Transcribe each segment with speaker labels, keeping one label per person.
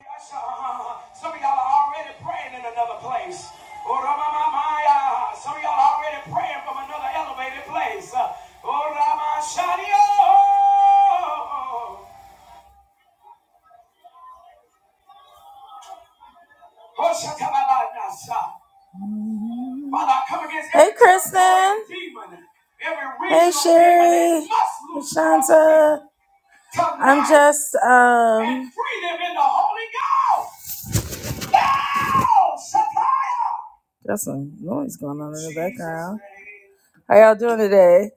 Speaker 1: Some of y'all are already praying in another place. Oh, Some of y'all are already praying from another elevated place. Oh, Oh, Hey, Kristen. Hey, Sherry. must Shanta. I'm just um That's some noise going on in the background. How y'all doing today?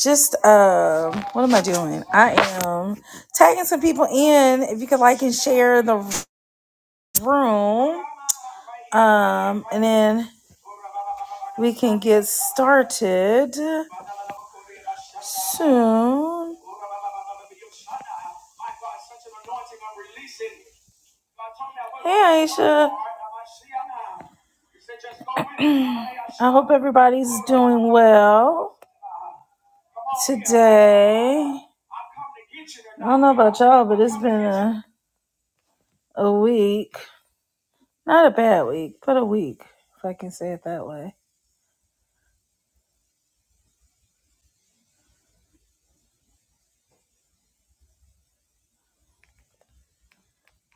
Speaker 1: Just um, what am I doing? I am tagging some people in. If you could like and share the room. Um, and then we can get started soon. Hey, Aisha. I hope everybody's doing well today. I don't know about y'all, but it's been a, a week. Not a bad week, but a week, if I can say it that way.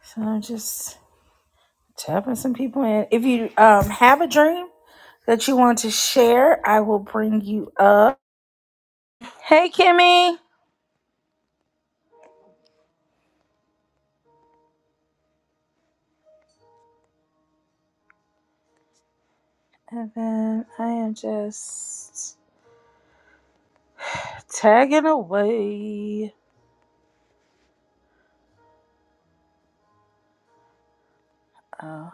Speaker 1: So I'm just tapping some people in. If you um, have a dream that you want to share, I will bring you up. Hey, Kimmy. And then I am just tagging away. Oh.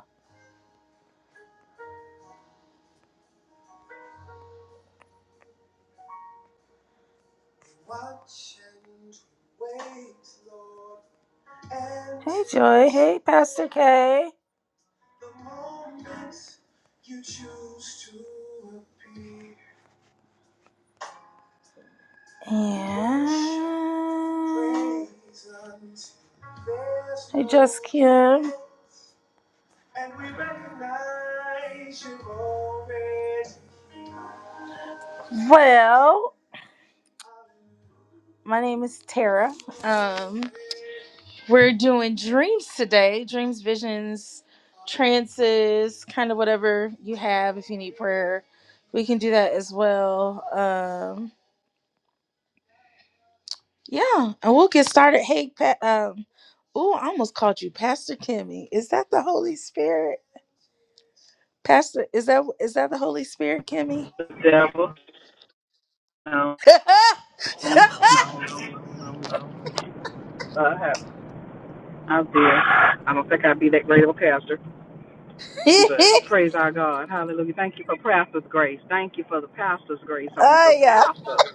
Speaker 1: Hey, Joy. Hey, Pastor K. The moment you choose to appear. And I just can't. Well, my name is Tara. Um, we're doing dreams today, dreams, visions, trances, kind of whatever you have. If you need prayer, we can do that as well. Um. Yeah, and we'll get started. Hey, Pat. Um, ooh, I almost called you Pastor Kimmy. Is that the Holy Spirit? Pastor, is that is that the Holy Spirit, Kimmy?
Speaker 2: the devil. No,
Speaker 1: oh
Speaker 2: no, no, no, no. no. Uh, I have, I did. I don't think I'd be that great of a pastor, but praise our God. Hallelujah. Thank you for pastor's grace. Thank you for the pastor's grace on the
Speaker 1: yeah.
Speaker 2: pastors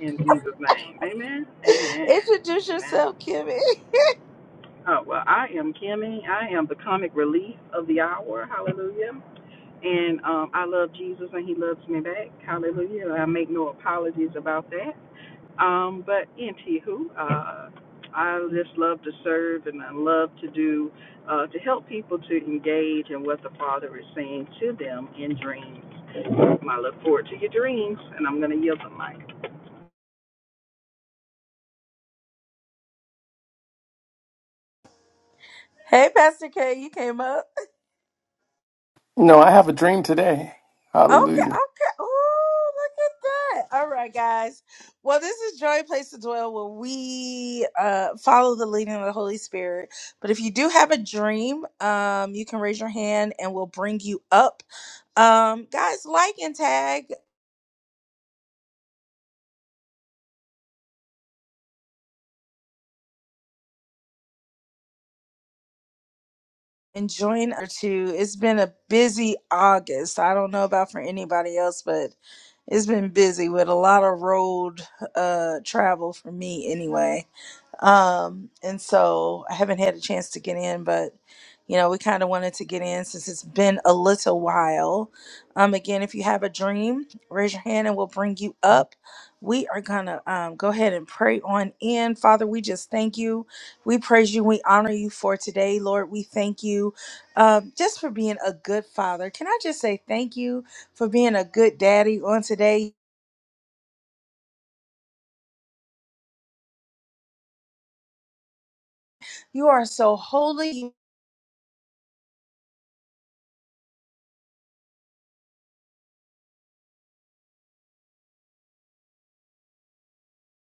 Speaker 2: in Jesus' name. Amen. Amen.
Speaker 1: Introduce
Speaker 2: Amen.
Speaker 1: yourself, Kimmy.
Speaker 2: Oh, well, I am Kimmy. I am the comic relief of the hour. Hallelujah. And um, I love Jesus and he loves me back. Hallelujah. I make no apologies about that. Um, but anywho, uh, I just love to serve and I love to do uh, to help people to engage in what the Father is saying to them in dreams. And I look forward to your dreams, and I'm going to yield the mic.
Speaker 1: Hey, Pastor K, you came up.
Speaker 3: No, I have a dream today.
Speaker 1: Okay,
Speaker 3: Hallelujah.
Speaker 1: okay. Oh, look at that. All right, guys. Well, this is Joy Place to Dwell where we uh follow the leading of the Holy Spirit. But if you do have a dream, um, you can raise your hand and we'll bring you up. Um, guys, like and tag and join our two. It's been a busy August. I don't know about for anybody else, but it's been busy with a lot of road uh travel for me anyway Um, and so I haven't had a chance to get in, but you know, we kind of wanted to get in since it's been a little while. Um, again, if you have a dream, raise your hand and we'll bring you up. We are gonna um, go ahead and pray on in. Father, we just thank you. We praise you. We honor you for today, Lord. We thank you um, just for being a good father. Can I just say thank you for being a good daddy on today? You are so holy.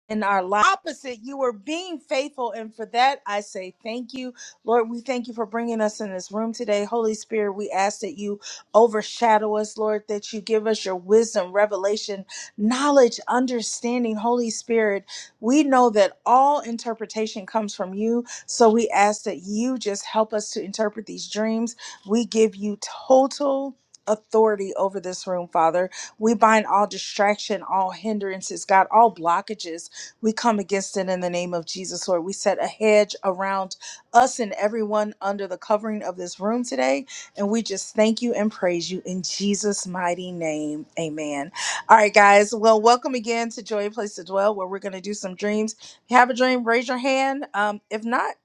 Speaker 1: in our life. Opposite, you were being faithful. And for that, I say thank you. Lord, we thank you for bringing us in this room today. Holy Spirit, we ask that you overshadow us, Lord, that you give us your wisdom, revelation, knowledge, understanding. Holy Spirit, we know that all interpretation comes from you. So we ask that you just help us to interpret these dreams. We give you total. Authority over this room, Father. We bind all distraction, all hindrances, God, all blockages we come against it in the name of Jesus, Lord. We set a hedge around us and everyone under the covering of this room today. And we just thank you and praise you in Jesus' mighty name. Amen. All right, guys. Well, welcome again to Joy a Place to Dwell, where we're going to do some dreams. If you have a dream, raise your hand. Um, if not,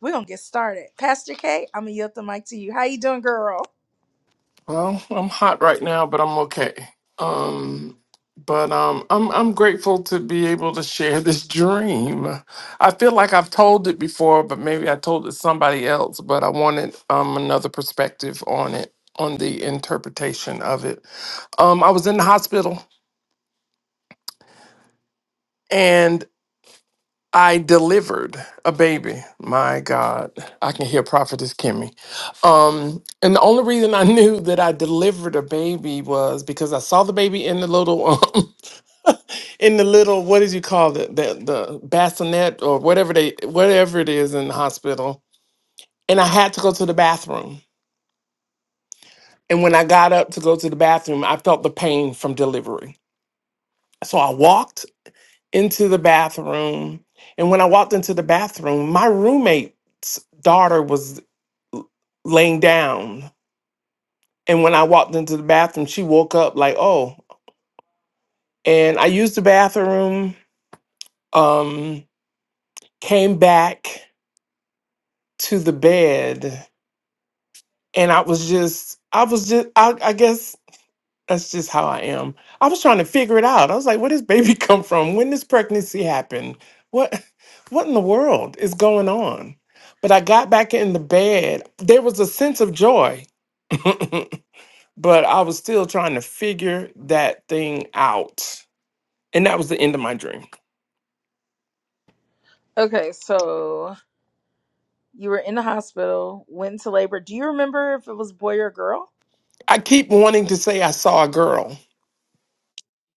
Speaker 1: we're going to get started. Pastor K, I'm going to yield the mic to you. How you doing, girl?
Speaker 3: Well, I'm hot right now, but I'm okay. Um, but um, I'm I'm grateful to be able to share this dream. I feel like I've told it before, but maybe I told it to somebody else. But I wanted um another perspective on it, on the interpretation of it. Um, I was in the hospital, I delivered a baby. My God, I can hear Prophetess Kimmy. Um, and the only reason I knew that I delivered a baby was because I saw the baby in the little, um, in the little, what did you call it, the the bassinet or whatever they, whatever it is in the hospital. And I had to go to the bathroom. And when I got up to go to the bathroom, I felt the pain from delivery. So I walked into the bathroom. And when I walked into the bathroom, my roommate's daughter was laying down. And when I walked into the bathroom, she woke up like, oh. And I used the bathroom, um, came back to the bed, and I was just, I was just, I, I guess that's just how I am. I was trying to figure it out. I was like, where does baby come from? When does pregnancy happen? What what in the world is going on? But I got back in the bed. There was a sense of joy. but I was still trying to figure that thing out. And that was the end of my dream.
Speaker 1: Okay, so you were in the hospital, went into labor. Do you remember if it was boy or girl?
Speaker 3: I keep wanting to say I saw a girl.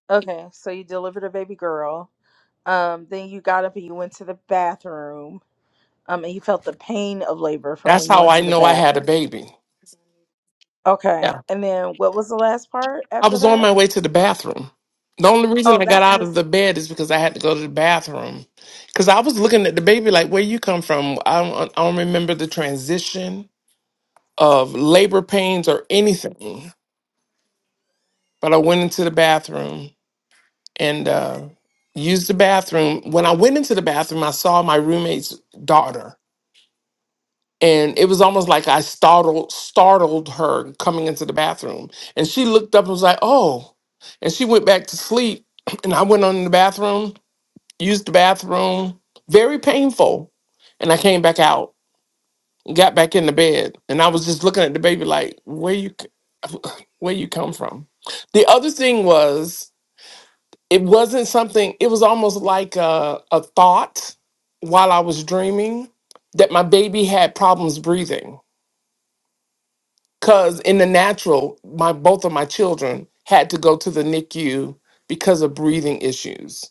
Speaker 1: Okay, so you delivered a baby girl. Um, then you got up and you went to the bathroom. Um, and you felt the pain of labor from
Speaker 3: That's
Speaker 1: when you
Speaker 3: how
Speaker 1: went
Speaker 3: I
Speaker 1: to the
Speaker 3: know I had a
Speaker 1: bathroom.
Speaker 3: baby.
Speaker 1: Okay,
Speaker 3: Yeah.
Speaker 1: and then what was the last part
Speaker 3: I
Speaker 1: after
Speaker 3: was on
Speaker 1: that?
Speaker 3: my way to the bathroom. The only reason
Speaker 1: Oh,
Speaker 3: I got
Speaker 1: that's
Speaker 3: out of
Speaker 1: just
Speaker 3: the bed is because I had to go to the bathroom. Because I was looking at the baby like, where you come from? I don't, I don't remember the transition of labor pains or anything. But I went into the bathroom and uh, used the bathroom. When I went into the bathroom, I saw my roommate's daughter, and it was almost like I startled startled her coming into the bathroom. And she looked up and was like, "Oh," and she went back to sleep. And I went on in the bathroom, used the bathroom, very painful, and I came back out, got back in the bed, and I was just looking at the baby like, "Where you c- where you come from?" The other thing was it wasn't something it was almost like a, a thought while i was dreaming that my baby had problems breathing because in the natural my both of my children had to go to the nicu because of breathing issues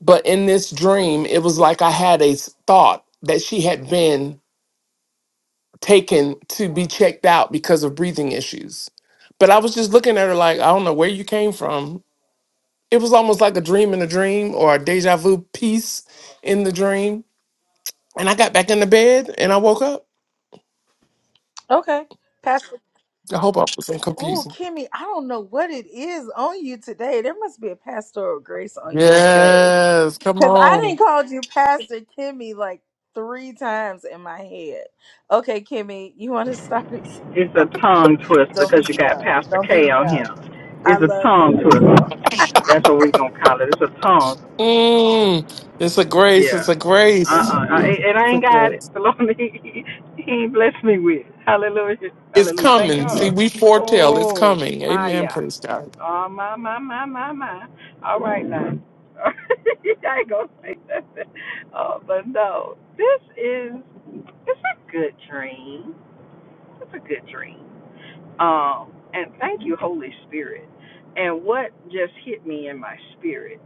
Speaker 3: but in this dream it was like i had a s- thought that she had been taken to be checked out because of breathing issues but i was just looking at her like i don't know where you came from it was almost like a dream in a dream or a deja vu piece in the dream. And I got back in the bed and I woke up.
Speaker 1: okay. Pastor.
Speaker 3: I hope I wasn't
Speaker 1: Oh,
Speaker 3: confusing.
Speaker 1: Kimmy, I don't know what it is on you today. There must be a pastoral grace on you today,
Speaker 3: Yes, come
Speaker 1: because I didn't
Speaker 3: on.
Speaker 1: called you Pastor Kimmy like three times in my head. Okay, Kimmy, you want to start us?
Speaker 2: It's a
Speaker 1: off?
Speaker 2: tongue twister
Speaker 1: Don't
Speaker 2: because
Speaker 1: beat
Speaker 2: you
Speaker 1: me
Speaker 2: got
Speaker 1: up.
Speaker 2: Pastor
Speaker 1: Don't beat
Speaker 2: K
Speaker 1: me
Speaker 2: on
Speaker 1: up.
Speaker 2: him.
Speaker 1: I
Speaker 2: It's a
Speaker 1: love you,
Speaker 2: tongue twister.
Speaker 1: girl.
Speaker 2: That's what we're going to call it. It's a tongue
Speaker 3: Mm, it's a grace. It's
Speaker 2: Yeah.
Speaker 3: a
Speaker 2: Uh
Speaker 3: grace.
Speaker 2: uh I ain't And I
Speaker 3: It's a
Speaker 2: ain't got it.
Speaker 3: grace.
Speaker 2: The Lord, he, he ain't blessed me with. Hallelujah.
Speaker 3: It's
Speaker 2: Hallelujah. Thank
Speaker 3: coming. See,
Speaker 2: God.
Speaker 3: we foretell it's
Speaker 2: Oh,
Speaker 3: coming.
Speaker 2: my,
Speaker 3: Amen.
Speaker 2: yeah.
Speaker 3: Praise God.
Speaker 2: Oh, my, my, my, my, my. All right, now. I ain't going to say that. Oh, but no. This is, it's a good dream. It's a good dream. Um, and thank you, Holy Spirit. And what just hit me in my spirit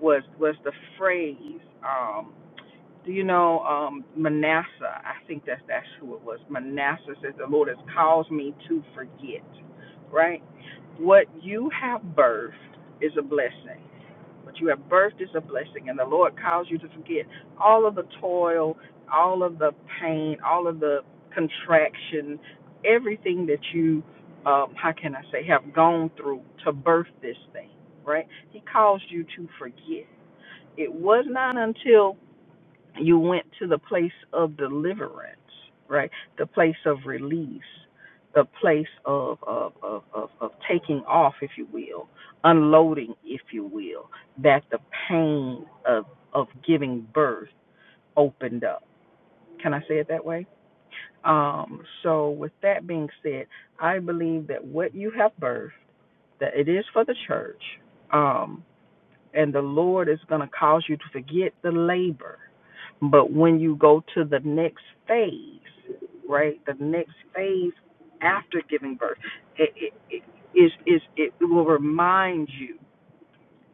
Speaker 2: was was the phrase um do you know um manasseh i think that's that's who it was manasseh says the lord has caused me to forget right what you have birthed is a blessing what you have birthed is a blessing and the lord caused you to forget all of the toil all of the pain all of the contraction everything that you um how can i say have gone through to birth this thing right he caused you to forget it was not until you went to the place of deliverance, right? The place of release, the place of of, of, of, of taking off, if you will, unloading, if you will, that the pain of of giving birth opened up. Can I say it that way? Um, so with that being said, I believe that what you have birthed, that it is for the church, um, and the Lord is going to cause you to forget the labor But when you go to the next phase, right? The next phase after giving birth, it, it, it is is it will remind you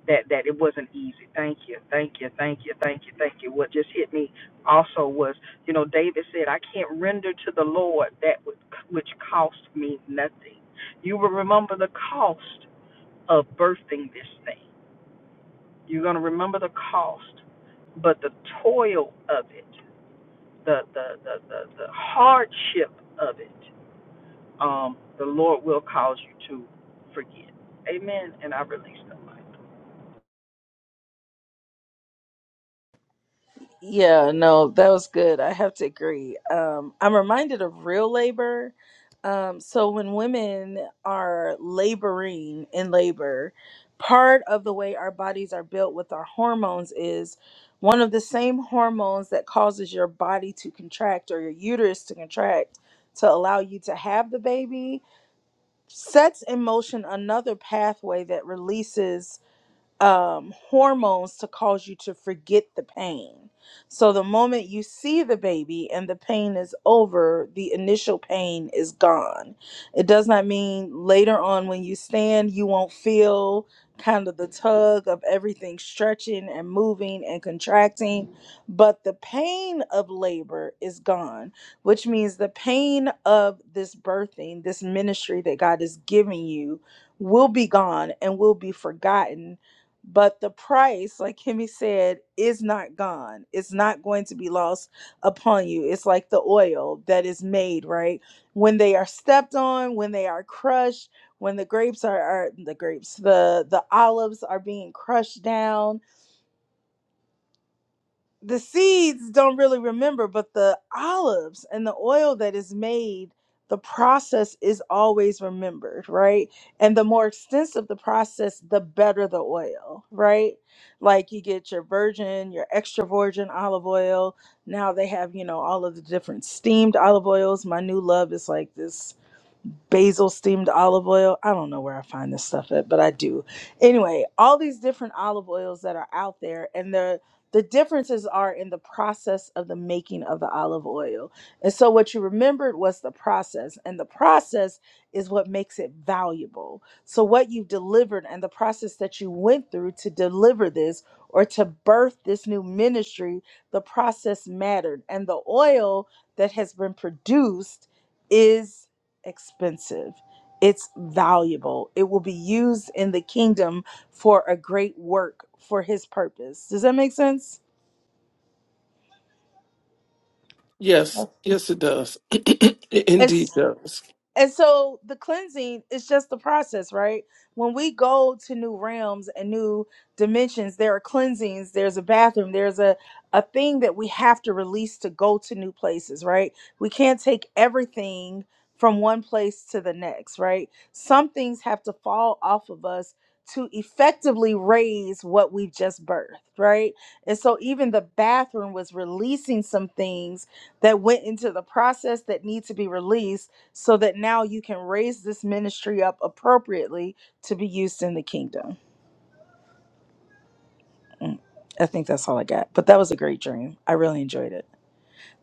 Speaker 2: that that it wasn't easy. Thank you, thank you, thank you, thank you, thank you. What just hit me also was, you know, David said, "I can't render to the Lord that which which cost me nothing." You will remember the cost of birthing this thing. You're going to remember the cost, but the toil of it the the the, the, the hardship of it, um, the Lord will cause you to forget. Amen. And I released the mic.
Speaker 1: Yeah, no, that was good. I have to agree. Um, I'm reminded of real labor. Um, so when women are laboring in labor, part of the way our bodies are built with our hormones is one of the same hormones that causes your body to contract or your uterus to contract to allow you to have the baby sets in motion another pathway that releases um, hormones to cause you to forget the pain. So the moment you see the baby and the pain is over, the initial pain is gone. It does not mean later on when you stand, you won't feel kind of the tug of everything stretching and moving and contracting, but the pain of labor is gone, which means the pain of this birthing, this ministry that God is giving you will be gone and will be forgotten but the price like kimmy said is not gone it's not going to be lost upon you it's like the oil that is made right when they are stepped on when they are crushed when the grapes are, are the grapes the the olives are being crushed down the seeds don't really remember, but the olives and the oil that is made, the process is always remembered, right? And the more extensive the process, the better the oil, right? Like you get your virgin, your extra virgin olive oil. Now they have, you know, all of the different steamed olive oils. My new love is like this basil steamed olive oil. I don't know where I find this stuff at, but I do. Anyway, all these different olive oils that are out there and the the differences are in the process of the making of the olive oil. And so what you remembered was the process and the process is what makes it valuable. So what you've delivered and the process that you went through to deliver this or to birth this new ministry, the process mattered and the oil that has been produced is expensive. It's valuable. It will be used in the kingdom for a great work for his purpose. Does that make sense?
Speaker 3: Yes,
Speaker 1: That's,
Speaker 3: yes, it does. it indeed
Speaker 1: It's
Speaker 3: does.
Speaker 1: And so the cleansing is just the process, right? When we go to new realms and new dimensions, there are cleansings, there's a bathroom, there's a, a thing that we have to release to go to new places, right? We can't take everything from one place to the next, right? Some things have to fall off of us to effectively raise what we've just birthed, right? And so even the bathroom was releasing some things that went into the process that need to be released so that now you can raise this ministry up appropriately to be used in the kingdom. Mm, I think that's all I got. But that was a great dream. I really enjoyed it.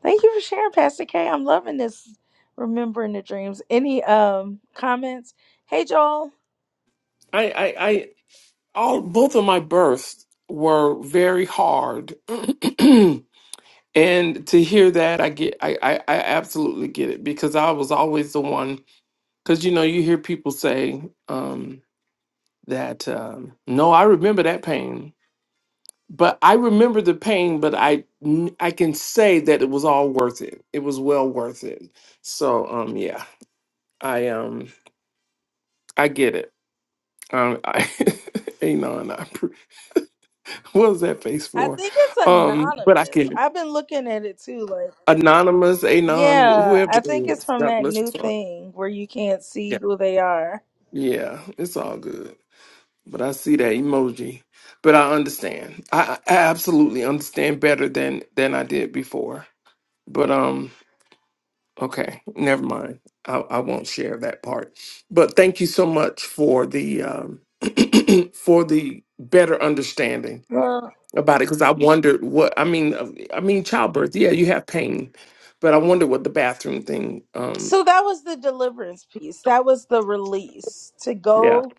Speaker 1: Thank you for sharing, Pastor K. I'm loving this remembering the dreams. Any um comments? Hey Joel,
Speaker 3: I, I, I, all both of my births were very hard, And to hear that, I get, I, I, I absolutely get it because I was always the one. Because you know, you hear people say um, that, um, no, I remember that pain, but I remember the pain, but I, n- I can say that it was all worth it. It was well worth it. So, um, yeah, I, um, I get it. Um, I, Anon, I, appre- what was that face
Speaker 1: I
Speaker 3: for?
Speaker 1: think it's
Speaker 3: Um, but I
Speaker 1: anonymous.
Speaker 3: can
Speaker 1: I've been looking at it too like
Speaker 3: anonymous Anon, wh-
Speaker 1: yeah,
Speaker 3: whoever
Speaker 1: I
Speaker 3: it
Speaker 1: think it's
Speaker 3: is.
Speaker 1: from
Speaker 3: God
Speaker 1: that
Speaker 3: bless
Speaker 1: new
Speaker 3: you.
Speaker 1: thing where you can't see who they are.
Speaker 3: Yeah, it's all good. But I see that emoji. But I understand. I, I absolutely understand better than than I did before. But um, okay, never mind. I, I won't share that part. But thank you so much for the um for the better understanding
Speaker 1: Well,
Speaker 3: about it because I wondered what I mean. uh, I mean, childbirth. Yeah, you have pain, but I wonder what the bathroom thing. Um,
Speaker 1: so that was the deliverance piece. That was the release to
Speaker 3: yeah.
Speaker 1: go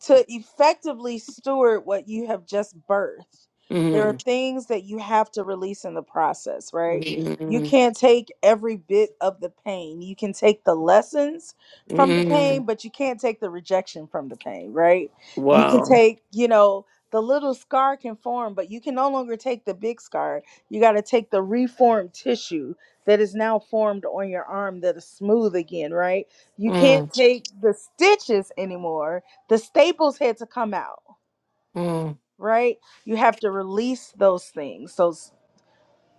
Speaker 1: to effectively steward what you have just birthed there are
Speaker 3: Mm,
Speaker 1: things that you have to release in the process right you
Speaker 3: mm,
Speaker 1: can't take every bit of the pain you can take the lessons from the
Speaker 3: mm,
Speaker 1: pain but you can't take the rejection from the pain right you can
Speaker 3: wow.
Speaker 1: take you know the little scar can form but you can no longer take the big scar you got to take the reformed tissue that is now formed on your arm that is smooth again right you
Speaker 3: Mm.
Speaker 1: can't take the stitches anymore the staples had to come out
Speaker 3: Mm,
Speaker 1: right you have to release those things so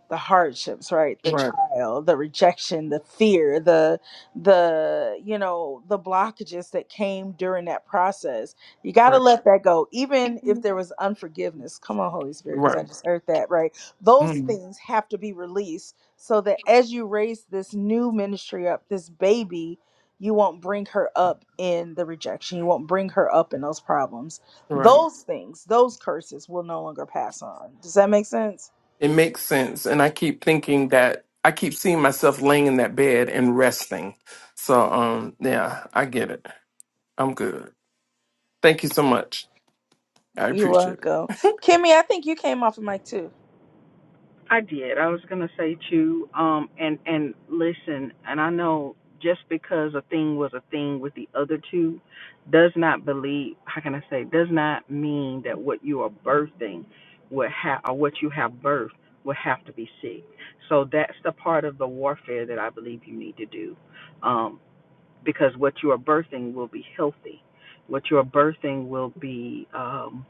Speaker 1: the hardships right the
Speaker 3: right,
Speaker 1: trial the rejection the fear the the you know the blockages that came during that process you got to
Speaker 3: right,
Speaker 1: let that go even if there was unforgiveness come on holy spirit because i
Speaker 3: right,
Speaker 1: just heard that right those
Speaker 3: mm,
Speaker 1: things have to be released so that as you raise this new ministry up this baby you won't bring her up in the rejection you won't bring her up in those problems
Speaker 3: right.
Speaker 1: those things those curses will no longer pass on does that make sense
Speaker 3: It makes sense, and I keep thinking that I keep seeing myself laying in that bed and resting. So, um, yeah, I get it. I'm good. Thank you so much. I
Speaker 1: You're
Speaker 3: appreciate it.
Speaker 1: welcome. Kimmy, I think you came off the mic too.
Speaker 2: I did. I was gonna say too, um, and and listen, and I know just because a thing was a thing with the other two does not believe how can I say, does not mean that what you are birthing would have or what you have birthed would have to be sick. So that's the part of the warfare that I believe you need to do. Um. because what you are birthing will be healthy. What you are birthing will be um,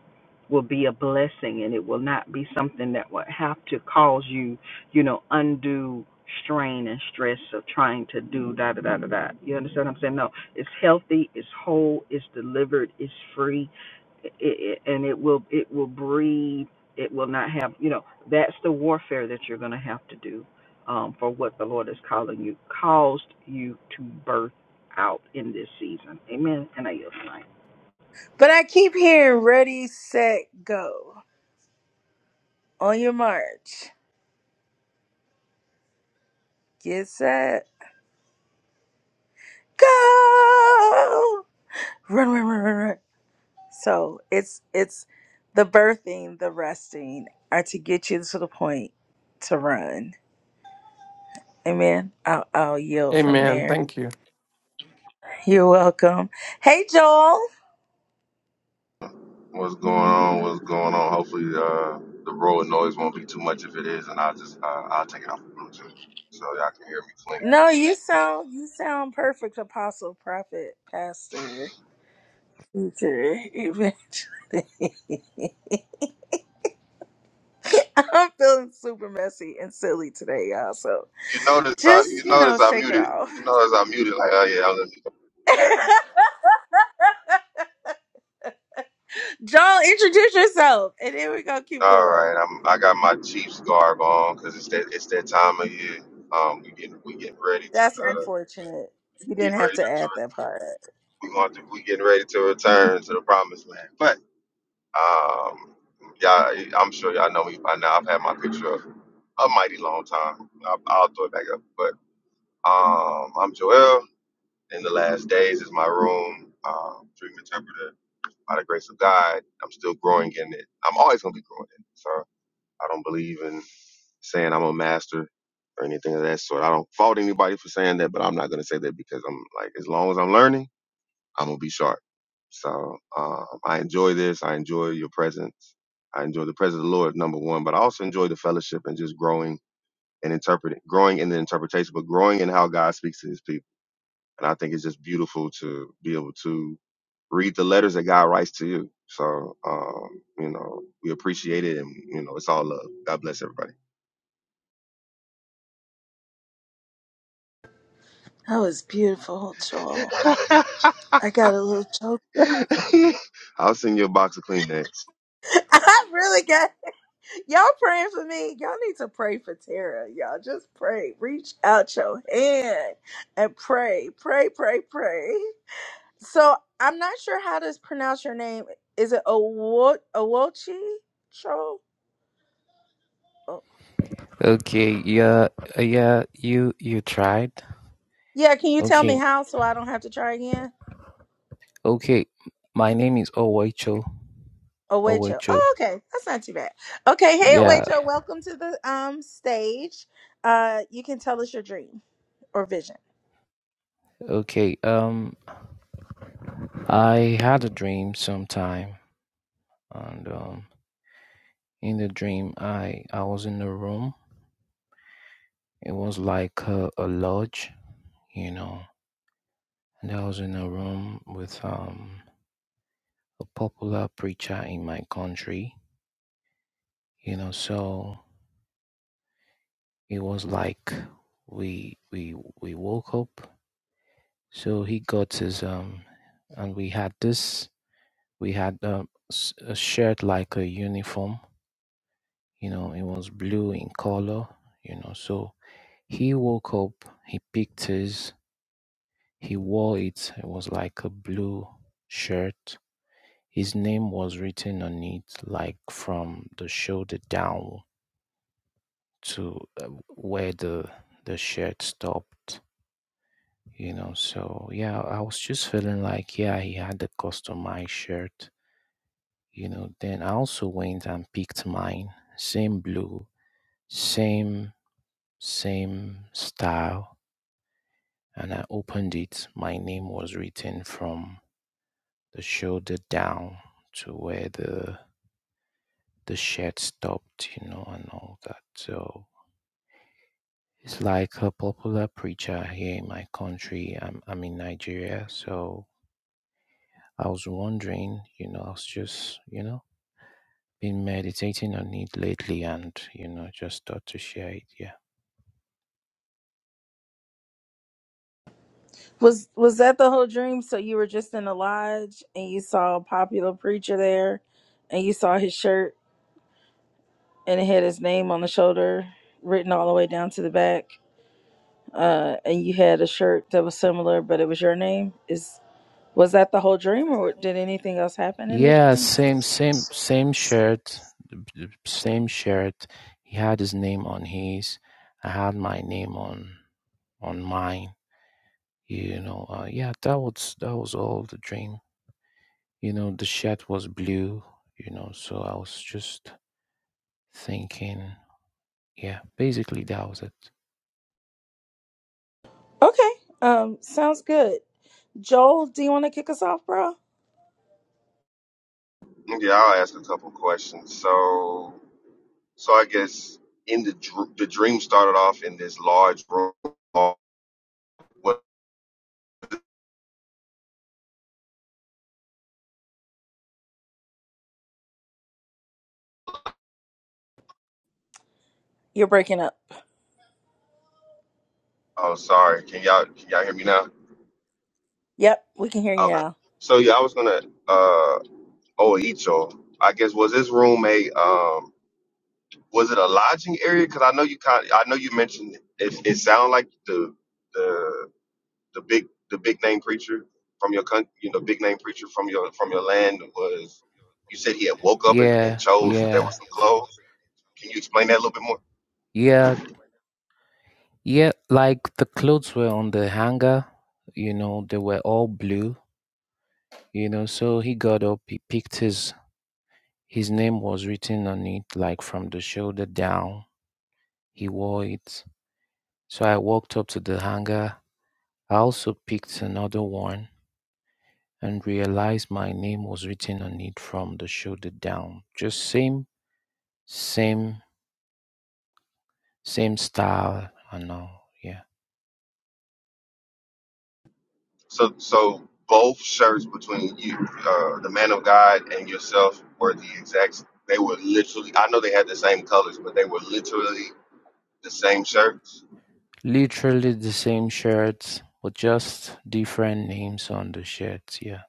Speaker 2: will be a blessing, and it will not be something that will have to cause you, you know, undue strain and stress of trying to do da da da da da. You understand what I'm saying? No, it's healthy, it's whole, it's delivered, it's free, i i and it will it will breathe. It will not have, you know, that's the warfare that you're going to have to do um, for what the Lord is calling you, caused you to birth out in this season. Amen. And I yield the mic.
Speaker 1: But I keep hearing ready, set, go. On your march. Get set. Go. Run, run, run, run, run. So it's it's the birthing, the resting are to get you to the point to run. Amen. I'll, I'll yield from
Speaker 3: Amen.
Speaker 1: there.
Speaker 3: Thank you.
Speaker 1: You're welcome. Hey Joel.
Speaker 4: What's going on? What's going on? Hopefully, uh, the road noise won't be too much. If it is, and I'll just uh, I'll take it off of Bluetooth so y'all can hear me clean.
Speaker 1: No, you sound you sound perfect, apostle, prophet, pastor, teacher, amen. I'm feeling super messy and silly today, y'all. So
Speaker 4: You notice I you
Speaker 1: just, you know,
Speaker 4: notice I
Speaker 1: shake it
Speaker 4: muted.
Speaker 1: off.
Speaker 4: You notice I muted. Like oh yeah, I let me.
Speaker 1: Joel, introduce yourself. And then we gonna keep
Speaker 4: All
Speaker 1: going.
Speaker 4: right, I'm I got my Chiefs garb on because it's that it's that time of year. Um, we getting we getting ready to
Speaker 1: That's
Speaker 4: uh,
Speaker 1: unfortunate. You
Speaker 4: getting
Speaker 1: didn't have
Speaker 4: ready
Speaker 1: to add
Speaker 4: to
Speaker 1: that part.
Speaker 4: we going to we getting ready to return to the promised land. But um, y'all, I'm sure y'all know me by now. I've had my picture up a mighty long time. I'll, I'll throw it back up, but. Um, I'm Joel. In the last days is my room, um, dream interpreter. By the grace of God, I'm still growing in it. I'm always gonna be growing in it. So I don't believe in saying I'm a master or anything of that sort. I don't fault anybody for saying that, but I'm not gonna say that because I'm like, as long as I'm learning, I'm gonna be sharp. So um, I enjoy this. I enjoy your presence. I enjoy the presence of the Lord, number one, but I also enjoy the fellowship and just growing and interpreting, growing in the interpretation, but growing in how God speaks to His people and I think it's just beautiful to be able to read the letters that God writes to you. So, um, you know, we appreciate it and, you know, it's all love. God bless everybody.
Speaker 1: That was beautiful, Joel. I got a little joke.
Speaker 4: I'll send you a box of Kleenex.
Speaker 1: I really got y'all praying for me. Y'all need to pray for Tara. Y'all just pray. Reach out your hand and pray. Pray, pray, pray. So I'm not sure how to pronounce your name. Is it Owo Owochi Cho? Oh.
Speaker 5: Okay, yeah, uh, yeah, you you tried.
Speaker 1: Yeah, can you tell me
Speaker 5: Okay,
Speaker 1: how so I don't have to try again?
Speaker 5: okay. My name is Owecho.
Speaker 1: Owecho.
Speaker 5: Owecho.
Speaker 1: Oh, okay. That's not too bad. Okay, hey
Speaker 5: Yeah,
Speaker 1: Owecho, welcome to the um stage. Uh you can tell us your dream or vision.
Speaker 5: okay. Um I had a dream sometime and um in the dream I I was in a room. It was like a, a lodge, you know. And I was in a room with um a popular preacher in my country, you know, so it was like we we we woke up So he got his um, and we had this. We had um, s- a shirt like a uniform. You know, it was blue in color. You know, so he woke up. He picked his. He wore it. It was like a blue shirt. His name was written on it, like from the shoulder down to uh, where the the shirt stopped. You know, so yeah, I was just feeling like yeah, he had a customized shirt you know then i also went and picked mine same blue same same style and i opened it my name was written from the shoulder down to where the the shirt stopped you know and all that so it's like a popular preacher here in my country i'm, I'm in nigeria so i was wondering you know i was just you know been meditating on it lately and you know just thought to share it yeah
Speaker 1: Was was that the whole dream? So you were just in a lodge and you saw a popular preacher there and you saw his shirt and it had his name on the shoulder written all the way down to the back uh, and you had a shirt that was similar, but it was your name. Is was that the whole dream, or did anything else happen in the
Speaker 5: Yeah,
Speaker 1: dream?
Speaker 5: same, same, same shirt, same shirt. He had his name on his. I had my name on on mine. You know, uh, yeah, that was that was all the dream. You know, the shirt was blue. You know, so I was just thinking. Yeah, basically that was it.
Speaker 1: Okay, um, sounds good. Joel, do you want to kick us off, bro?
Speaker 4: Yeah, I'll ask a couple questions. So, so I guess in the dr- the dream started off in this large room. What?
Speaker 1: You're breaking up.
Speaker 4: Oh, sorry. Can y'all can y'all hear me now?
Speaker 1: Yep, we can hear you
Speaker 4: Okay.
Speaker 1: now.
Speaker 4: So yeah, I was gonna uh oh Icho. I guess was this room a um Was it a lodging area? Because I know you kind I know you mentioned it. It sounded like the the the big the big name preacher from your country, you know, big name preacher from your from your land was. You said he had woke up and, and
Speaker 5: Yeah,
Speaker 4: chose there were
Speaker 5: yeah,
Speaker 4: some clothes. Can you explain that a little bit more?
Speaker 5: yeah, yeah. Like the clothes were on the hanger. You know, they were all blue. You know, so he got up, he picked his his name was written on it, like from the shoulder down. He wore it. So I walked up to the hangar. I also picked another one and realized my name was written on it from the shoulder down. Just same, same, same style and all. Yeah.
Speaker 4: So so both shirts between you, uh, the man of God, and yourself were the exact. They were literally. I know they had the same colors, but they were literally the same shirts.
Speaker 5: Literally the same shirts, but just different names on the shirts, yeah.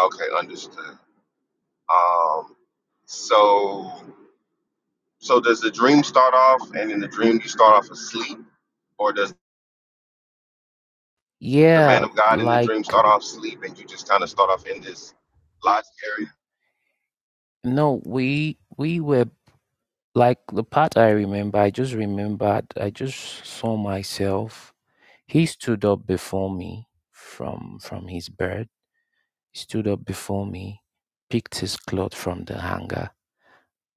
Speaker 4: Okay, understood. Um, so. So does the dream start off, and in the dream you start off asleep, or does the
Speaker 5: Yeah,
Speaker 4: man of God in the
Speaker 5: like
Speaker 4: dream start off asleep, and you just kind of start off in this lodge area?
Speaker 5: no, we we were Like the part I remember, I just remembered, I just saw myself. He stood up before me from from his bed. He stood up before me, picked his cloth from the hanger,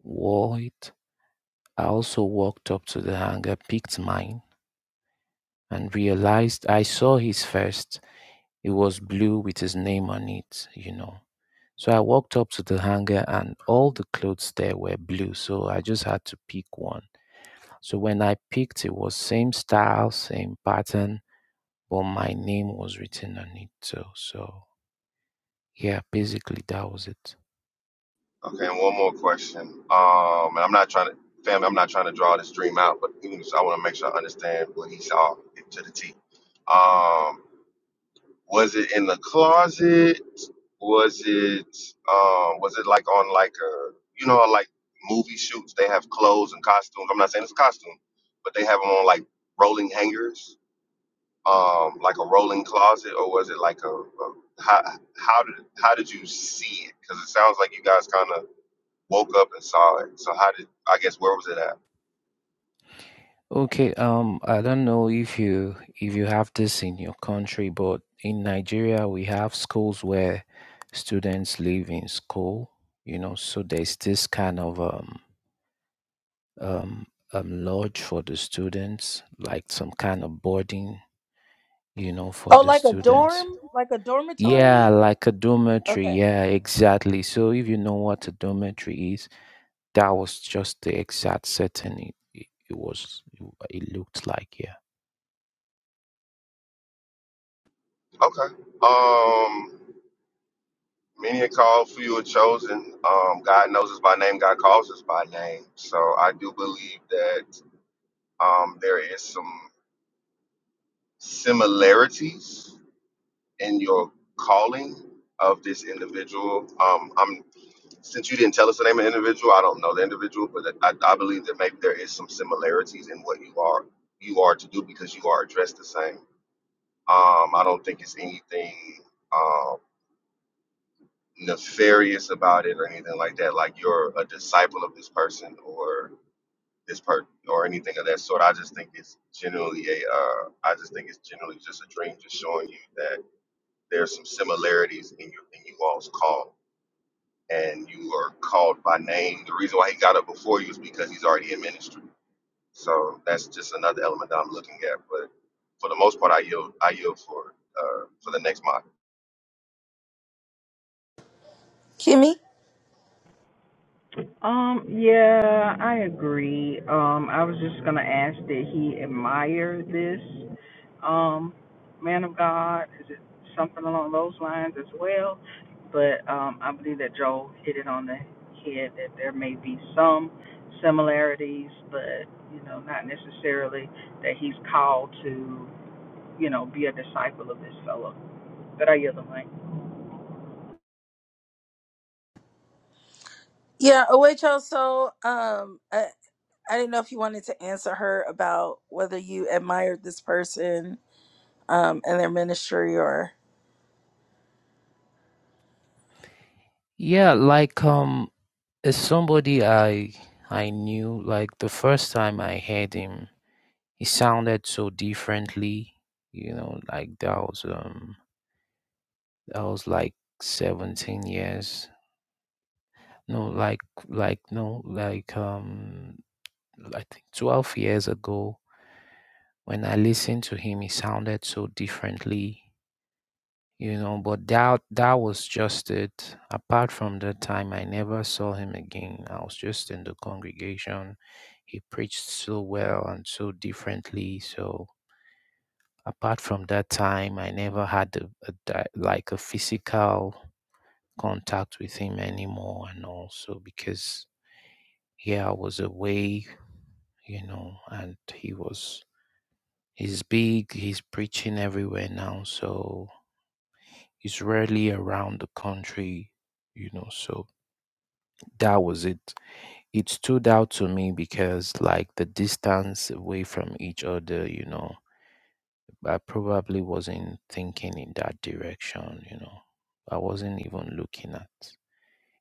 Speaker 5: wore it. I also walked up to the hanger, picked mine, and realized I saw his first. It was blue with his name on it, you know. So I walked up to the hanger, and all the clothes there were blue. So I just had to pick one So when I picked it was same style, same pattern, but my name was written on it too. So yeah, basically that was it.
Speaker 4: Okay, and one more question. Um, and I'm not trying to, family, I'm not trying to draw this dream out, but even so, I want to make sure I understand what he saw to the T. Um, Was it in the closet? Was it um was it like on like a you know like movie shoots they have clothes and costumes. I'm not saying it's a costume, but they have them on like rolling hangers, um like a rolling closet or was it like a, a how how did how did you see it? Cuz it sounds like you guys kind of woke up and saw it. So how did I guess where was it at?
Speaker 5: Okay, um I don't know if you if you have this in your country, but in Nigeria we have schools where students live in school, you know, so there's this kind of um um um lodge for the students, like some kind of boarding you know, for
Speaker 1: Oh,
Speaker 5: the
Speaker 1: like a
Speaker 5: students.
Speaker 1: dorm, like a
Speaker 5: Yeah,
Speaker 1: dormitory.
Speaker 5: like a dormitory.
Speaker 1: Okay,
Speaker 5: Yeah, exactly. So if you know what a dormitory is, that was just the exact setting it, it, it was. It looked like yeah.
Speaker 4: Okay. Um Many are called, few are chosen. Um, God knows us by name. God calls us by name. So I do believe that um, there is some similarities in your calling of this individual. Um, I'm since you didn't tell us the name of the individual, I don't know the individual, but I, I believe that maybe there is some similarities in what you are you are to do because you are addressed the same. Um, I don't think it's anything. Um, nefarious about it or anything like that. Like you're a disciple of this person or this part or anything of that sort. I just think it's generally a. Uh, I just think it's generally just a dream, just showing you that there's some similarities in you in you all's call, and you are called by name. The reason why he got up before you is because he's already in ministry. So that's just another element that I'm looking at. But for the most part, I yield. I yield for uh, for the next mod.
Speaker 1: Kimmy.
Speaker 2: Um, yeah, I agree. Um, I was just gonna ask that he admire this, um, man of God. Is it something along those lines as well? But um, I believe that Joel hit it on the head that there may be some similarities, but you know, not necessarily that he's called to, you know, be a disciple of this fellow. But I yield the mic.
Speaker 1: Yeah. Oh wait, Joel. So, um, I, I didn't know if you wanted to answer her about whether you admired this person, um, and their ministry, or.
Speaker 5: Yeah, like um, as somebody I I knew. Like the first time I heard him, he sounded so differently. You know, like that was um, that was like seventeen years. No, like like no, like um, I think 12 years ago when I listened to him, he sounded so differently, you know, but that that was just it. Apart from that time, I never saw him again. I was just in the congregation. He preached so well and so differently. So apart from that time, I never had a, a di- like a physical contact with him anymore and also because yeah, I was away, you know, and he was He's big, he's preaching everywhere now, so he's rarely around the country, you know. So that was it. It stood out to me because, like, the distance away from each other, you know, I probably wasn't thinking in that direction, you know. I wasn't even looking at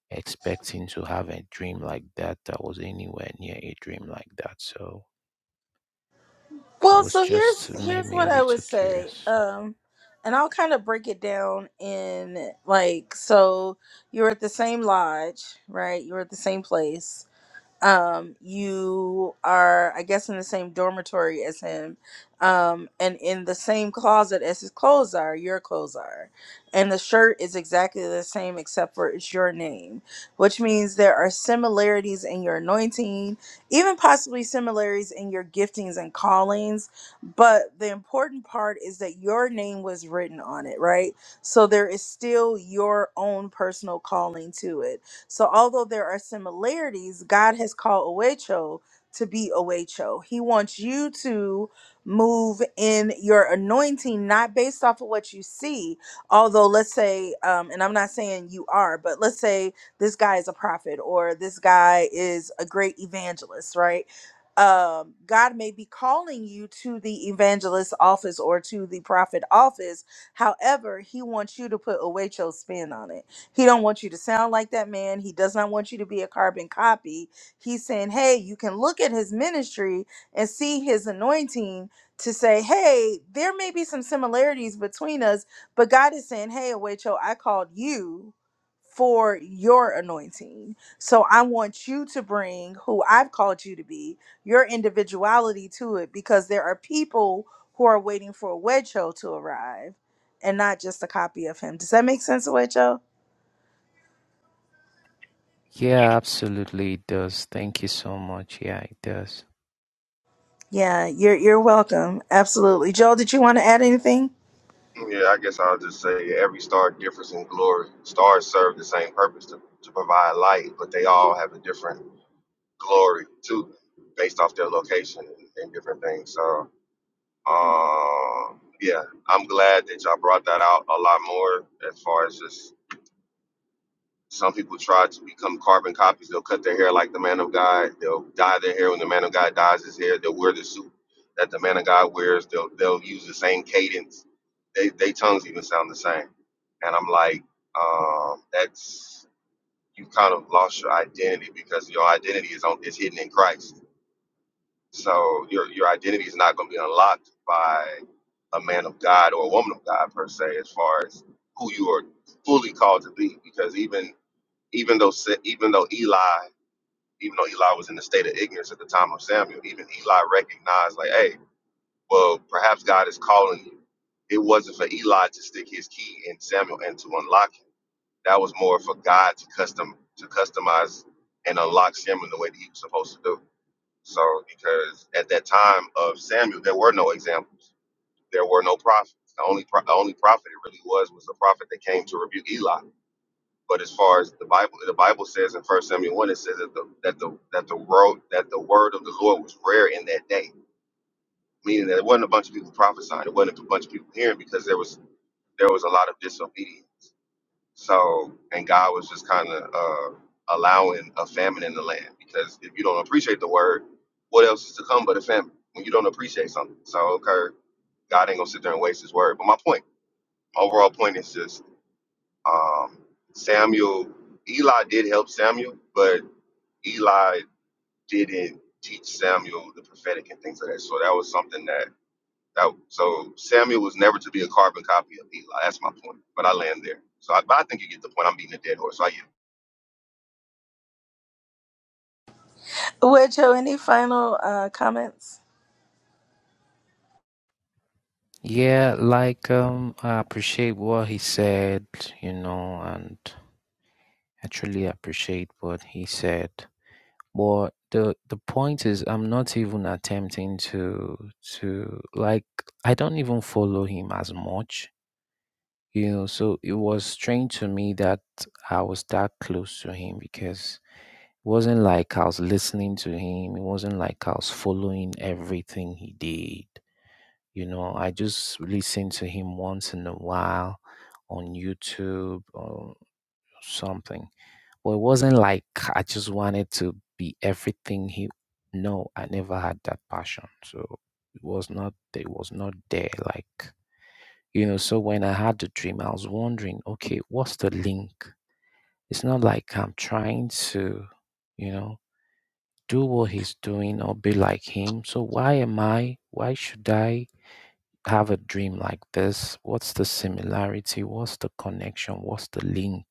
Speaker 5: expecting to have a dream like that that was anywhere near a dream like that. So it
Speaker 1: Well,
Speaker 5: was
Speaker 1: so
Speaker 5: just
Speaker 1: here's
Speaker 5: made
Speaker 1: here's
Speaker 5: me
Speaker 1: what
Speaker 5: a
Speaker 1: I would
Speaker 5: little
Speaker 1: say.
Speaker 5: curious.
Speaker 1: Um and I'll kind of break it down in like so you're at the same lodge, right? You're at the same place um you are i guess in the same dormitory as him um and in the same closet as his clothes are your clothes are and the shirt is exactly the same except for it's your name which means there are similarities in your anointing even possibly similarities in your giftings and callings but the important part is that your name was written on it right so there is still your own personal calling to it so, although there are similarities, God has called Owecho to be Owecho. He wants you to move in your anointing, not based off of what you see. Although, let's say, um, and I'm not saying you are, but let's say this guy is a prophet or this guy is a great evangelist, right? um, God may be calling you to the evangelist office or to the prophet office. However, He wants you to put a Waitrose spin on it. He don't want you to sound like that man. He does not want you to be a carbon copy. He's saying, "Hey, you can look at his ministry and see his anointing to say, "Hey, there may be some similarities between us, but God is saying, "Hey, Awecho, I called you for your anointing. So I want you to bring who I've called you to be, your individuality to it because there are people who are waiting for a Awecho to arrive and not just a copy of him." Does that make sense, Awecho?
Speaker 5: Yeah, absolutely it does. Thank you so much. Yeah, it does.
Speaker 1: Yeah, you're you're welcome. Absolutely. Joel, did you want to add anything?
Speaker 4: Yeah, I guess I'll just say every star differs in glory. Stars serve the same purpose to, to provide light, but they all have a different glory too, based off their location and, and different things. So, um, yeah, I'm glad that y'all brought that out a lot more as far as just some people try to become carbon copies. They'll cut their hair like the man of God. They'll dye their hair when the man of God dyes his hair. They'll wear the suit that the man of God wears. They'll they'll use the same cadence. They they tongues even sound the same. And I'm like, um, that's you kind of lost your identity because your identity is on is hidden in Christ. So your your identity is not going to be unlocked by a man of God or a woman of God per se, as far as who you are fully called to be. Because even even though Sa- even though Eli, even though Eli was in a state of ignorance at the time of Samuel, even Eli recognized, like, hey, well, perhaps God is calling you. It wasn't for Eli to stick his key in Samuel and to unlock him. That was more for God to custom to customize and unlock Samuel the way that he was supposed to do. So, because at that time of Samuel, there were no examples, there were no prophets. The only pro- the only prophet it really was was the prophet that came to rebuke Eli but as far as the Bible, the Bible says in First Samuel one, it says that the that the that the word that the word of the Lord was rare in that day, meaning that it wasn't a bunch of people prophesying, it wasn't a bunch of people hearing because there was there was a lot of disobedience. So and God was just kind of uh, allowing a famine in the land because if you don't appreciate the word, what else is to come but a famine when you don't appreciate something? So okay, God ain't gonna sit there and waste His word. But my point, overall point is just um, Samuel. Eli did help Samuel, but Eli didn't teach Samuel the prophetic and things of that sort. That was something that that so Samuel was never to be a carbon copy of Eli. That's my point. But I land there. So I, but I think you get the point. I'm beating a dead horse. So I yield.
Speaker 1: Well, Joe, any final uh, comments?
Speaker 5: Yeah, like um I appreciate what he said, you know, and I truly appreciate what he said. But the the point is I'm not even attempting to to like I don't even follow him as much, you know, so it was strange to me that I was that close to him because wasn't like I was listening to him. It wasn't like I was following everything he did. You know, I just listened to him once in a while on YouTube or something. But it wasn't like I just wanted to be everything he. No, I never had that passion. So it was not. It was not there. Like you know. So when I had the dream, I was wondering, okay, what's the link? It's not like I'm trying to, you know do what he's doing or be like him. So why am I? Why should I have a dream like this? What's the similarity? What's the connection? What's the link?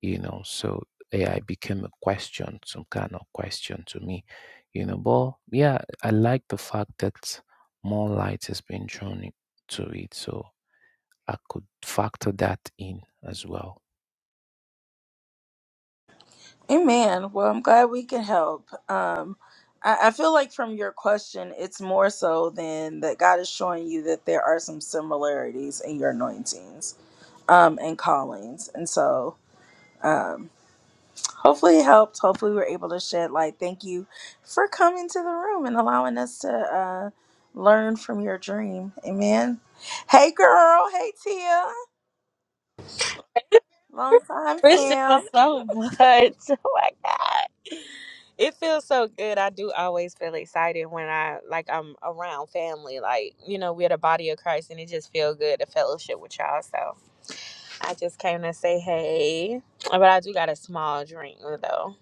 Speaker 5: You know, so AI became a question, some kind of question to me, you know. But yeah, I like the fact that more light has been thrown into it. So I could factor that in as well.
Speaker 1: Amen. Well, I'm glad we can help. Um, I, I feel like from your question, it's more so than that God is showing you that there are some similarities in your anointings um, and callings. And so hopefully it helped. Hopefully we were able to shed light. Thank you for coming to the room and allowing us to uh, learn from your dream. Amen. Hey girl. Hey Tia. Long time
Speaker 6: miss y'all
Speaker 1: fam.
Speaker 6: so much. Oh my god. It feels so good. I do always feel excited when I like I'm around family. Like, you know, we're the body of Christ and it just feel good to fellowship with y'all. So I just came to say hey. But I do got a small drink though.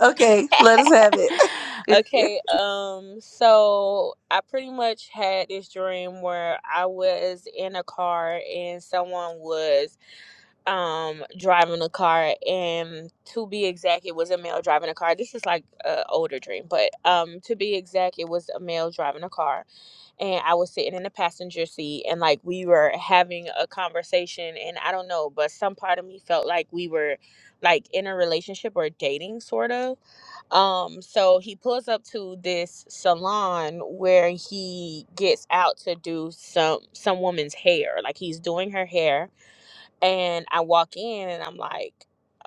Speaker 1: Okay, let us have it.
Speaker 6: okay, um, so I pretty much had this dream where I was in a car and someone was um driving a car and to be exact it was a male driving a car this is like a older dream but um to be exact it was a male driving a car and i was sitting in the passenger seat and like we were having a conversation and i don't know but some part of me felt like we were like in a relationship or dating sort of um so he pulls up to this salon where he gets out to do some some woman's hair like he's doing her hair and I walk in and I'm like,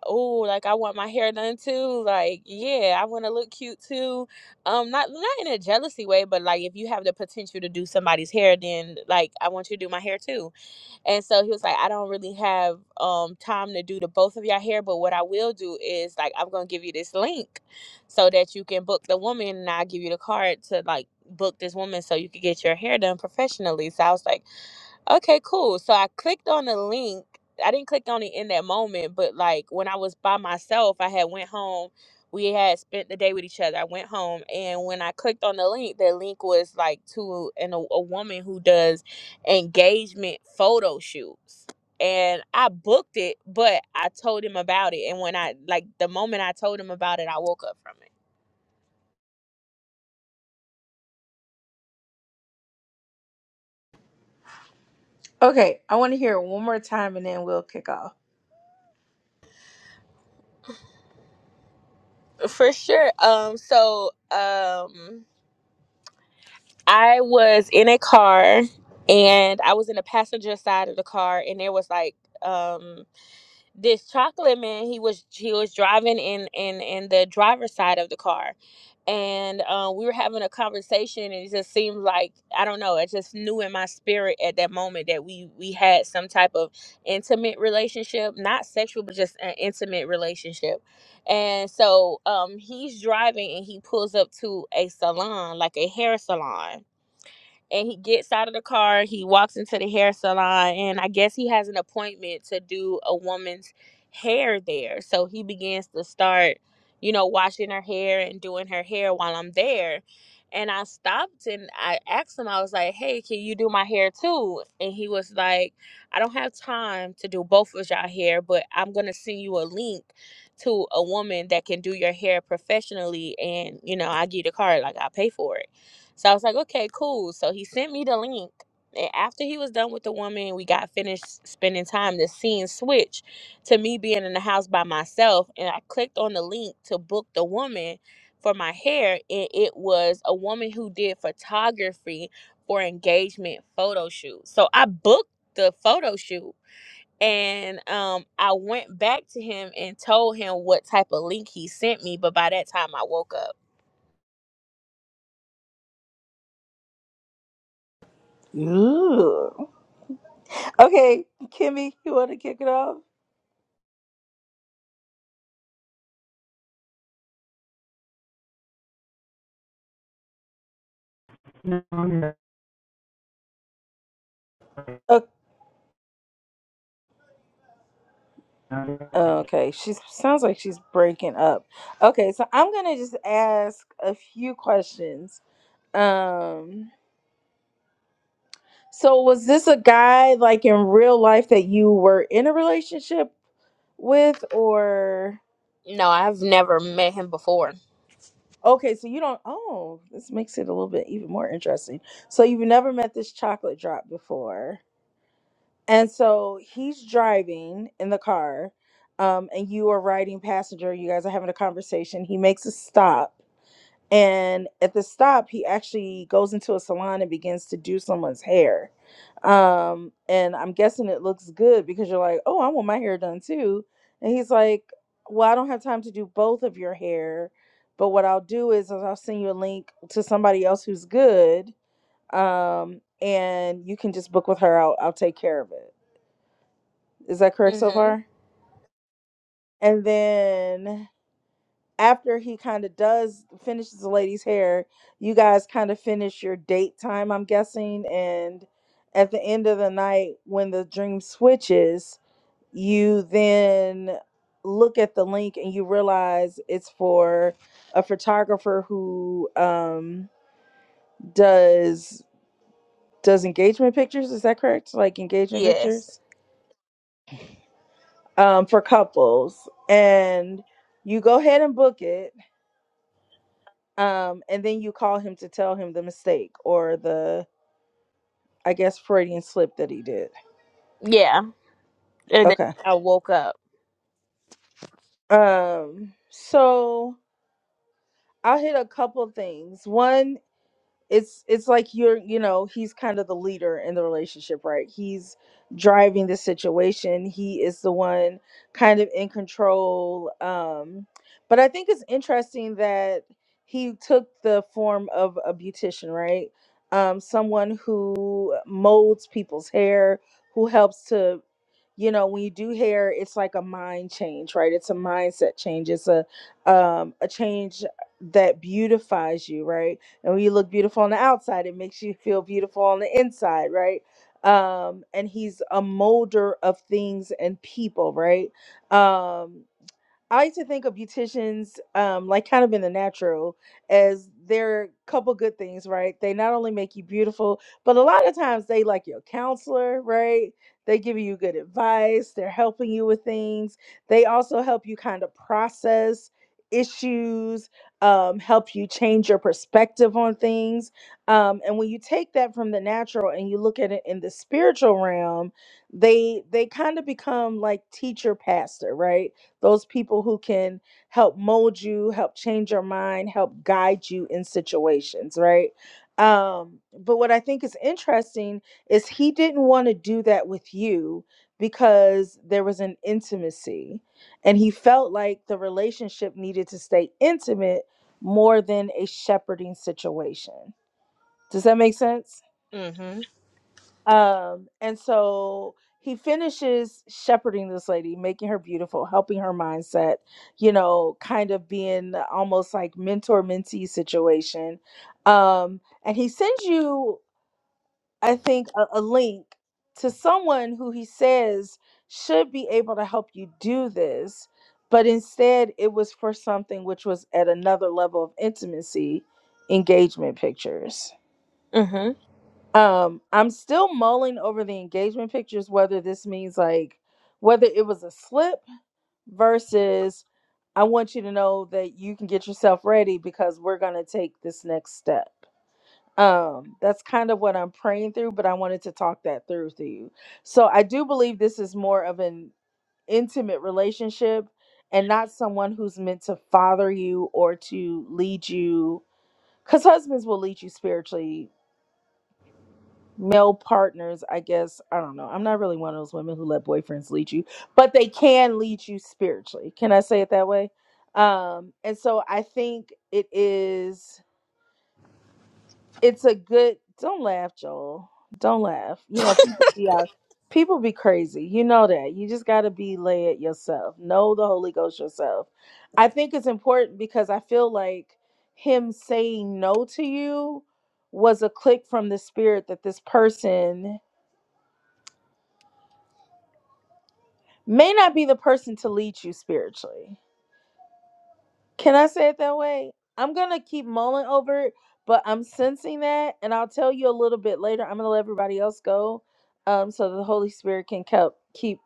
Speaker 6: oh, like I want my hair done too. Like, yeah, I want to look cute too. Um, not not in a jealousy way, but like if you have the potential to do somebody's hair, then like I want you to do my hair too. And so he was like, I don't really have um time to do the both of your hair, but what I will do is like I'm gonna give you this link so that you can book the woman, and I'll give you the card to like book this woman so you can get your hair done professionally. So I was like Okay, cool. So I clicked on the link. I didn't click on it in that moment, but like when I was by myself, I had went home. We had spent the day with each other. I went home, and when I clicked on the link, the link was like to an a, a woman who does engagement photo shoots. And I booked it, but I told him about it. And when I like the moment I told him about it, I woke up from it.
Speaker 1: okay, I want to hear it one more time and then we'll kick off.
Speaker 6: For sure. Um so um I was in a car and I was in the passenger side of the car and there was like um this chocolate man he was he was driving in in in the driver's side of the car and uh, we were having a conversation and it just seemed like i don't know i just knew in my spirit at that moment that we we had some type of intimate relationship not sexual but just an intimate relationship and so um he's driving and he pulls up to a salon like a hair salon and he gets out of the car he walks into the hair salon and i guess he has an appointment to do a woman's hair there so he begins to start you know washing her hair and doing her hair while i'm there and i stopped and i asked him i was like hey can you do my hair too and he was like i don't have time to do both of y'all hair but i'm gonna send you a link to a woman that can do your hair professionally and you know i give you the card like i pay for it so I was like, okay, cool. So he sent me the link. And after he was done with the woman, we got finished spending time. The scene switched to me being in the house by myself. And I clicked on the link to book the woman for my hair. And it was a woman who did photography for engagement photo shoot. So I booked the photo shoot. And um, I went back to him and told him what type of link he sent me. But by that time, I woke up.
Speaker 1: Ooh. Okay, Kimmy, you want to kick it off? O- Okay, she sounds like she's breaking up. Okay, so I'm gonna just ask a few questions. Um, So was this a guy like in real life that you were in a relationship with or
Speaker 6: No, I've never met him before.
Speaker 1: okay, so you don't oh, this makes it a little bit even more interesting. So you've never met this chocolate drop before. And so he's driving in the car, um, and you are riding passenger, you guys are having a conversation, he makes a stop and at the stop he actually goes into a salon and begins to do someone's hair um and i'm guessing it looks good because you're like oh i want my hair done too and he's like well i don't have time to do both of your hair but what i'll do is i'll send you a link to somebody else who's good um and you can just book with her i'll, I'll take care of it is that correct so
Speaker 6: Hmm.
Speaker 1: far and then after he kind of does finishes the lady's hair, you guys kind of finish your date time, I'm guessing, and at the end of the night when the dream switches, you then look at the link and you realize it's for a photographer who um does does engagement pictures, is that correct? Like engagement
Speaker 6: Yes.
Speaker 1: pictures um for couples and you go ahead and book it um, and then you call him to tell him the mistake or the I guess Freudian slip that he did.
Speaker 6: Yeah. And then
Speaker 1: Okay.
Speaker 6: I woke up.
Speaker 1: Um, so I'll hit a couple things. One it's it's like you're you know he's kind of the leader in the relationship right he's driving the situation he is the one kind of in control um but i think it's interesting that he took the form of a beautician right um someone who molds people's hair who helps to you know when you do hair it's like a mind change right it's a mindset change it's a um a change that beautifies you right and when you look beautiful on the outside it makes you feel beautiful on the inside right um and he's a molder of things and people right um I used to think of beauticians, um, like kind of in the natural, as they're a couple good things, right? They not only make you beautiful, but a lot of times they like your counselor, right? They give you good advice. They're helping you with things. They also help you kind of process issues, um, help you change your perspective on things. Um, and when you take that from the natural and you look at it in the spiritual realm, they they kind of become like teacher pastor, right? those people who can help mold you, help change your mind, help guide you in situations, right? Um, but what I think is interesting is he didn't want to do that with you because there was an intimacy and he felt like the relationship needed to stay intimate more than a shepherding situation. Does that make sense?
Speaker 6: Mhm.
Speaker 1: Um, and so he finishes shepherding this lady, making her beautiful, helping her mindset, you know, kind of being almost like mentor mentee situation. Um, and he sends you, I think, a, a link to someone who he says should be able to help you do this, but instead it was for something which was at another level of intimacy engagement pictures
Speaker 6: Mhm.
Speaker 1: um, I'm still mulling over the engagement pictures, whether this means like whether it was a slip versus I want you to know that you can get yourself ready because we're gonna take this next step. Um, that's kind of what I'm praying through, but I wanted to talk that through to you. So I do believe this is more of an intimate relationship and not someone who's meant to father you or to lead you because husbands will lead you spiritually male partners, I guess, I don't know. I'm not really one of those women who let boyfriends lead you, but they can lead you spiritually. Can I say it that way? Um, and so I think it is it's a good don't laugh, Joel. Don't laugh. You know, people be out people be crazy. You know that. You just gotta be lay it yourself. Know the Holy Ghost yourself. I think it's important because I feel like him saying no to you was a click from the spirit that this person may not be the person to lead you spiritually. Can I say it that way? I'm gonna keep mulling over it, but I'm sensing that, and I'll tell you a little bit later. I'm gonna let everybody else go, um, so the Holy Spirit can help keep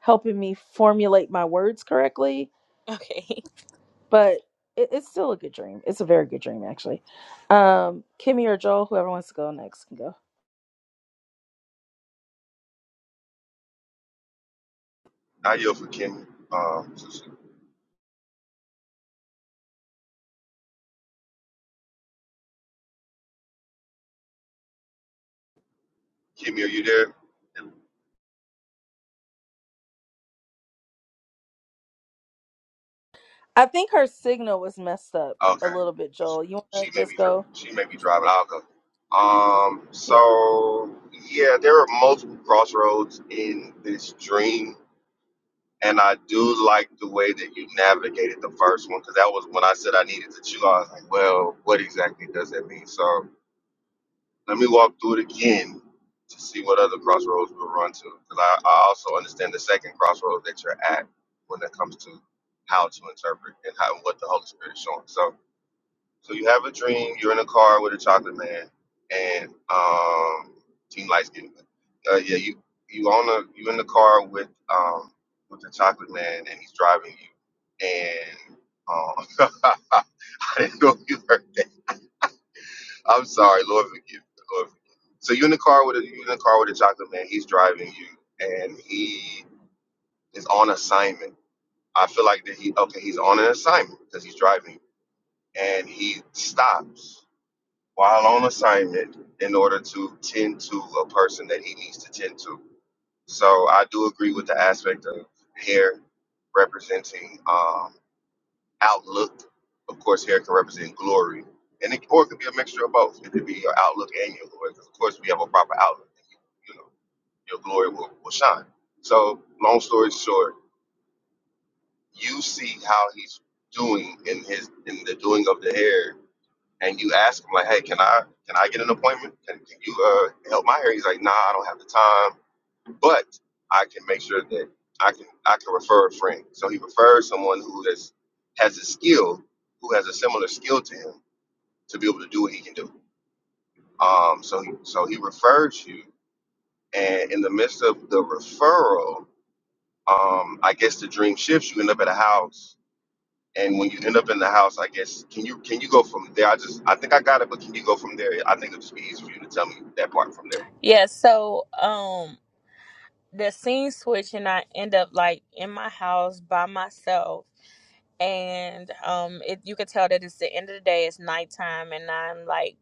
Speaker 1: helping me formulate my words correctly.
Speaker 6: Okay.
Speaker 1: But it, it's still a good dream. It's a very good dream, actually. Um, Kimmy or Joel, whoever wants to go next, can go.
Speaker 4: I yield for Kimmy. Um, so she- Kimmy, are you there?
Speaker 1: I think her signal was messed up a
Speaker 4: Okay.
Speaker 1: little bit. Joel, you wanna
Speaker 4: She may be
Speaker 1: just
Speaker 4: dri-
Speaker 1: go?
Speaker 4: she may be driving. I'll go. Um.
Speaker 1: Yeah.
Speaker 4: So yeah, there are multiple crossroads in this dream And I do like the way that you navigated the first one because that was when I said I needed to chew. I was like, well, what exactly does that mean? So let me walk through it again to see what other crossroads we'll run to because I, I also understand the second crossroads that you're at when it comes to how to interpret and how what the Holy Spirit is showing. So. So you have a dream. You're in a car with a chocolate man, and um, team lights getting. Uh, yeah, you you on the you in the car with um with the chocolate man, and he's driving you. And um, I didn't know you heard. I'm sorry, Lord forgive. me, Lord forgive. me. So you in the car with a you in the car with a chocolate man. He's driving you, and he is on assignment. I feel like that he okay. He's on an assignment because he's driving, and he stops while on assignment in order to tend to a person that he needs to tend to. So I do agree with the aspect of hair representing um, outlook. Of course, hair can represent glory, and it, or it could be a mixture of both. It could be your outlook and your glory, because of course we have a proper outlook. You know, your glory will, will shine. So, long story short, you see how he's doing in his in the doing of the hair and you ask him like, "Hey, can I can I get an appointment? Can, can you uh, help my hair?" He's like, "Nah, I don't have the time, but I can make sure that I can I can refer a friend." So he referred someone who has has a skill, who has a similar skill to him, to be able to do what he can do. Um, so he, so he referred you, and in the midst of the referral, um, I guess the dream shifts. You end up at a house And when you end up in the house, I guess can you can you go from there? I just I think I got it, but can you go from there? I think it'll just be easy for you to tell me that part from there.
Speaker 6: Yeah, so um the scene switch and I end up like in my house by myself and um it you could tell that it's the end of the day, it's nighttime and I'm like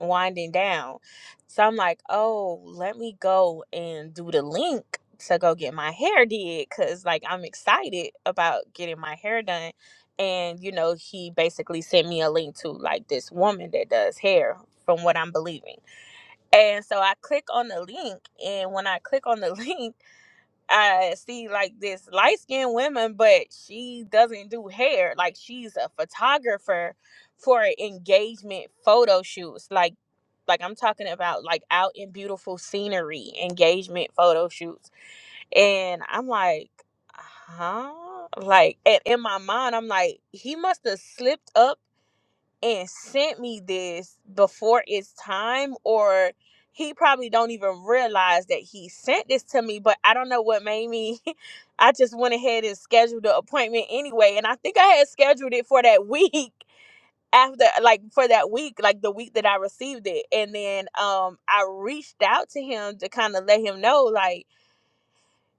Speaker 6: winding down. So I'm like, oh, let me go and do the link to go get my hair did because like I'm excited about getting my hair done. And you know, he basically sent me a link to like this woman that does hair from what I'm believing. And so I click on the link and when I click on the link, I see like this light skinned woman, but she doesn't do hair. Like she's a photographer for engagement photo shoots. Like like I'm talking about like out in beautiful scenery, engagement photo shoots. And I'm like, huh? Like and in my mind, I'm like, he must have slipped up and sent me this before it's time or he probably don't even realize that he sent this to me, but I don't know what made me I just went ahead and scheduled the appointment anyway. And I think I had scheduled it for that week after like for that week like the week that i received it and then um i reached out to him to kind of let him know like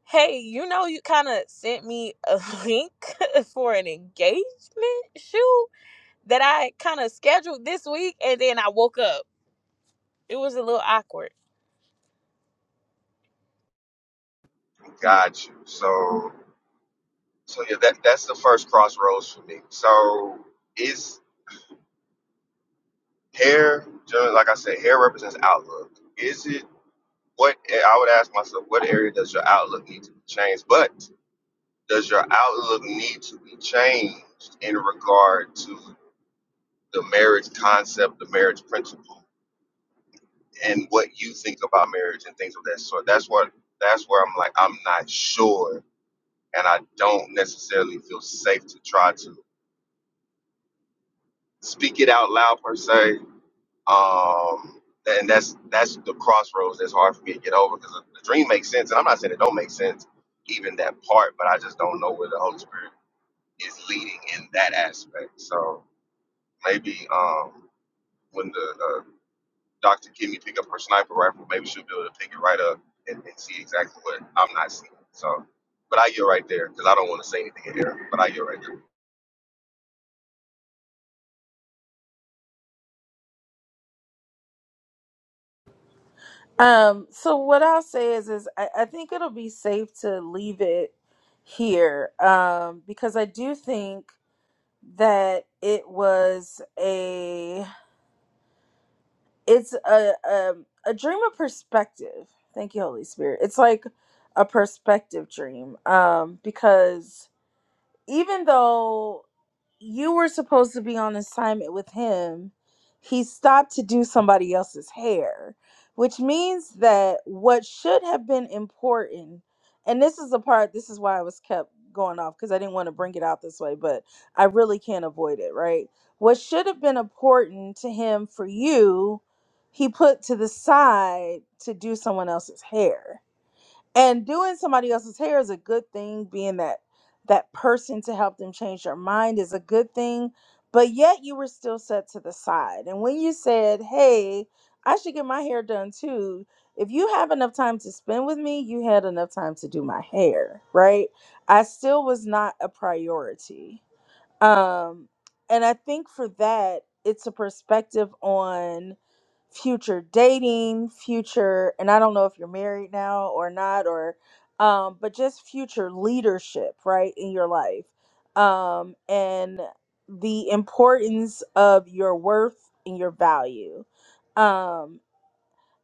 Speaker 6: hey you know you kind of sent me a link for an engagement shoot that i kind of scheduled this week and then i woke up it was a little awkward
Speaker 4: Got you. So so yeah, that that's the first crossroads for me. So is hair generally like I said, hair represents outlook. Is it what I would ask myself, what area does your outlook need to be changed? But does your outlook need to be changed in regard to the marriage concept, the marriage principle? and what you think about marriage and things of that sort. That's what that's where I'm like I'm not sure, and I don't necessarily feel safe to try to speak it out loud per se. Um, and that's that's the crossroads that's hard for me to get over because the dream makes sense, and I'm not saying it don't make sense, even that part, but I just don't know where the Holy Spirit is leading in that aspect. So maybe um, when the uh, Dr. Kimmy pick up her sniper rifle, maybe she'll be able to pick it right up and, and see exactly what I'm not seeing. So, but I get right there because I don't want to say anything in here. But I get right there.
Speaker 1: Um, so what I'll say is is I, I think it'll be safe to leave it here. Um, because I do think that it was a it's a um a dream of perspective. Thank you, Holy Spirit. It's like a perspective dream. Um, because even though you were supposed to be on assignment with him. He stopped to do somebody else's hair, which means that what should have been important, and this is the part, this is why I was kept going off because I didn't want to bring it out this way, but I really can't avoid it, right? What should have been important to him for you, he put to the side to do someone else's hair and doing somebody else's hair is a good thing being that that person to help them change their mind is a good thing but yet you were still set to the side and when you said hey i should get my hair done too if you have enough time to spend with me you had enough time to do my hair right i still was not a priority um and i think for that it's a perspective on future dating, future, and I don't know if you're married now or not, or, um, but just future leadership, right, in your life. Um, and the importance of your worth and your value. Um,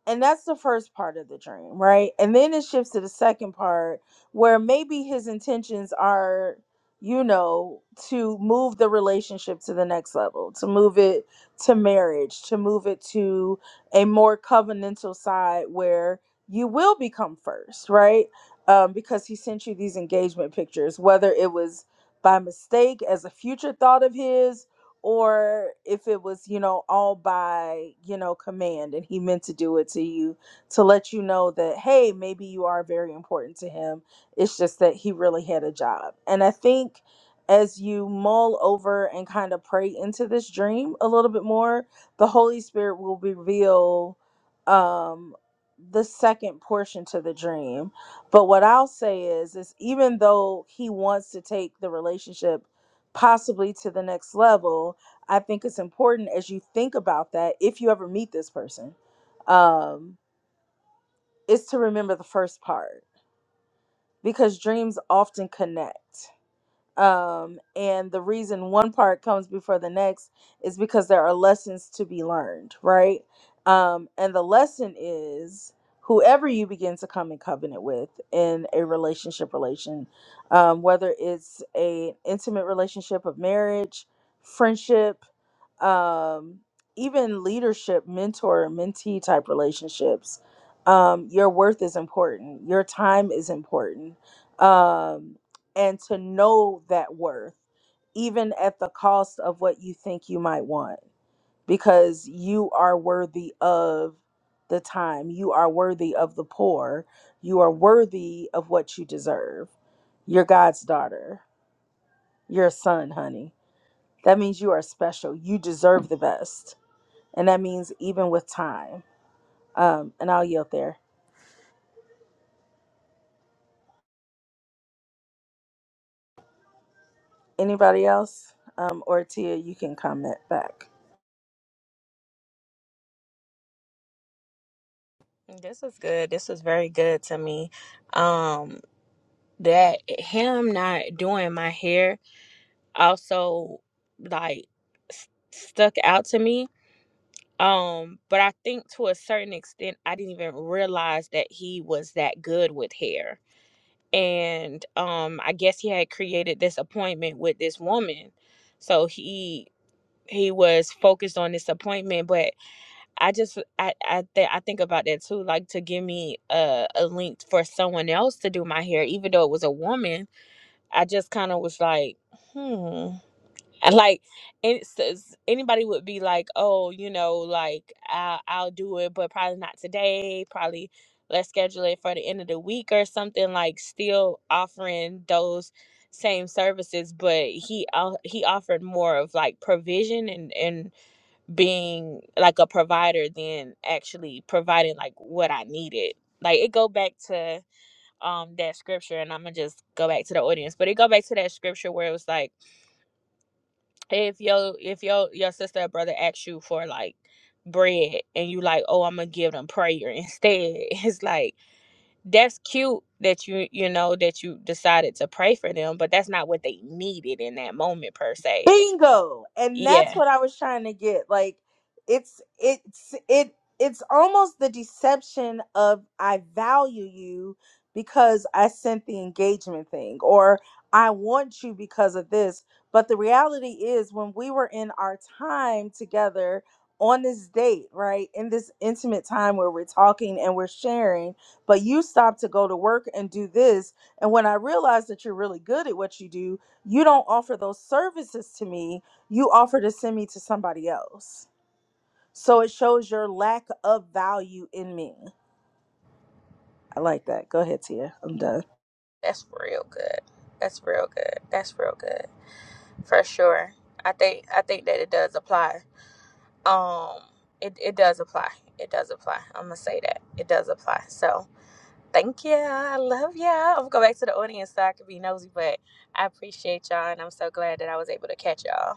Speaker 1: and that's the first part of the dream, right? And then it shifts to the second part where maybe his intentions are, you know, to move the relationship to the next level, to move it to marriage, to move it to a more covenantal side where you will become first, right? Um, because he sent you these engagement pictures, whether it was by mistake as a future thought of his or if it was you know all by you know command and he meant to do it to you to let you know that hey maybe you are very important to him it's just that he really had a job and i think as you mull over and kind of pray into this dream a little bit more the holy spirit will reveal um the second portion to the dream but what i'll say is is even though he wants to take the relationship possibly to the next level i think it's important as you think about that if you ever meet this person um is to remember the first part because dreams often connect um and the reason one part comes before the next is because there are lessons to be learned right um and the lesson is whoever you begin to come in covenant with in a relationship relation um, whether it's a intimate relationship of marriage friendship um, even leadership, mentor, mentee type relationships, um, your worth is important. Your time is important. Um, and to know that worth, even at the cost of what you think you might want, because you are worthy of the time, you are worthy of the poor, you are worthy of what you deserve. You're God's daughter, You're a son, honey. That means you are special. You deserve the best and that means even with time. Um, and I'll yield there. Anybody else? Um, or Tia, you can comment back.
Speaker 6: this is good this is very good to me um that him not doing my hair also like s- stuck out to me Um, but I think to a certain extent, I didn't even realize that he was that good with hair. And um, I guess he had created this appointment with this woman, so he he was focused on this appointment. But I just I I, th- I think about that too, like to give me a, a link for someone else to do my hair, even though it was a woman. I just kind of was like, hmm and like and it's, it's- anybody would be like oh you know like I'll, I'll do it but probably not today probably let's schedule it for the end of the week or something like still offering those same services but he uh, he offered more of like provision and and being like a provider than actually providing like what i needed like it go back to um that scripture and i'm gonna just go back to the audience but it go back to that scripture where it was like if your if your your sister or brother asks you for like bread and you like oh i'm gonna give them prayer instead it's like that's cute that you you know that you decided to pray for them but that's not what they needed in that moment per se
Speaker 1: bingo and that's
Speaker 6: yeah
Speaker 1: what i was trying to get like it's it's it it's almost the deception of i value you because i sent the engagement thing or i want you because of this but the reality is when we were in our time together on this date right in this intimate time where we're talking and we're sharing but you stopped to go to work and do this and when i realized that you're really good at what you do you don't offer those services to me you offer to send me to somebody else so it shows your lack of value in me i like that go ahead tia i'm done
Speaker 6: that's real good that's real good that's real good for sure i think i think that it does apply um it, it does apply it does apply i'm gonna say that it does apply so Thank you. I love you. I'm gonna go back to the audience so I can be nosy, but I appreciate y'all and I'm so glad that I was able to catch y'all.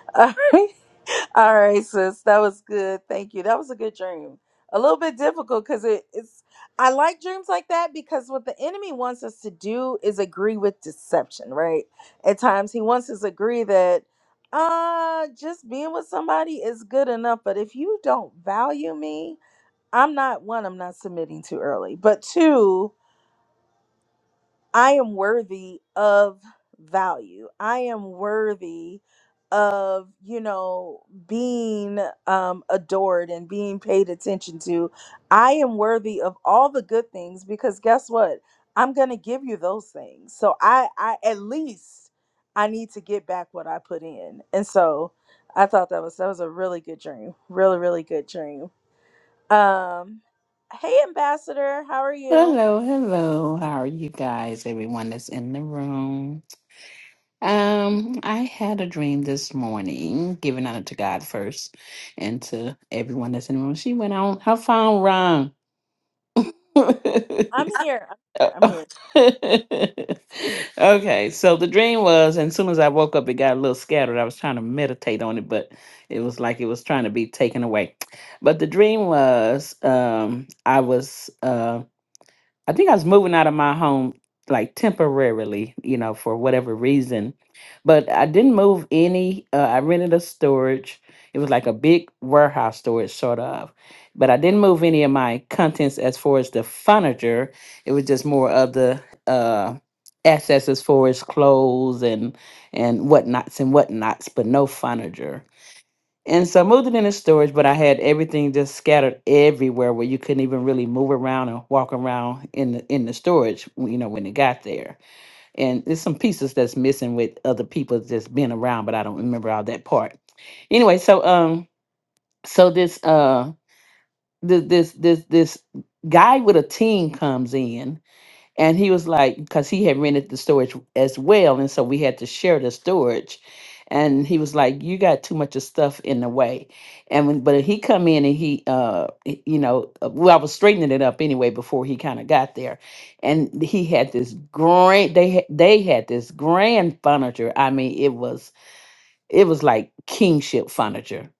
Speaker 1: all right all right sis that was good thank you that was a good dream a little bit difficult because it, it's i like dreams like that because what the enemy wants us to do is agree with deception right at times he wants us to agree that uh just being with somebody is good enough but if you don't value me I'm not one, I'm not submitting too early, but two, I am worthy of value. I am worthy of, you know, being um, adored and being paid attention to. I am worthy of all the good things because guess what? I'm going to give you those things. So I, I, at least I need to get back what I put in. And so I thought that was, that was a really good dream. Really, really good dream. Um, hey, Ambassador, how are you?
Speaker 7: Hello, hello. How are you guys? Everyone that's in the room. Um, I had a dream this morning, giving honor to God first and to everyone that's in the room. She went on her phone wrong.
Speaker 1: I'm here. I'm here. I'm here.
Speaker 7: okay, so the dream was, and as soon as I woke up, it got a little scattered. I was trying to meditate on it, but it was like it was trying to be taken away. But the dream was, um, I was. um I think I was moving out of my home like temporarily, you know, for whatever reason. But I didn't move any. Uh, I rented a storage. It was like a big warehouse storage, sort of. But I didn't move any of my contents as far as the furniture. It was just more of the uh, assets as far as clothes and and whatnots and whatnots, but no furniture. And so I moved it into storage, but I had everything just scattered everywhere where you couldn't even really move around and walk around in the in the storage, w- you know, when it got there. And there's some pieces that's missing with other people just being around, but I don't remember all that part. Anyway, so um so this uh this this this this guy with a team comes in and he was like, because he had rented the storage as well. And so we had to share the storage. And he was like, you got too much of stuff in the way. And when, but he come in and he, uh, y- you know, uh, well, I was straightening it up anyway before he kind of got there. And he had this grand, they, ha- they had this grand furniture. I mean, it was, it was like kingship furniture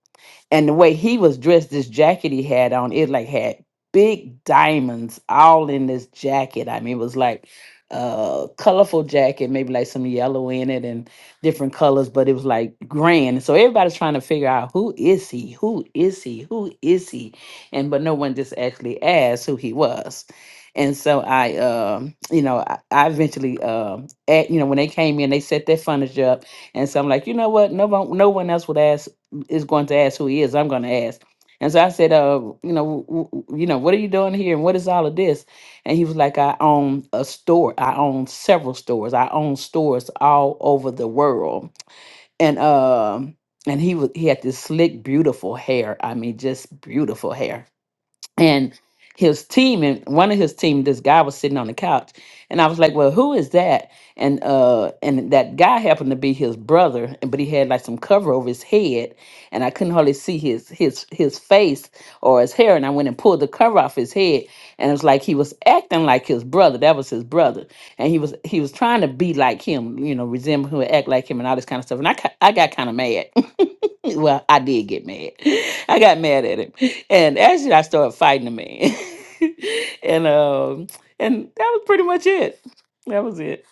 Speaker 7: and the way he was dressed, this jacket he had on, it like had big diamonds all in this jacket. I mean, it was like a colorful jacket, maybe like some yellow in it and different colors, but it was like grand. So everybody's trying to figure out who is he? Who is he? Who is he? And but no one just actually asked who he was. And so I, um, you know, I, I eventually, um, at, you know, when they came in, they set their furniture up, and so I'm like, you know what? No one, no one else would ask is going to ask who he is. I'm going to ask. And so I said, uh, you know, w- w- you know, what are you doing here, and what is all of this? And he was like, I own a store. I own several stores. I own stores all over the world. And um, and he was he had this slick, beautiful hair. I mean, just beautiful hair and his team and one of his team this guy was sitting on the couch and i was like well who is that and uh and that guy happened to be his brother and- but he had like some cover over his head and i couldn't hardly see his his his face or his hair and i went and pulled the cover off his head and it was like he was acting like his brother that was his brother and he was he was trying to be like him you know resemble him, act like him and all this kind of stuff and i ki- i got kind of mad Well, I did get mad. I got mad at him, and actually, I started fighting the man, and um, and that was pretty much it. That was it.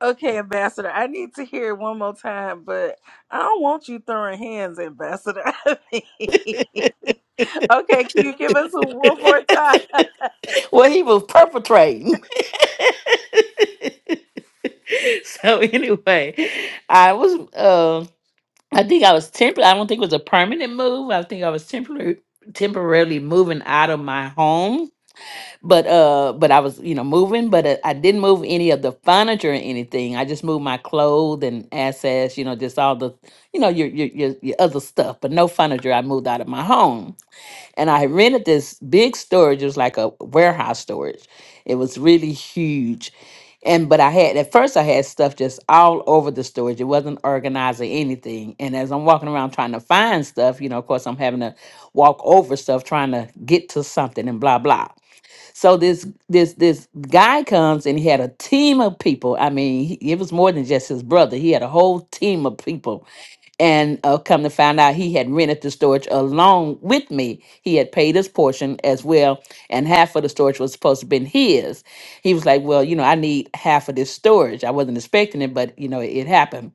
Speaker 1: Okay, Ambassador, I need to hear it one more time, but I don't want you throwing hands, Ambassador. okay, can you give us a- one more time?
Speaker 7: well, he was perpetrating. so anyway, I was. Uh, I think I was temporary. I don't think it was a permanent move. I think I was temporary, temporarily moving out of my home but uh but i was you know moving but uh, i didn't move any of the furniture or anything i just moved my clothes and assets you know just all the you know your your your, your other stuff but no furniture i moved out of my home and i rented this big storage it was like a warehouse storage it was really huge and but i had at first i had stuff just all over the storage it wasn't organized or anything and as i'm walking around trying to find stuff you know of course i'm having to walk over stuff trying to get to something and blah blah so this this this guy comes and he had a team of people. I mean, he, it was more than just his brother. He had a whole team of people. And uh, come to find out, he had rented the storage along with me. He had paid his portion as well, and half of the storage was supposed to have been his. He was like, "Well, you know, I need half of this storage. I wasn't expecting it, but you know, it, happened."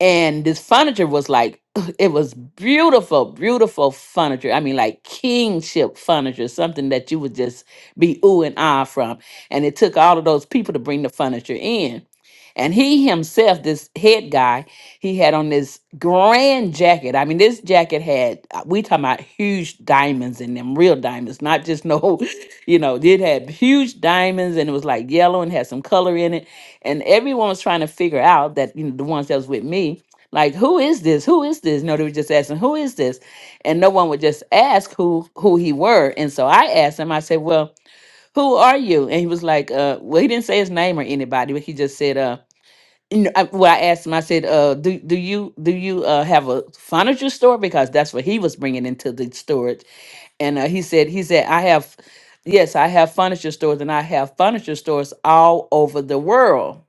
Speaker 7: and this furniture was like it was beautiful beautiful furniture i mean like kingship furniture something that you would just be ooh and ah from and it took all of those people to bring the furniture in and he himself, this head guy, he had on this grand jacket. I mean, this jacket had uh, we talking about huge diamonds in them, real diamonds, not just no, you know, it had huge diamonds and it was like yellow and had some color in it. And everyone was trying to figure out that, you know, the ones that was with me, like, who is this? Who is this? No, they were just asking, who is this? And no one would just ask who who he were. And so I asked him, I said, Well, who are you? And he was like, uh, well, he didn't say his name or anybody, but he just said, uh." you know, I, well, I asked him. I said, uh, "Do do you do you uh, have a furniture store? Because that's what he was bringing into the storage." And uh, he said, "He said I have, yes, I have furniture stores, and I have furniture stores all over the world."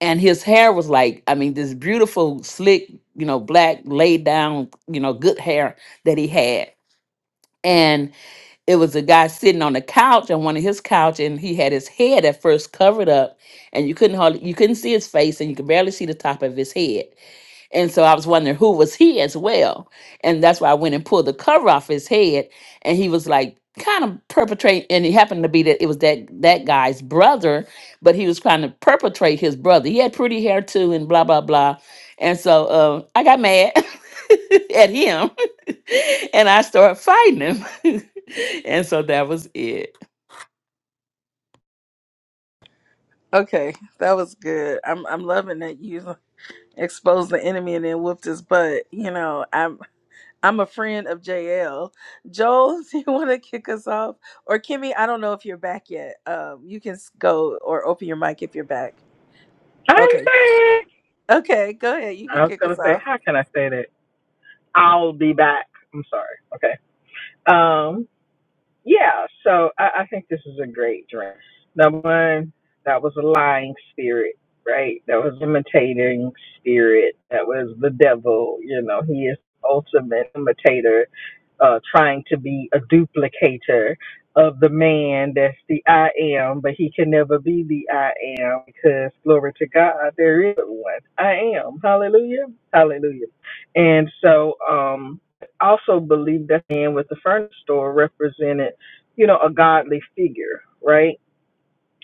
Speaker 7: And his hair was like, I mean, this beautiful, slick, you know, black, laid down, you know, good hair that he had it was a guy sitting on a couch on one of his couch and he had his head at first covered up and you couldn't hardly you couldn't see his face and you could barely see the top of his head and so I was wondering who was he as well. And that's why I went and pulled the cover off his head and he was like kind of perpetrate and it happened to be that it was that that guy's brother, but he was trying to perpetrate his brother. He had pretty hair too and blah blah blah. And so uh, I got mad at him and I started fighting him. and so that was it.
Speaker 1: okay, that was good. I'm I'm loving that you exposed the enemy and then whooped his butt. You know, I'm. I'm a friend of JL. Joel, do you want to kick us off? Or Kimmy, I don't know if you're back yet. Um, you can s- go or open your mic if you're back.
Speaker 2: I'm
Speaker 1: Okay.
Speaker 2: back.
Speaker 1: Okay, go ahead. You can
Speaker 2: I was
Speaker 1: kick
Speaker 2: gonna
Speaker 1: us
Speaker 2: say,
Speaker 1: off.
Speaker 2: how can I say that? I'll be back. I'm sorry. Okay. Um, yeah, so I, I think this is a great dress. Number one, that was a lying spirit, right? That was imitating spirit. That was the devil. You know, he is ultimate imitator, uh, trying to be a duplicator of the man that's the I am, but he can never be the I am because glory to God, there is but one. I am. Hallelujah. Hallelujah. And so, um, also believe that man with the furniture store represented you know, a godly figure, right?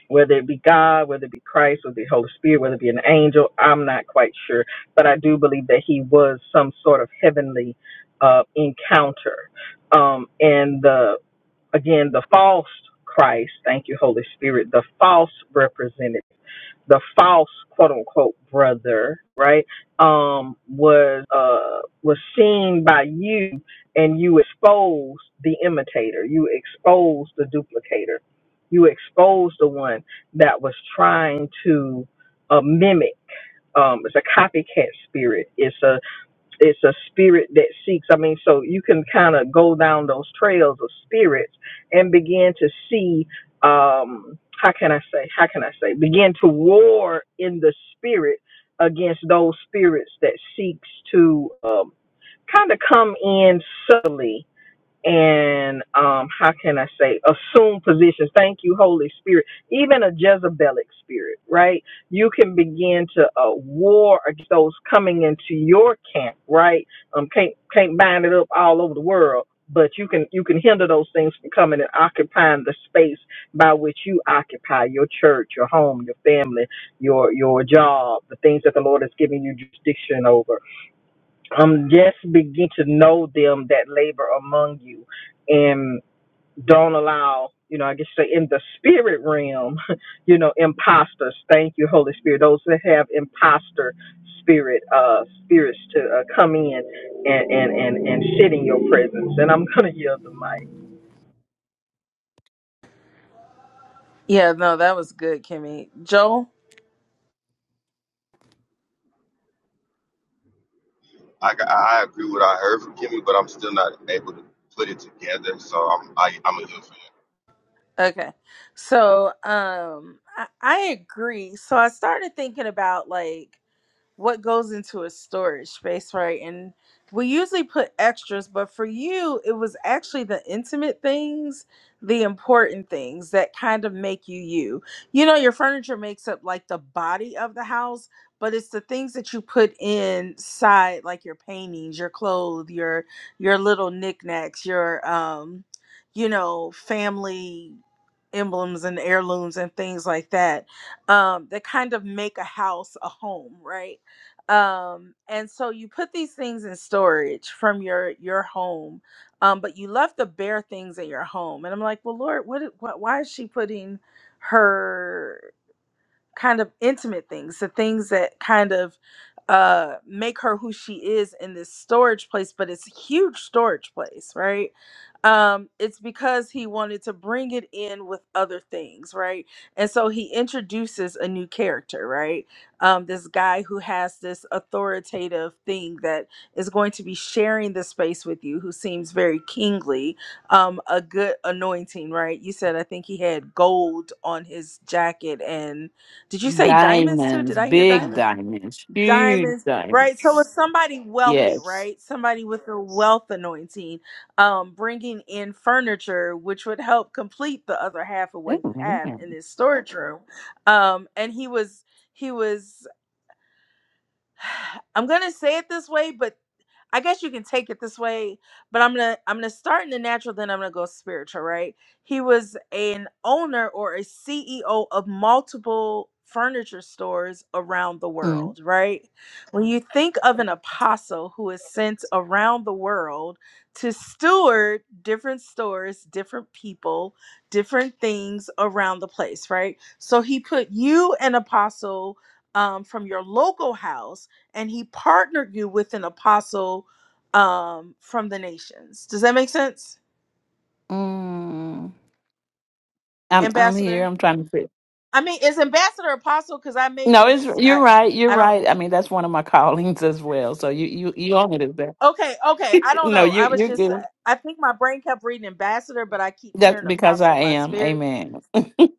Speaker 2: Whether it be God, whether it be Christ, whether it be Holy Spirit, whether it be an angel, I'm not quite sure. But I do believe that he was some sort of heavenly uh, encounter. Um, and Again, the false Christ, thank you, Holy Spirit, the false representative, the false quote unquote brother, right? Um, was uh was seen by you and you exposed the imitator, you exposed the duplicator, you exposed the one that was trying to uh, mimic. Um, it's a copycat spirit. It's it's a spirit that seeks. I mean, so you can kind of go down those trails of spirits and begin to see. Um, how can I say? How can I say? Begin to war in the spirit against those spirits that seeks to um, kind of come in subtly and um, how can I say, assume positions. Thank you, Holy Spirit. Even a Jezebelic spirit, right? You can begin to uh, war against those coming into your camp, right? Um, can't can't bind it up all over the world, but you can you can hinder those things from coming and occupying the space by which you occupy your church, your home, your family, your your job, the things that the Lord has given you jurisdiction over um, just begin to know them that labor among you and don't allow, you know, I guess say in the spirit realm, you know, imposters. Thank you, Holy Spirit. Those that have imposter spirit, uh, spirits to uh, come in and, and, and, and sit in your presence. And I'm going to yield the mic.
Speaker 1: Yeah, no, that was good, Kimmy. Joel?
Speaker 4: I, I agree with what I heard from Kimmy, but I'm still not able to put it together. So I'm I, I'm a yield for you.
Speaker 1: Okay. So um I, I agree. So I started thinking about like what goes into a storage space, right? And we usually put extras, but for you, it was actually the intimate things, the important things that kind of make you you. You know, your furniture makes up like the body of the house, but it's the things that you put inside, like your paintings, your clothes, your your little knickknacks, your um, you know, family emblems and heirlooms and things like that um, that kind of make a house a home, right? um and so you put these things in storage from your your home um but you left the bare things in your home and i'm like well lord what, what why is she putting her kind of intimate things, the things that kind of uh make her who she is in this storage place, but it's a huge storage place, right? Um, it's because he wanted to bring it in with other things, right? And so he introduces a new character, right? Um, this guy who has this authoritative thing that is going to be sharing the space with you, who seems very kingly, um, a good anointing, right? You said I think he had gold on his jacket and did you say diamonds too? Did
Speaker 7: Diamonds,
Speaker 1: I hear
Speaker 7: big
Speaker 1: diamonds?
Speaker 7: diamonds, huge
Speaker 1: Diamonds, right? So
Speaker 7: diamonds.
Speaker 1: it's somebody wealthy,
Speaker 7: Yes.
Speaker 1: right? Somebody with a wealth anointing, um, bringing in furniture, which would help complete the other half of what you
Speaker 7: Amen.
Speaker 1: have in this storage room. Um, and he was, he was. I'm gonna say it this way, but I guess you can take it this way, but I'm gonna I'm gonna start in the natural, then I'm gonna go spiritual, right? He was an owner or a CEO of multiple furniture stores around the
Speaker 7: Mm.
Speaker 1: world, right? When you think of an apostle who is sent around the world to steward different stores, different people, different things around the place, right? So he put you an apostle um, from your local house and he partnered you with an apostle um from the nations. Does that make sense?
Speaker 7: Mm. I'm I'm here.
Speaker 1: Ambassador?
Speaker 7: I'm trying to fit.
Speaker 1: I mean, is ambassador apostle cuz I may
Speaker 7: No, it's
Speaker 1: just
Speaker 7: you're
Speaker 1: I,
Speaker 7: right. You're
Speaker 1: I don't
Speaker 7: right. I
Speaker 1: actually.
Speaker 7: mean, that's one of my callings as well. So you you you own it as that.
Speaker 1: Okay, okay, I don't
Speaker 7: No,
Speaker 1: know.
Speaker 7: you
Speaker 1: I was
Speaker 7: you're
Speaker 1: just
Speaker 7: good.
Speaker 1: I think my brain kept reading ambassador, but I keep
Speaker 7: That's
Speaker 1: hearing
Speaker 7: because
Speaker 1: apostle
Speaker 7: I
Speaker 1: in my
Speaker 7: am.
Speaker 1: spirit.
Speaker 7: Amen.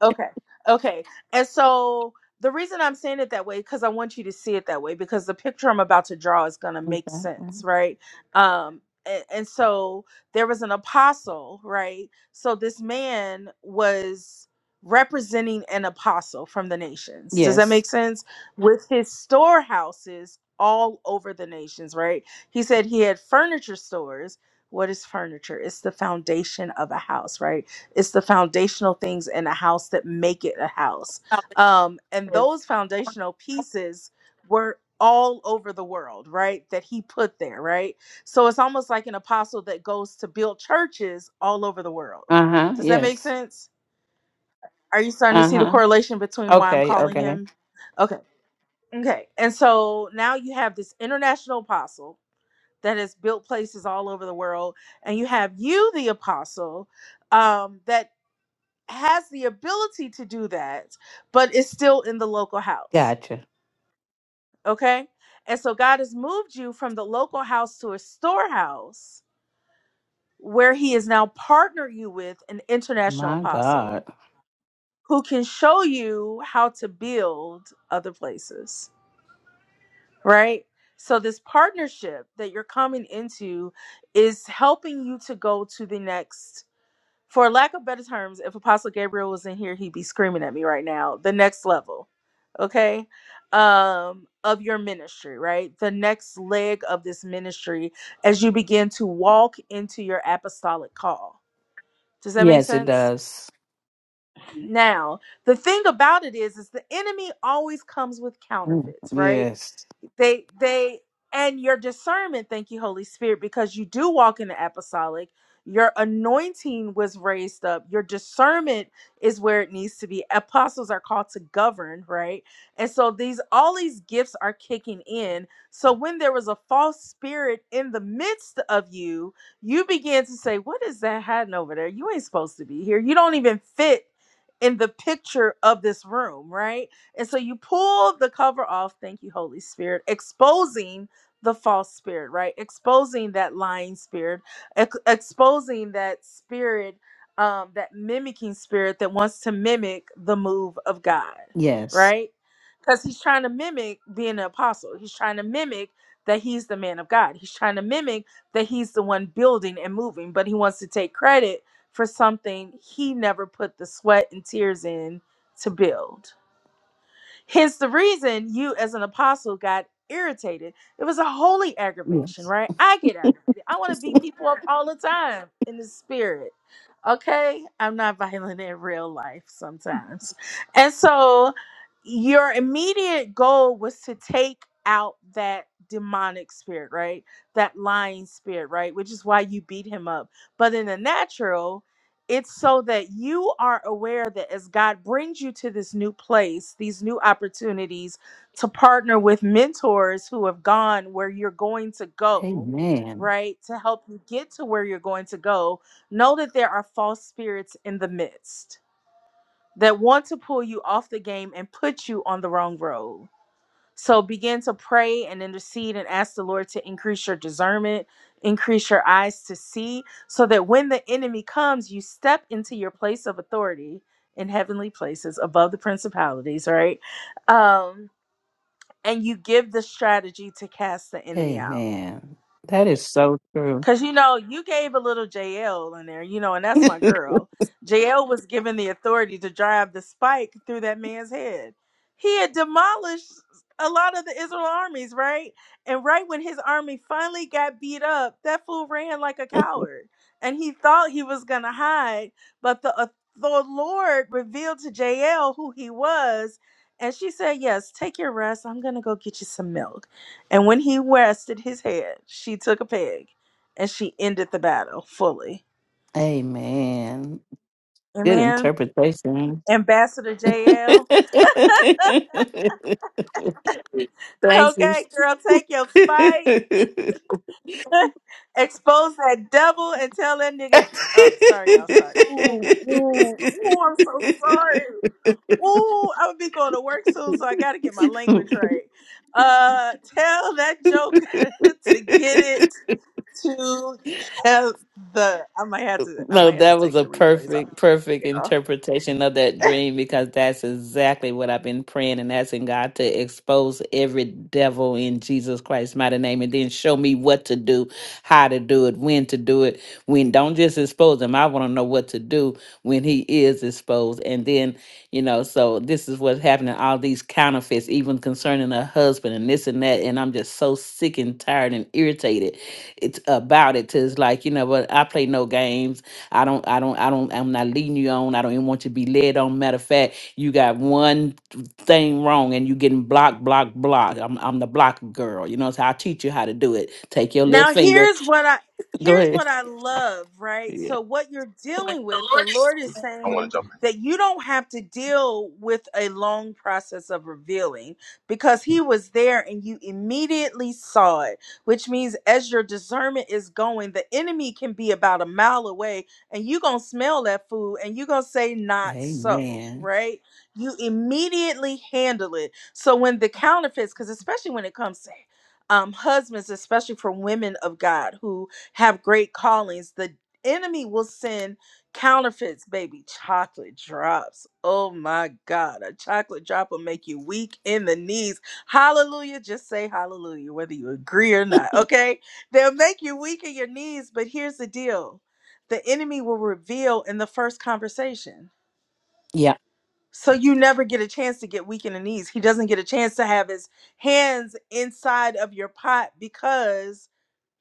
Speaker 1: Okay. Okay. And so the reason I'm saying it that way because I want you to see it that way because the picture I'm about to draw is going to make sense, right? Um and, and so there was an apostle, right? So this man was representing an apostle from the nations. Does that
Speaker 7: Yes.
Speaker 1: make sense? With his storehouses all over the nations, right? He said he had furniture stores. What is furniture? It's the foundation of a house, right? it's the foundational things in a house that make it a house um and those foundational pieces were all over the world right that he put there right so it's almost like an apostle that goes to build churches all over the world
Speaker 7: Uh huh.
Speaker 1: does that make
Speaker 7: Yes.
Speaker 1: sense are you starting to
Speaker 7: Uh
Speaker 1: see the
Speaker 7: huh.
Speaker 1: correlation between why i'm
Speaker 7: Okay.
Speaker 1: calling
Speaker 7: Okay.
Speaker 1: him okay okay and so now you have this international apostle that has built places all over the world and you have you the apostle um, that has the ability to do that, but is still in the local house.
Speaker 7: Gotcha.
Speaker 1: Okay. And so God has moved you from the local house to a storehouse where He has now partnered you with an international
Speaker 7: My God.
Speaker 1: apostle who can show you how to build other places. Right. So, this partnership that you're coming into is helping you to go to the next for lack of better terms, if Apostle Gabriel was in here, he'd be screaming at me right now. The next level, okay, um, of your ministry, right? The next leg of this ministry as you begin to walk into your apostolic call. Does that make
Speaker 7: Yes, it
Speaker 1: sense?
Speaker 7: does.
Speaker 1: Now, the thing about it is, is the enemy always comes with
Speaker 7: Mm.
Speaker 1: counterfeits, right?
Speaker 7: Yes.
Speaker 1: they they and your discernment thank you holy spirit because you do walk in the apostolic your anointing was raised up your discernment is where it needs to be apostles are called to govern right and so these all these gifts are kicking in so when there was a false spirit in the midst of you you began to say what is that hiding over there you ain't supposed to be here you don't even fit in the picture of this room right and so you pull the cover off, thank you, Holy Spirit, exposing the false spirit, right? Exposing that lying spirit, ex- exposing that spirit, um, that mimicking spirit that wants to mimic the move of God,
Speaker 7: Yes.
Speaker 1: right? Because he's trying to mimic being an apostle. He's trying to mimic that he's the man of God. He's trying to mimic that he's the one building and moving, but he wants to take credit for something he never put the sweat and tears in to build Hence the reason you, as an apostle, got irritated. It was a holy aggravation,
Speaker 7: Yes.
Speaker 1: right? I get aggravated. I want to beat people up all the time in the spirit. Okay? I'm not violent in real life sometimes. And so your immediate goal was to take out that demonic spirit, right? That lying spirit, right? Which is why you beat him up. But in the natural, it's so that you are aware that as God brings you to this new place, these new opportunities to partner with mentors who have gone where you're going to go,
Speaker 7: Amen.
Speaker 1: right? To help you get to where you're going to go, know that there are false spirits in the midst that want to pull you off the game and put you on the wrong road so begin to pray and intercede and ask the Lord to increase your discernment, increase your eyes to see, so that when the enemy comes, you step into your place of authority in heavenly places above the principalities, right? Um, and you give the strategy to cast the enemy out.
Speaker 7: Amen. That is so true.
Speaker 1: Cause you know, you gave a little JL in there, you know, and that's my girl. JL was given the authority to drive the spike through that man's head. He had demolished a lot of the Israel armies, right? And right when his army finally got beat up, that fool ran like a coward. And he thought he was gonna hide, but the au- the Lord revealed to JL who he was, and she said, Yes, take your rest. I'm gonna go get you some milk. And when he rested his head, she took a peg and she ended the battle fully.
Speaker 7: Amen. Good
Speaker 1: Amen.
Speaker 7: interpretation.
Speaker 1: Ambassador JL.
Speaker 7: Thank
Speaker 1: Okay, girl, take your spike. Expose that devil and tell that nigga. Oh, sorry, y'all. Sorry. Ooh, ooh, ooh, I'm so sorry. Ooh, I'm gonna be going to work soon, so I gotta get my language right. Uh, tell that joker to get
Speaker 7: you.
Speaker 1: it together. I might have to. I
Speaker 7: No,
Speaker 1: might have to
Speaker 7: that was
Speaker 1: take
Speaker 7: a
Speaker 1: the replays off
Speaker 7: perfect,
Speaker 1: of this,
Speaker 7: perfect
Speaker 1: y'all.
Speaker 7: interpretation of that dream because that's exactly what I've been praying and asking God to expose every devil in Jesus Christ's mighty name and then show me what to do, how to do it, when to do it. When don't just expose him. I want to know what to do when he is exposed. And then, you know, so this is what's happening, all these counterfeits, even concerning a husband and this and that. And I'm just so sick and tired and irritated it's about it. 'Tis like, you know what, I play no games I don't, I don't, I don't, I'm not leading you on. I don't even want you to be led on. Matter of fact, you got one thing wrong and you getting blocked, blocked, blocked. I'm, I'm the block girl. You know, so I'll teach you how to do it. Take your little
Speaker 1: Now
Speaker 7: finger.
Speaker 1: here's what I
Speaker 7: Go
Speaker 1: here's
Speaker 7: ahead.
Speaker 1: what I love, right?
Speaker 7: Yeah.
Speaker 1: So what you're
Speaker 7: With
Speaker 1: dealing
Speaker 7: the
Speaker 1: with, the
Speaker 7: Lord.
Speaker 1: Lord is
Speaker 4: I want
Speaker 1: saying
Speaker 4: to jump in.
Speaker 1: that you don't have to deal with a long process of revealing because he was there and you immediately saw it, which means as your discernment is going, the enemy can be about a mile away and you're going to smell that food and you're going to say not so,
Speaker 7: Amen.
Speaker 1: right? You immediately handle it. So when the counterfeits cuz especially when it comes to um, husbands, especially for women of God who have great callings, the enemy will send counterfeits, baby, chocolate drops. Oh my God, a chocolate drop will make you weak in the knees. Hallelujah. Just say hallelujah, whether you agree or not. Okay. They'll make you weak in your knees, but here's the deal the enemy will reveal in the first conversation
Speaker 7: Yeah.
Speaker 1: so you never get a chance to get weak in the knees. He doesn't get a chance to have his hands inside of your pot because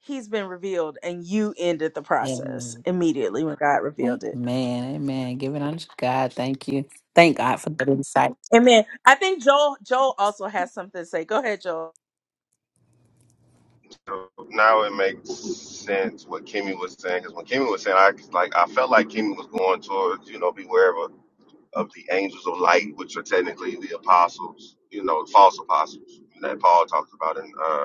Speaker 1: he's been revealed and you ended the process
Speaker 7: Amen.
Speaker 1: immediately when God revealed it.
Speaker 7: Amen. Amen. Give it unto God. Thank you. Thank God for that insight.
Speaker 1: Amen. I think Joel Joel also has something to say. Go ahead, Joel.
Speaker 4: So now it makes sense what Kimmy was saying because when Kimmy was saying, I like I felt like Kimmy was going towards you know beware of, of the angels of light, which are technically the apostles, you know, false apostles that Paul talks about in uh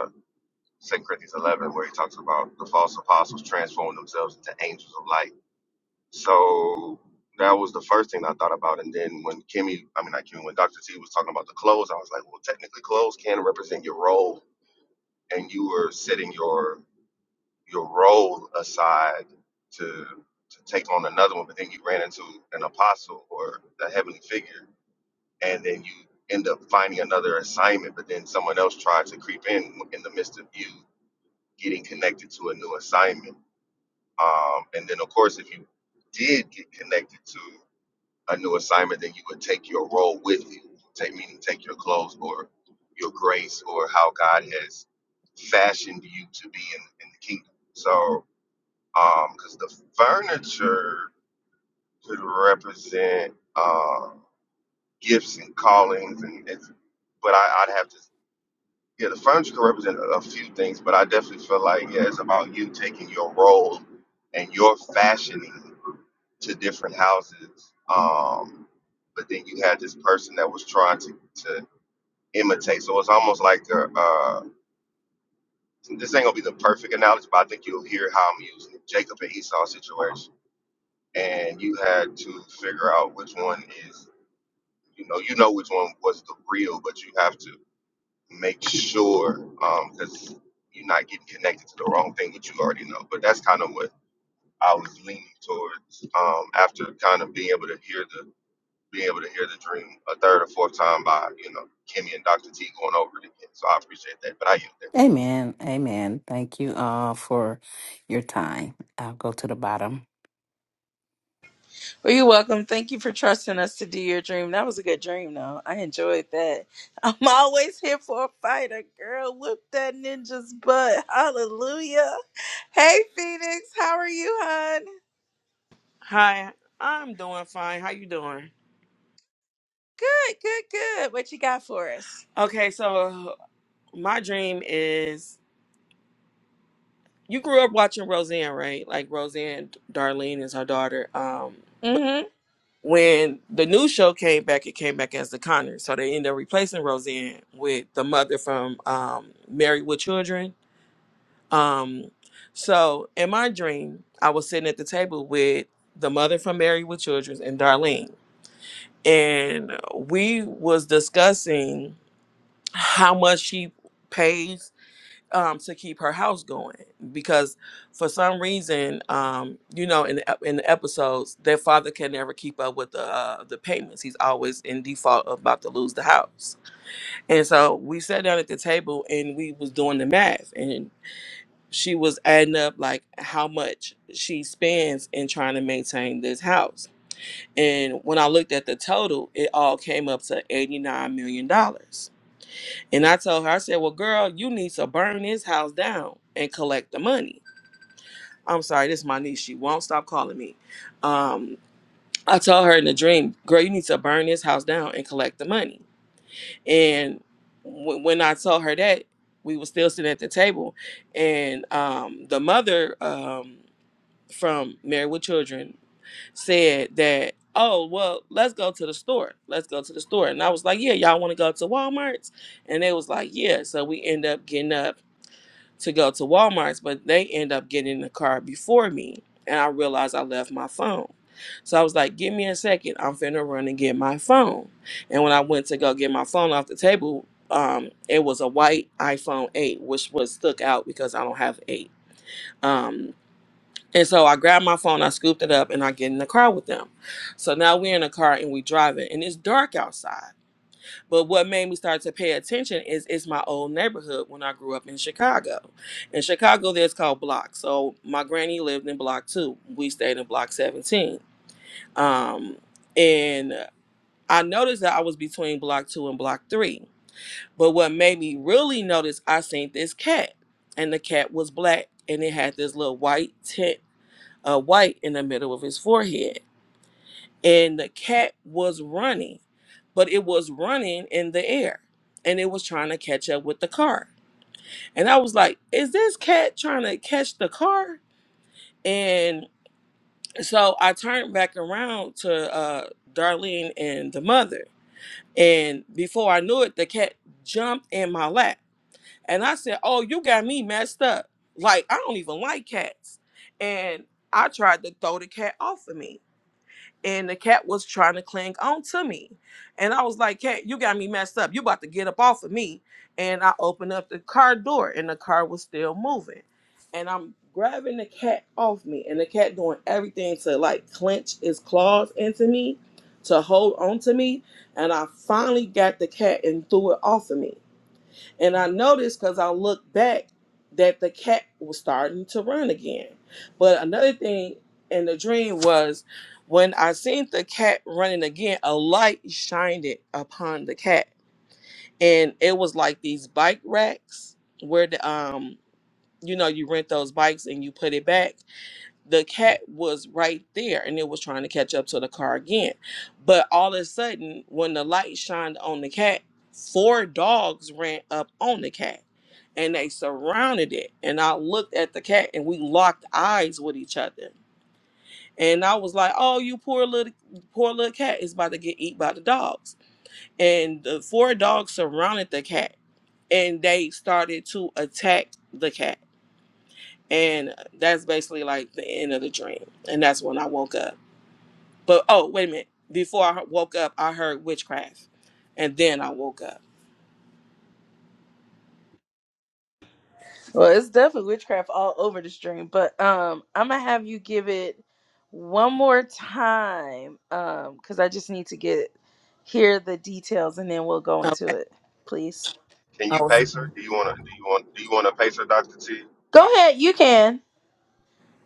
Speaker 4: Second Corinthians 11, where he talks about the false apostles transforming themselves into angels of light. So that was the first thing I thought about. And then when Kimmy, I mean, not Kimmy, when Dr. T was talking about the clothes, I was like, well, technically, clothes can represent your role, and you were setting your your role aside to to take on another one. But then you ran into an apostle or a heavenly figure, and then you end up finding another assignment. But then someone else tried to creep in in the midst of you getting connected to a new assignment. Um, and then, of course, if you did get connected to a new assignment, then you would take your role with you, take, meaning take your clothes or your grace or how God has fashioned you to be in, in the kingdom. So, because the furniture could represent uh, gifts and callings, and it's, but I, I'd have to Yeah, the furniture can represent a a few things, but I definitely feel like yeah, it's about you taking your role and your fashioning to different houses. Um, but then you had this person that was trying to, to imitate. So it's almost like a, uh, this ain't gonna be the perfect analogy, but I think you'll hear how I'm using it. Jacob and Esau situation, and you had to figure out which one is you know you know which one was the real, but you have to make sure um, because you're not getting connected to the wrong thing, which you already know. But that's kind of what I was leaning towards um, after kind of being able to hear the being able to hear the dream a third or fourth time by you know Kimmy and Dr. T going over it again. So I appreciate that. But I yield there.
Speaker 7: Amen. Amen. Thank you uh, for your time. I'll go to the bottom.
Speaker 1: Well, you're welcome. Thank you for trusting us to do your dream. That was a good dream though. I enjoyed that. I'm always here for a fighter, girl. Whoop that ninja's butt. Hallelujah. Hey Phoenix, how are you, hon?
Speaker 8: Hi, I'm doing fine. How you doing?
Speaker 1: Good, good, good. What you got for us?
Speaker 8: Okay, so my dream is you grew up watching Roseanne, right? Like Roseanne Darlene is her daughter. Um, but
Speaker 1: hmm
Speaker 8: when the new show came back, it came back as the Conners, So they ended up replacing Roseanne with the mother from um Married with Children. Um, so in my dream, I was sitting at the table with the mother from Married with Children and Darlene. And we was discussing how much she pays um, to keep her house going because for some reason um, you know in the, ep- in the episodes their father can never keep up with the uh, the payments he's always in default of about to lose the house and so we sat down at the table and we was doing the math and she was adding up like how much she spends in trying to maintain this house and when i looked at the total it all came up to 89 million dollars and I told her, I said, Well, girl, you need to burn this house down and collect the money. I'm sorry, this is my niece. She won't stop calling me. Um, I told her in the dream, girl, you need to burn this house down and collect the money. And w- when I told her that, we were still sitting at the table. And um, the mother um, from Married with Children said that, oh, well, let's go to the store. Let's go to the store. And I was like, yeah, y'all want to go to Walmart's? And they was like, yeah. So we end up getting up to go to Walmart's, but they end up getting in the car before me. And I realized I left my phone. So I was like, give me a second. I'm finna run and get my phone. And when I went to go get my phone off the table, um, it was a white iPhone 8, which was stuck out because I don't have 8. Um, and so I grabbed my phone, I scooped it up, and I get in the car with them. So now we're in the car and we driving, and it's dark outside. But what made me start to pay attention is it's my old neighborhood when I grew up in Chicago. In Chicago, there's called Block. So my granny lived in Block 2. We stayed in Block 17. Um, and I noticed that I was between Block 2 and Block 3. But what made me really notice, I seen this cat. And the cat was black. And it had this little white tint, uh, white in the middle of his forehead and the cat was running, but it was running in the air and it was trying to catch up with the car. And I was like, is this cat trying to catch the car? And so I turned back around to uh, Darlene and the mother. And before I knew it, the cat jumped in my lap. And I said, Oh, you got me messed up. Like, I don't even like cats. And I tried to throw the cat off of me and the cat was trying to cling on to me. And I was like, Cat, you got me messed up. You about to get up off of me. And I opened up the car door and the car was still moving. And I'm grabbing the cat off me and the cat doing everything to like clench its claws into me, to hold on to me. And I finally got the cat and threw it off of me. And I noticed because I looked back that the cat was starting to run again. But another thing in the dream was when I seen the cat running again, a light shined it upon the cat. And it was like these bike racks where the um you know you rent those bikes and you put it back the cat was right there and it was trying to catch up to the car again. But all of a sudden, when the light shined on the cat, four dogs ran up on the cat and they surrounded it. And I looked at the cat and we locked eyes with each other. And I was like, "Oh, you poor little, poor little cat is about to get eat by the dogs." And the four dogs surrounded the cat, and they started to attack the cat. And that's basically like the end of the dream. And that's when I woke up. But oh, wait a minute. Before I woke up, I heard witchcraft, and then I woke up.
Speaker 1: Well, it's definitely witchcraft all over the stream, but um, I'm gonna have you give it one more time, um, because I just need to get hear the details, and then we'll go into
Speaker 8: Okay.
Speaker 1: it. Please
Speaker 4: Can
Speaker 8: I
Speaker 4: you
Speaker 8: was
Speaker 4: pace her? Do you want to? Do you want? Do you want to pace her, Dr. T? I,
Speaker 1: go ahead. You can.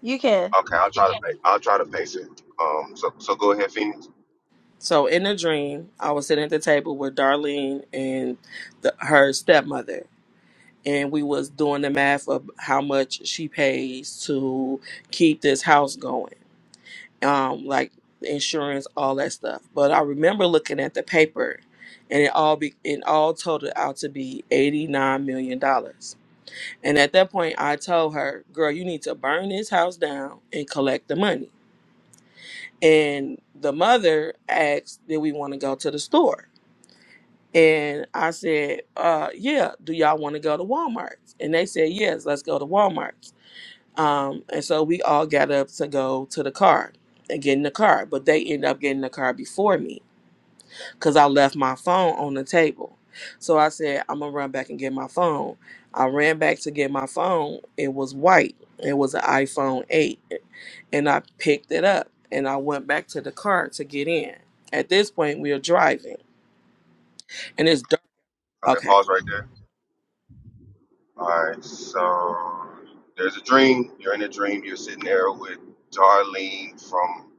Speaker 1: You can.
Speaker 4: okay, I'll try to. pa- I'll try to pace her. Um, so so go ahead, Phoenix.
Speaker 8: so in a dream. I was sitting at the table with Darlene and the, her stepmother, and we was doing the math of how much she pays to keep this house going, um, like insurance, all that stuff. But I remember looking at the paper, and it all be it all totaled out to be eighty nine million dollars And at that point, I told her, girl, you need to burn this house down and collect the money. And the mother asked, did we want to go to the store? And I said, uh, yeah, do y'all want to go to Walmart's? And they said, yes, let's go to Walmart's. Um, and so we all got up to go to the car and get in the car, but they ended up getting in the car before me because I left my phone on the table. So I said, I'm gonna run back and get my phone. I ran back to get my phone. It was white. It was an iPhone 8. And I picked it up and I went back to the car to get in. At this point, we are driving and it's dark.
Speaker 4: Okay,
Speaker 8: Okay.
Speaker 4: pause right there. Alright, so there's a dream. You're in a dream. You're sitting there with Darlene from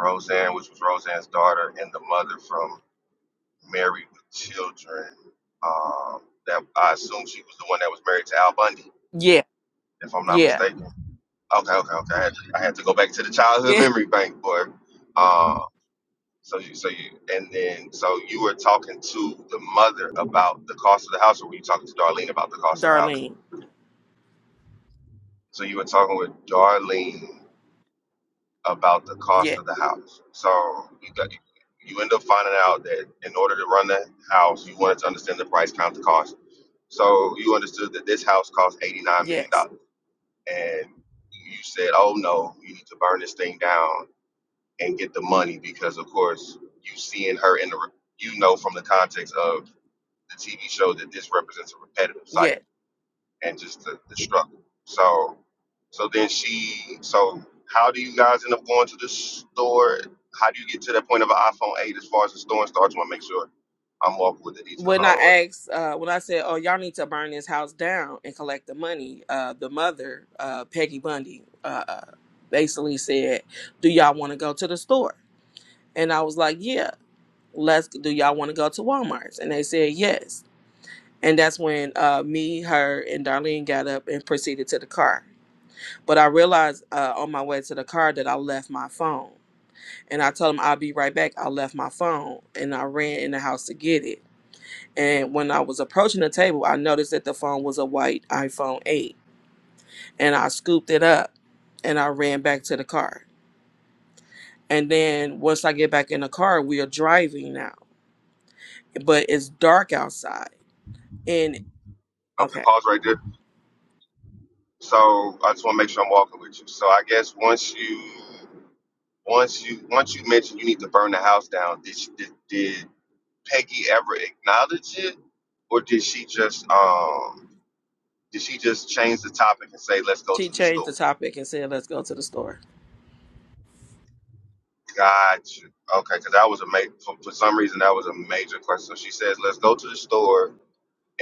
Speaker 4: Roseanne, which was Roseanne's daughter, and the mother from Married with Children. Um, that I assume she was the one that was married to Al Bundy,
Speaker 8: Yeah.
Speaker 4: if I'm not
Speaker 8: Yeah.
Speaker 4: mistaken. Okay, okay, okay. I had to, I had to go back to the childhood
Speaker 8: Yeah.
Speaker 4: memory bank, boy. Uh, so you, so you, and then so you were talking to the mother about the cost of the house, or were you talking to Darlene about the cost of the house?
Speaker 8: Darlene.
Speaker 4: So you were talking with Darlene about the cost
Speaker 8: Yeah.
Speaker 4: of the house. So you got you end up finding out that in order to run the house, you wanted to understand the price count the cost. So you understood that this house cost eighty nine million
Speaker 8: Yes.
Speaker 4: dollars, and you said, "Oh no, you need to burn this thing down and get the money because, of course, you seeing her in the re- you know from the context of the TV show that this represents a repetitive cycle."
Speaker 8: yes.
Speaker 4: and just the, the struggle. So so then she so how do you guys end up going to the store? How do you get to that point of an iPhone 8 as far as the store and stuff, I just want to make sure I'm walking with the details
Speaker 8: when I
Speaker 4: all the way.
Speaker 8: asked, uh, when I said, "Oh, y'all need to burn this house down and collect the money," uh, the mother, uh, Peggy Bundy, uh, uh, basically said, "Do y'all want to go to the store?" And I was like, "Yeah, let's." Do y'all want to go to Walmart's? And they said yes. And that's when uh, me, her, and Darlene got up and proceeded to the car. But I realized uh, on my way to the car that I left my phone. And I told them I'll be right back. I left my phone and I ran in the house to get it and when I was approaching the table, I noticed that the phone was a white iPhone 8. And I scooped it up and I ran back to the car. And then once I get back in the car, we are driving now, but it's dark outside. And
Speaker 4: Okay,
Speaker 8: okay,
Speaker 4: pause right there. So I just want to make sure I'm walking with you. So I guess once you once you once you mentioned you need to burn the house down, did she, did, did Peggy ever acknowledge it, or did she just um did she just change the topic and say let's go to
Speaker 8: she
Speaker 4: the
Speaker 8: changed the
Speaker 4: store?
Speaker 8: topic and said, let's go to the store.
Speaker 4: Gotcha. Okay, because that was a ma- for, for some reason that was a major question. So she says, "Let's go to the store,"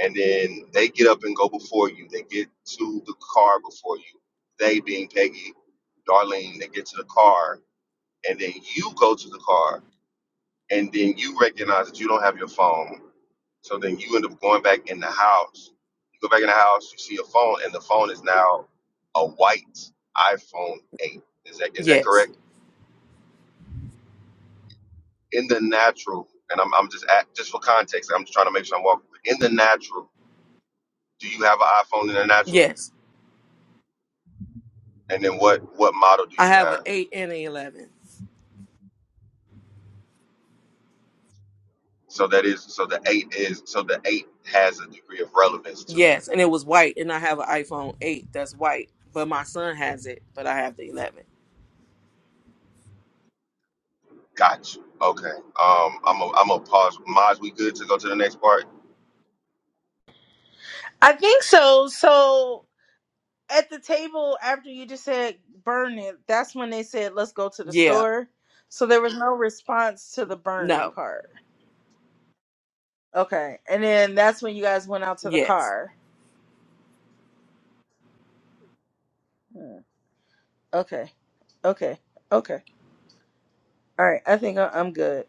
Speaker 4: and then they get up and go before you. They get to the car before you. They being Peggy, Darlene, they get to the car, and then you go to the car, and then you recognize that you don't have your phone. So then you end up going back in the house. You go back in the house, you see your phone, and the phone is now a white iPhone eight. Is that is that
Speaker 8: Yes,
Speaker 4: correct? in the natural, and I'm, I'm just at, just for context, I'm just trying to make sure I'm walking. In the natural, do you have an iPhone in the natural?
Speaker 8: yes.
Speaker 4: And then what what model do
Speaker 8: I
Speaker 4: you
Speaker 8: have an
Speaker 4: have?
Speaker 8: 8 and an 11.
Speaker 4: So that is so the eight is so the eight has a degree of relevance too.
Speaker 8: Yes, and it was white. And I have an iPhone 8 that's white, but my son has it, but I have the 11.
Speaker 4: Got you. Okay. Um, I'm a, I'm a pause. Maj, we good to go to the next part?
Speaker 1: I think so. So at the table after you just said burn it, that's when they said let's go to the
Speaker 8: Yeah,
Speaker 1: store. So there was no response to the burning
Speaker 8: no,
Speaker 1: part. Okay. And then that's when you guys went out to the
Speaker 8: yes.
Speaker 1: car. Hmm. Okay. Okay. Okay. All right. I think I- I'm good.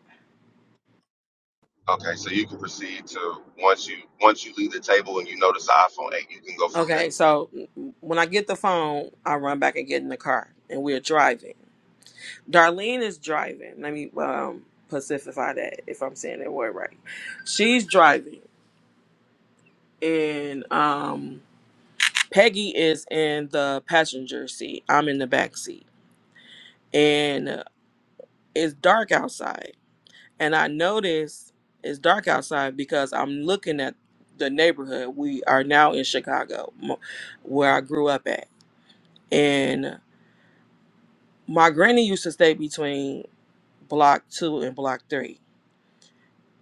Speaker 4: Okay. So you can proceed to once you once you leave the table and you notice the iPhone eight, you can go from there.
Speaker 8: Okay,
Speaker 4: Okay.
Speaker 8: so when I get the phone, I run back and get in the car, and we're driving. Darlene is driving. Let me um, pacify that if I'm saying that word right. She's driving, and um, Peggy is in the passenger seat. I'm in the back seat, and uh, it's dark outside. And I notice it's dark outside because I'm looking at the neighborhood. We are now in Chicago, mo- where I grew up at, and. my granny used to stay between block two and block three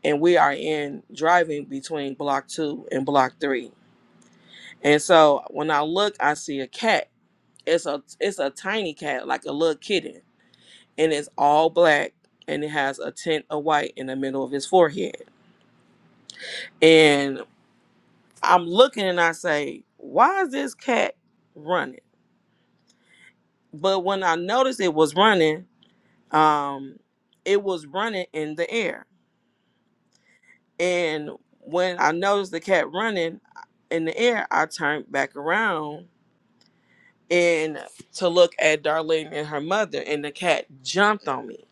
Speaker 8: and we are in driving between block two and block three and so when i look i see a cat it's a it's a tiny cat like a little kitten and it's all black and it has a tint of white in the middle of his forehead and i'm looking and i say why is this cat running but when i noticed it was running um it was running in the air And when I noticed the cat running uh, in the air, I turned back around and to look at Darlene and her mother, and the cat jumped on me.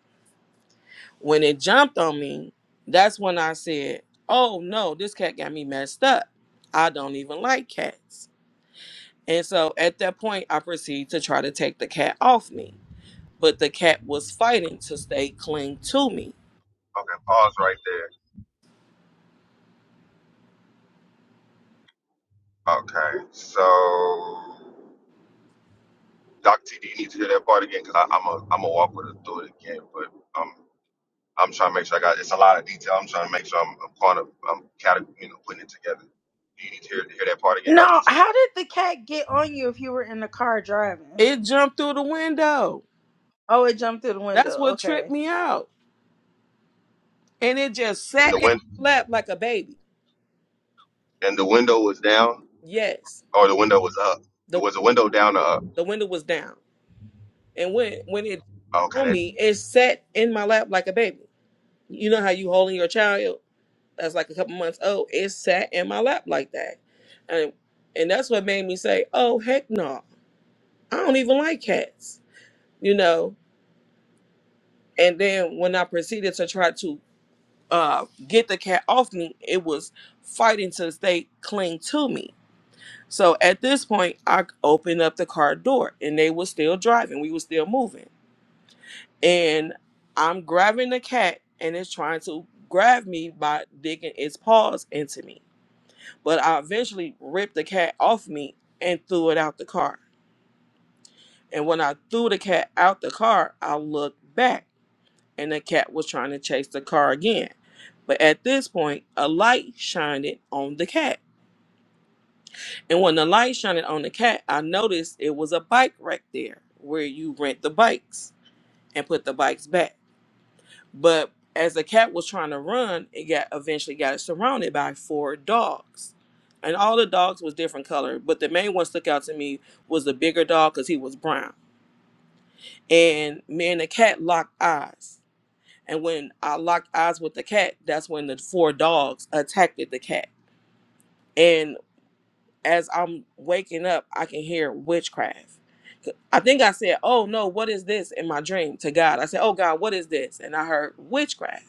Speaker 8: When it jumped on me, that's when I said, Oh no, this cat got me messed up. I don't even like cats. And so at that point, I proceeded to try to take the cat off me. But the cat was fighting to stay cling to me.
Speaker 4: Pause right there. Okay. So Doc TD, you need to hear that part again? Because I'm a I'm a walk with it through it again, but um, I'm trying to make sure I got it's a lot of detail. I'm trying to make sure I'm I'm caught up. I'm kind of you know putting it together. you need to hear, hear that part again, Doctor
Speaker 1: No,
Speaker 4: T?
Speaker 1: how did the cat get on you if you were in the car driving?
Speaker 8: It jumped through the window.
Speaker 1: Oh, it jumped through the window.
Speaker 8: That's what tripped
Speaker 1: Okay.
Speaker 8: me out. and it just
Speaker 4: And
Speaker 8: sat
Speaker 4: the
Speaker 8: in
Speaker 4: win
Speaker 8: my lap like a baby.
Speaker 4: and the window was down
Speaker 8: Yes,
Speaker 4: or the window was up.
Speaker 8: the
Speaker 4: Was the window down or up?
Speaker 8: the window was down, and when when it
Speaker 4: Okay.
Speaker 8: on
Speaker 4: That,
Speaker 8: me, it sat in my lap like a baby. You know how you holding your child that's like a couple months old. It sat in my lap like that, and and that's what made me say, "Oh heck no, I don't even like cats," you know. And then when I proceeded to try to uh, get the cat off me, it was fighting to stay cling to me So at this point, I opened up the car door and they were still driving. We were still moving. And I'm grabbing the cat and it's trying to grab me by digging its paws into me. But I eventually ripped the cat off me and threw it out the car. And when I threw the cat out the car, I looked back and the cat was trying to chase the car again. But at this point, a light shined on the cat And when the light shined on the cat, I noticed it was a bike rack there where you rent the bikes and put the bikes back. But as the cat was trying to run, it got eventually got surrounded by four dogs. And all the dogs was different color, but the main one stuck out to me was the bigger dog because he was brown. And me and the cat locked eyes. And when I locked eyes with the cat, that's when the four dogs attacked the cat. And as I'm waking up, I can hear witchcraft. I think I said, Oh no, what is this in my dream to God? I said, Oh God, what is this? And I heard witchcraft.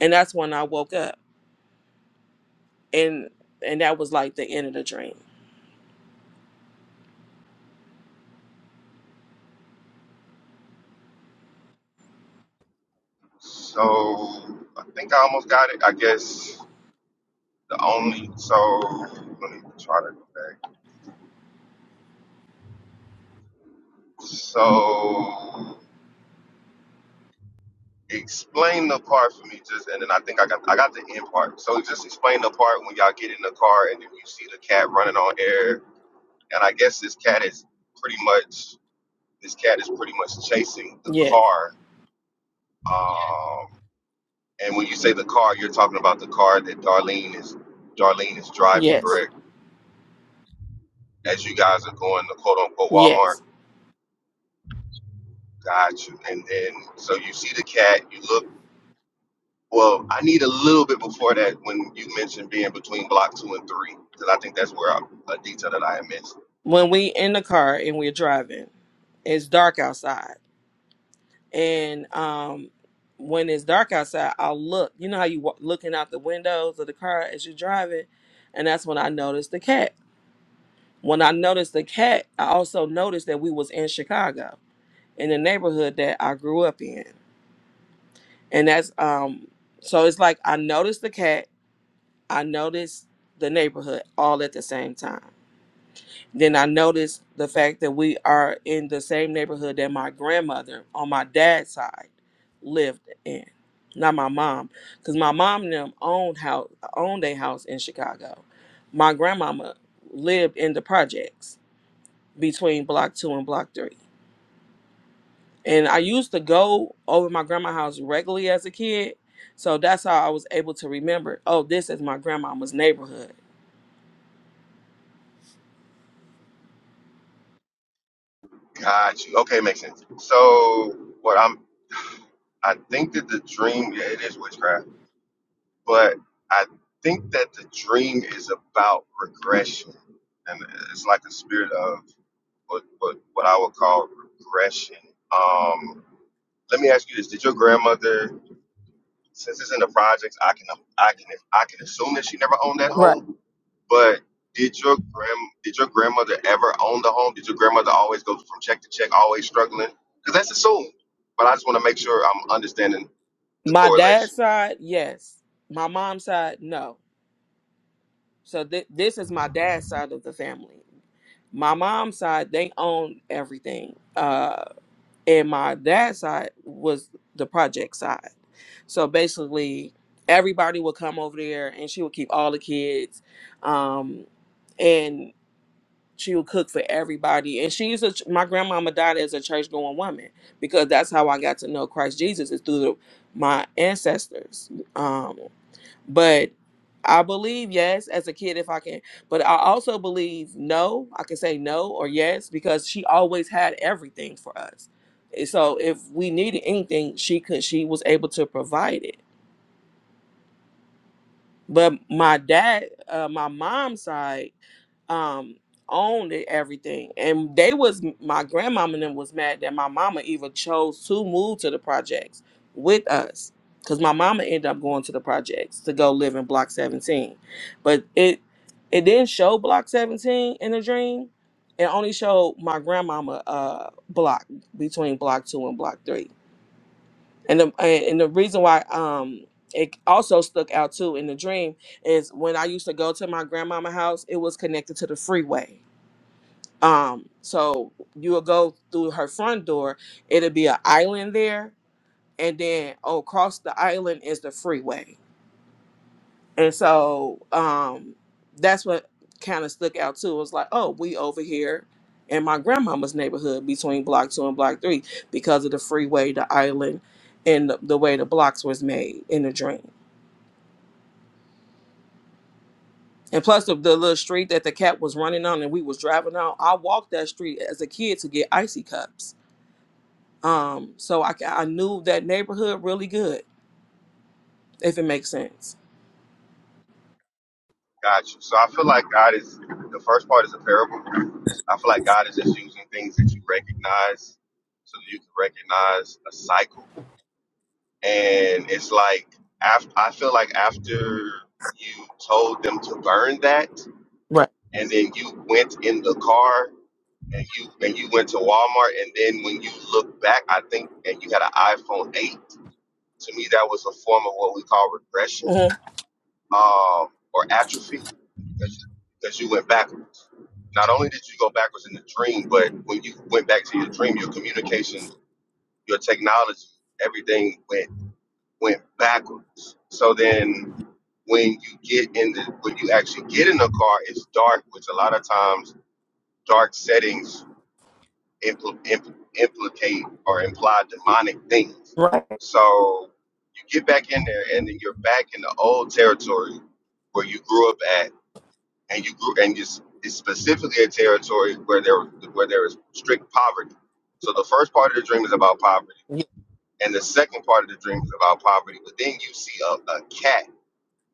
Speaker 8: And that's when I woke up. And and that was like the end of the dream.
Speaker 4: so I think I almost got it. I guess the only so let me try to go back. So explain the part for me just and then i think i got i got the end part so just explain the part when y'all get in the car and then you see the cat running on air and i guess this cat is pretty much this cat is pretty much chasing the
Speaker 8: Yes.
Speaker 4: car um and when you say the car you're talking about the car that darlene is darlene is driving
Speaker 8: Yes.
Speaker 4: correct as you guys are going to quote unquote walmart
Speaker 8: Yes.
Speaker 4: got you and then so you see the cat you look Well, I need a little bit before that when you mentioned being between block two and three, because I think that's where I, a detail that I had missed.
Speaker 8: When we in the car and we're driving, it's dark outside. And um when it's dark outside, I'll look. You know how you wa- looking out the windows of the car as you're driving, and that's when I noticed the cat. When I noticed the cat, I also noticed that we was in Chicago, in the neighborhood that I grew up in. And that's um so it's like I noticed the cat, I noticed the neighborhood all at the same time. Then I noticed the fact that we are in the same neighborhood that my grandmother on my dad's side lived in. Not my mom, because my mom and them owned house owned a house in Chicago. My grandmama lived in the projects between block two and block three. And I used to go over my grandma's house regularly as a kid. So that's how I was able to remember, oh, this is my grandmama's neighborhood.
Speaker 4: Got you. Okay, makes sense. So what I'm, I think that the dream, yeah, it is witchcraft, but I think that the dream is about regression, and it's like a spirit of what what, what I would call regression. Um, let me ask you this: Did your grandmother, since it's in the projects, I can I can I can assume that she never owned that
Speaker 8: Right.
Speaker 4: home? But did your grand did your grandmother ever own the home? Did your grandmother always go from check to check, always struggling? Because that's assumed. But I just want to make sure I'm understanding the
Speaker 8: My dad's
Speaker 4: correlation.
Speaker 8: side, yes. My mom's side, no. So th- this is my dad's side of the family. My mom's side, they own everything. Uh, and my dad's side was the project side. So basically, everybody would come over there, and she would keep all the kids, um, and she would cook for everybody. And she's a my grandmama died as a church going woman because that's how I got to know Christ Jesus is through the, my ancestors. Um, but I believe yes as a kid if I can. But I also believe no. I can say no or yes because she always had everything for us. And So if we needed anything, she could she was able to provide it. But my dad, uh, my mom's side, um, owned it, everything, and they was my grandmama and them was mad that my mama even chose to move to the projects with us, because my mama ended up going to the projects to go live in Block 17, but it it didn't show Block 17 in the dream. It only showed my grandmama uh block between block two and block three and the and the reason why um it also stuck out too in the dream is when I used to go to my grandmama house, it was connected to the freeway. Um, so you would go through her front door, it'd be an island there, and then across the island is the freeway. And so um, that's what kind of stuck out too. It was like, oh, we over here in my grandmama's neighborhood between block two and block three because of the freeway, the island, and the, the way the blocks was made in the dream. And plus the, the little street that the cat was running on and we was driving on, I walked that street as a kid to get icy cups. Um, so I, ca- I knew that neighborhood really good, if it makes sense.
Speaker 4: Got you. So I feel like God is the first part is a parable. I feel like God is just using things that you recognize so that you can recognize a cycle. And it's like after I feel like after you told them to burn that
Speaker 8: Right.
Speaker 4: and then you went in the car and you and you went to Walmart, and then when you look back, I think, and you had an iPhone eight. To me, that was a form of what we call regression
Speaker 8: hmm
Speaker 4: um, or atrophy, because you, because you went backwards. Not only did you go backwards in the dream, but when you went back to your dream, your communication, your technology, everything went went backwards. So then, when you get in the when you actually get in the car, it's dark, which a lot of times dark settings impl- impl- implicate or imply demonic things.
Speaker 8: Right.
Speaker 4: So you get back in there, and then you're back in the old territory where you grew up at, and you grew, and it's, it's specifically a territory where there where there is strict poverty. So the first part of the dream is about poverty,
Speaker 8: Ye-
Speaker 4: and the second part of the dream is about poverty. But then you see a, a cat,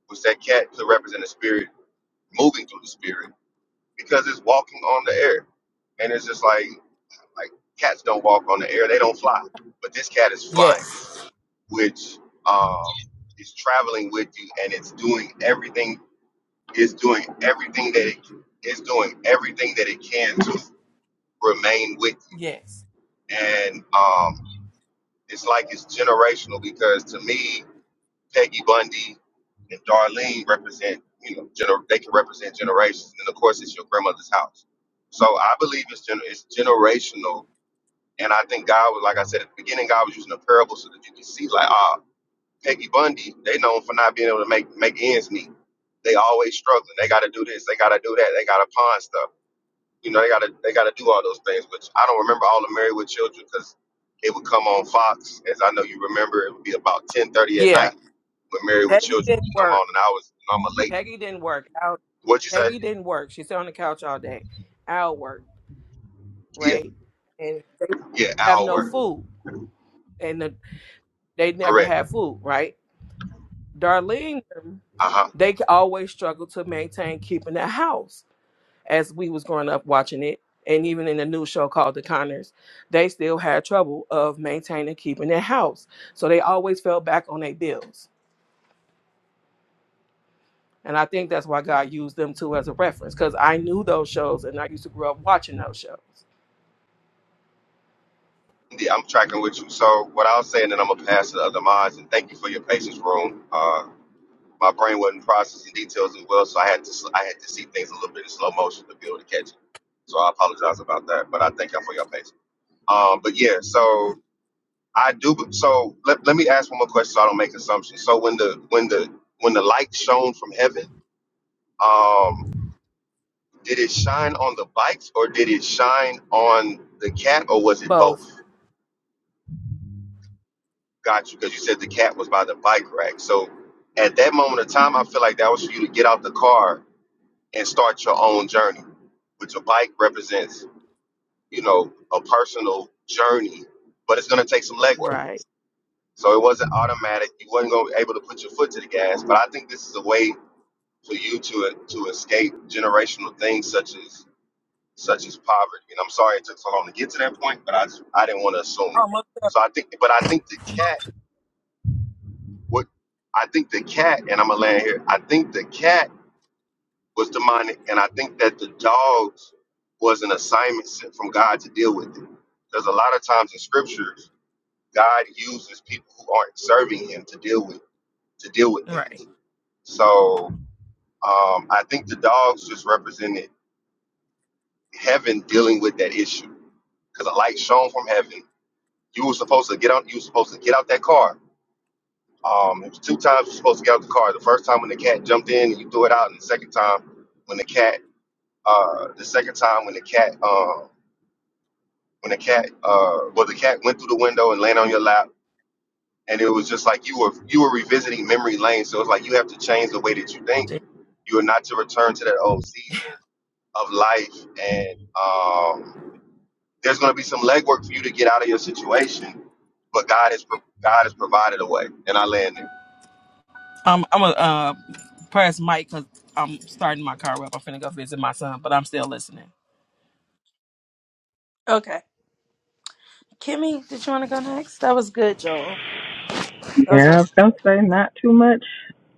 Speaker 4: which that cat could represent a spirit moving through the spirit because it's walking on the air, and it's just like Like cats don't walk on the air, they don't fly. But this cat is flying,
Speaker 8: Yes.
Speaker 4: which um, is traveling with you, and it's doing everything. It's doing everything that it is doing everything that it can to remain with you,
Speaker 8: Yes.
Speaker 4: and um, it's like it's generational because to me, Peggy Bundy and Darlene represent you know gener- they can represent generations, and of course, it's your grandmother's house. So I believe it's, gener- it's generational And I think God was, like I said at the beginning, God was using a parable so that you could see, like, ah, Peggy Bundy, they known for not being able to make make ends meet. They always struggling. They got to do this. They got to do that. They got to pawn stuff. You know, they got to they got to do all those things. Which I don't remember all the Married with Children because it would come on Fox, as I know you remember. It would be about ten thirty at
Speaker 8: Yeah,
Speaker 4: night when Married with
Speaker 8: that
Speaker 4: Children
Speaker 8: didn't
Speaker 4: would come
Speaker 8: work.
Speaker 4: on, and I was I'm a late.
Speaker 8: Peggy didn't work. Al,
Speaker 4: What'd you say?
Speaker 8: Peggy didn't work. She sat on the couch all day. Al worked,
Speaker 4: Yeah,
Speaker 8: right? And they would
Speaker 4: yeah,
Speaker 8: have no
Speaker 4: hour,
Speaker 8: food, and the, they never
Speaker 4: correct.
Speaker 8: had food, right? Darlene,
Speaker 4: Uh huh.
Speaker 8: they c- always struggled to maintain keeping the house. As we was growing up watching it, and even in the new show called The Conners, they still had trouble of maintaining keeping their house. So they always fell back on their bills. And I think that's why God used them too as a reference, because I knew those shows and I used to grow up watching those shows.
Speaker 4: Yeah, I'm tracking with you. So what I'll say, and then I'm gonna pass to the other minds. And thank you for your patience, room. Uh, my brain wasn't processing details as well, so I had to I had to see things a little bit in slow motion to be able to catch it. So I apologize about that, but I thank y'all for your patience. Um, but yeah, so I do. So let, let me ask one more question, so I don't make assumptions. So when the when the when the light shone from heaven, um, did it shine on the bikes or did it shine on the cat or was it
Speaker 8: Both.
Speaker 4: both? Got you, because you said the cat was by the bike rack. So at that moment of time, I feel like that was for you to get out the car and start your own journey, which a bike represents, you know, a personal journey, but it's going to take some legwork.
Speaker 8: Right.
Speaker 4: So it wasn't automatic. You wasn't going to be able to put your foot to the gas. But I think this is a way for you to to escape generational things such as such as poverty. And I'm sorry it took so long to get to that point, but I just, I didn't want to assume.
Speaker 8: Oh, most
Speaker 4: So
Speaker 8: definitely.
Speaker 4: I think, but I think the cat What I think the cat, and I'm gonna land here. I think the cat was demonic, and I think that the dogs was an assignment sent from God to deal with it. Because a lot of times in scriptures, God uses people who aren't serving Him to deal with to deal with
Speaker 8: Right.
Speaker 4: things. So um, I think the dogs just represented heaven dealing with that issue. Because a light shone from heaven. You were supposed to get out. You were supposed to get out that car Um, it was two times you're supposed to get out the car. The first time when the cat jumped in and you threw it out, and the second time when the cat, uh, the second time when the cat, uh, when the cat, uh, well, the cat went through the window and landed on your lap, and it was just like you were you were revisiting memory lane. So it's like you have to change the way that you think.
Speaker 8: See?
Speaker 4: You are not to return to that old season of life, and um, there's going to be some legwork for you to get out of your situation. But God has pro- God has provided a way, and I land there.
Speaker 8: Um, I'm going to uh, press mic because I'm starting my car up. I'm finna go visit my son, but I'm still listening.
Speaker 1: Okay. Kimmy, did you want to go next? That was good, Joel. That was
Speaker 2: Yeah, I was
Speaker 1: a-
Speaker 2: going to say not too much,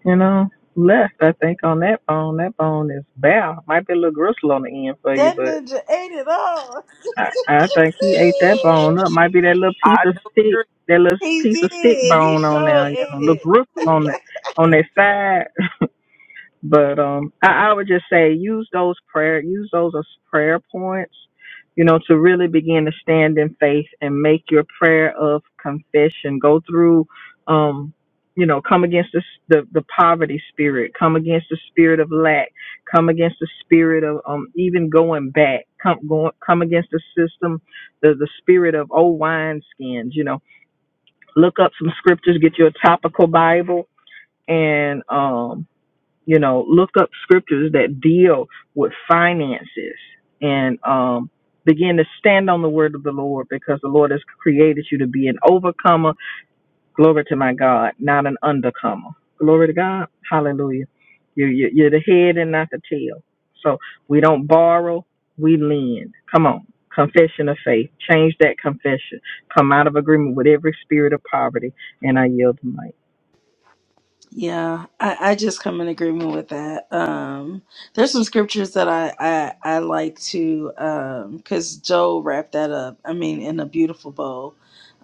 Speaker 2: you know, left, I think, on that bone. That bone is bare. Might be a little gristle on the end for you,
Speaker 1: that ninja ate it all.
Speaker 2: I, I think he ate that bone up. Might be that little piece
Speaker 8: I
Speaker 2: of
Speaker 8: do
Speaker 2: stick,
Speaker 8: agree.
Speaker 2: that little
Speaker 1: he
Speaker 2: piece of stick
Speaker 1: did. He
Speaker 2: bone on
Speaker 1: sure
Speaker 2: there, you know,
Speaker 1: ate
Speaker 2: little
Speaker 1: it.
Speaker 2: gristle on that on that side. But um, I, I would just say use those prayer, use those as prayer points, you know, to really begin to stand in faith and make your prayer of confession. Go through, um, you know, come against the, the the poverty spirit, come against the spirit of lack, come against the spirit of um even going back, come going come against the system, the the spirit of old wineskins. You know, look up some scriptures, get you a topical Bible, and um you know look up scriptures that deal with finances and um begin to stand on the word of the lord because the lord has created you to be an overcomer glory to my god not an undercomer glory to god hallelujah you're, you're you're the head and not the tail so we don't borrow we lend come on confession of faith change that confession come out of agreement with every spirit of poverty and i yield the mic
Speaker 1: Yeah, I, I just come in agreement with that. Um, there's some scriptures that I I, I like to um, because Joe wrapped that up. I mean, in a beautiful bow.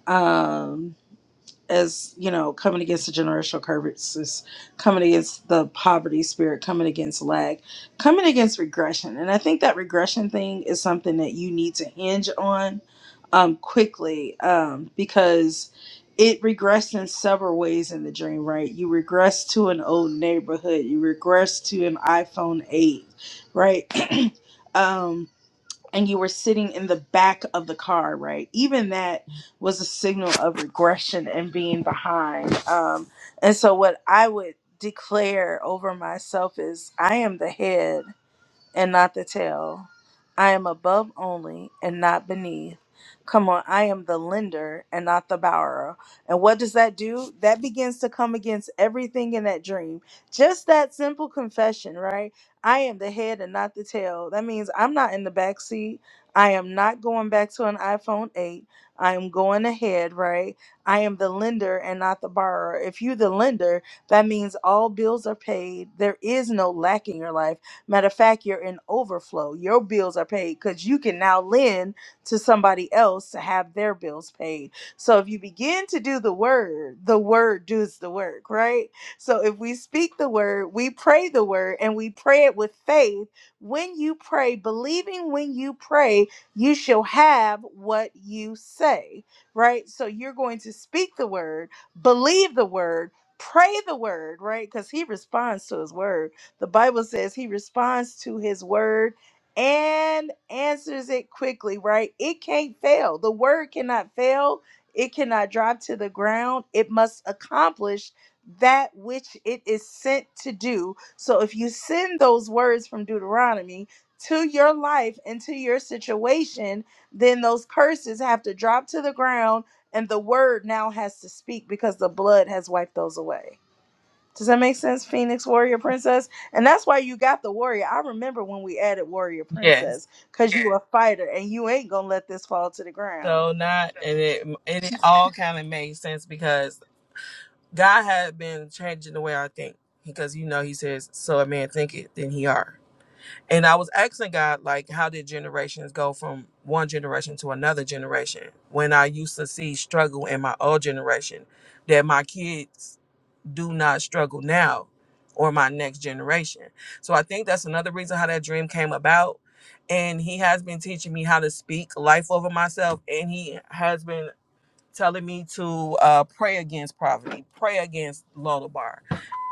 Speaker 1: Um, as you know, coming against the generational curses, coming against the poverty spirit, coming against lag, coming against regression. And I think that regression thing is something that you need to hinge on um, quickly um, because it regressed in several ways in the dream, right? You regress to an old neighborhood, you regress to an iPhone 8, right? um, and you were sitting in the back of the car, right? Even that was a signal of regression and being behind. Um, and so, what I would declare over myself is I am the head and not the tail. I am above only and not beneath. Come on, I am the lender and not the borrower. And what does that do? That begins to come against everything in that dream. Just that simple confession, right? I am the head and not the tail. That means I'm not in the back seat. I am not going back to an iPhone 8. I am going ahead, right? I am the lender and not the borrower. If you the lender, that means all bills are paid. There is no lack in your life Matter of fact, you're in overflow. Your bills are paid because you can now lend to somebody else to have their bills paid. So if you begin to do the word, the word does the work, right? So if we speak the word, we pray the word, and we pray it with faith. When you pray, believing when you pray, you shall have what you say, right? So you're going to speak the word, believe the word, pray the word, right? Because he responds to his word the Bible says he responds to his word and answers it quickly, right? It can't fail. The word cannot fail. It cannot drop to the ground. It must accomplish that which it is sent to do. So if you send those words from Deuteronomy to your life and to your situation, then those curses have to drop to the ground and the word now has to speak because the blood has wiped those away. Does that make sense, Phoenix Warrior Princess? And that's why you got the warrior. I remember when we added Warrior
Speaker 8: Yes.
Speaker 1: Princess, because you a fighter and you ain't gonna let this fall to the ground.
Speaker 8: So not, and it, and it all kind of made sense because God had been changing the way I think. Because, you know, he says, so a man thinketh, then he are. And I was asking God, like, how did generations go from one generation to another generation? When I used to see struggle in my old generation, that my kids do not struggle now or my next generation. So I think that's another reason how that dream came about. And he has been teaching me how to speak life over myself. And he has been telling me to uh, pray against poverty, pray against Lodabar,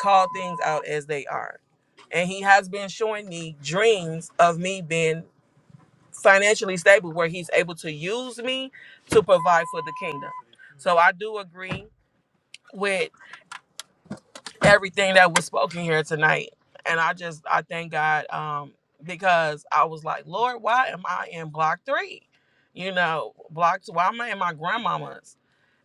Speaker 8: call things out as they are. And he has been showing me dreams of me being financially stable where he's able to use me to provide for the kingdom. So I do agree everything that was spoken here tonight. And I just I thank God um because I was like, Lord, why am I in block three? You know, block two, why am I in my grandmama's?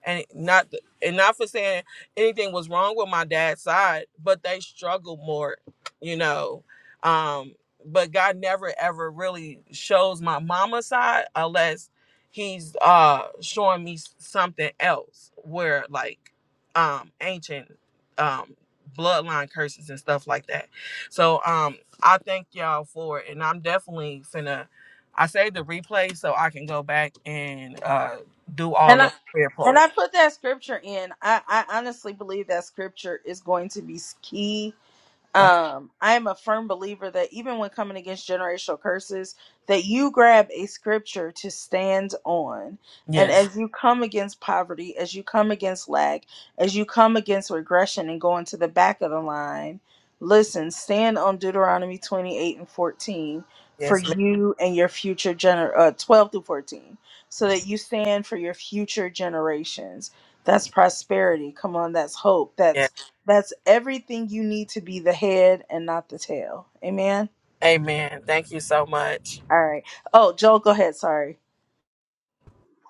Speaker 8: And not th- and not for saying anything was wrong with my dad's side, but they struggled more, you know. Um, but God never ever really shows my mama's side unless he's uh showing me s- something else where like um ancient um bloodline curses and stuff like that. So um I thank y'all for it and I'm definitely finna I saved the replay so I can go back and uh do all
Speaker 1: And I
Speaker 8: the prayer
Speaker 1: and
Speaker 8: points.
Speaker 1: I put that scripture in. I, I honestly believe that scripture is going to be s- key
Speaker 8: Okay.
Speaker 1: um i am a firm believer that even when coming against generational curses that you grab a scripture to stand on and
Speaker 8: Yes.
Speaker 1: as you come against poverty as you come against lack as you come against regression and going to the back of the line listen stand on deuteronomy 28 and 14 for
Speaker 8: Yes, ma'am.
Speaker 1: you and your future gener uh, 12 through 14 so that you stand for your future generations that's prosperity come on that's hope That's
Speaker 8: Yes.
Speaker 1: that's everything you need to be the head and not the tail. Amen.
Speaker 8: Amen. Thank you so much.
Speaker 1: All right. Oh, Joel, go ahead. Sorry.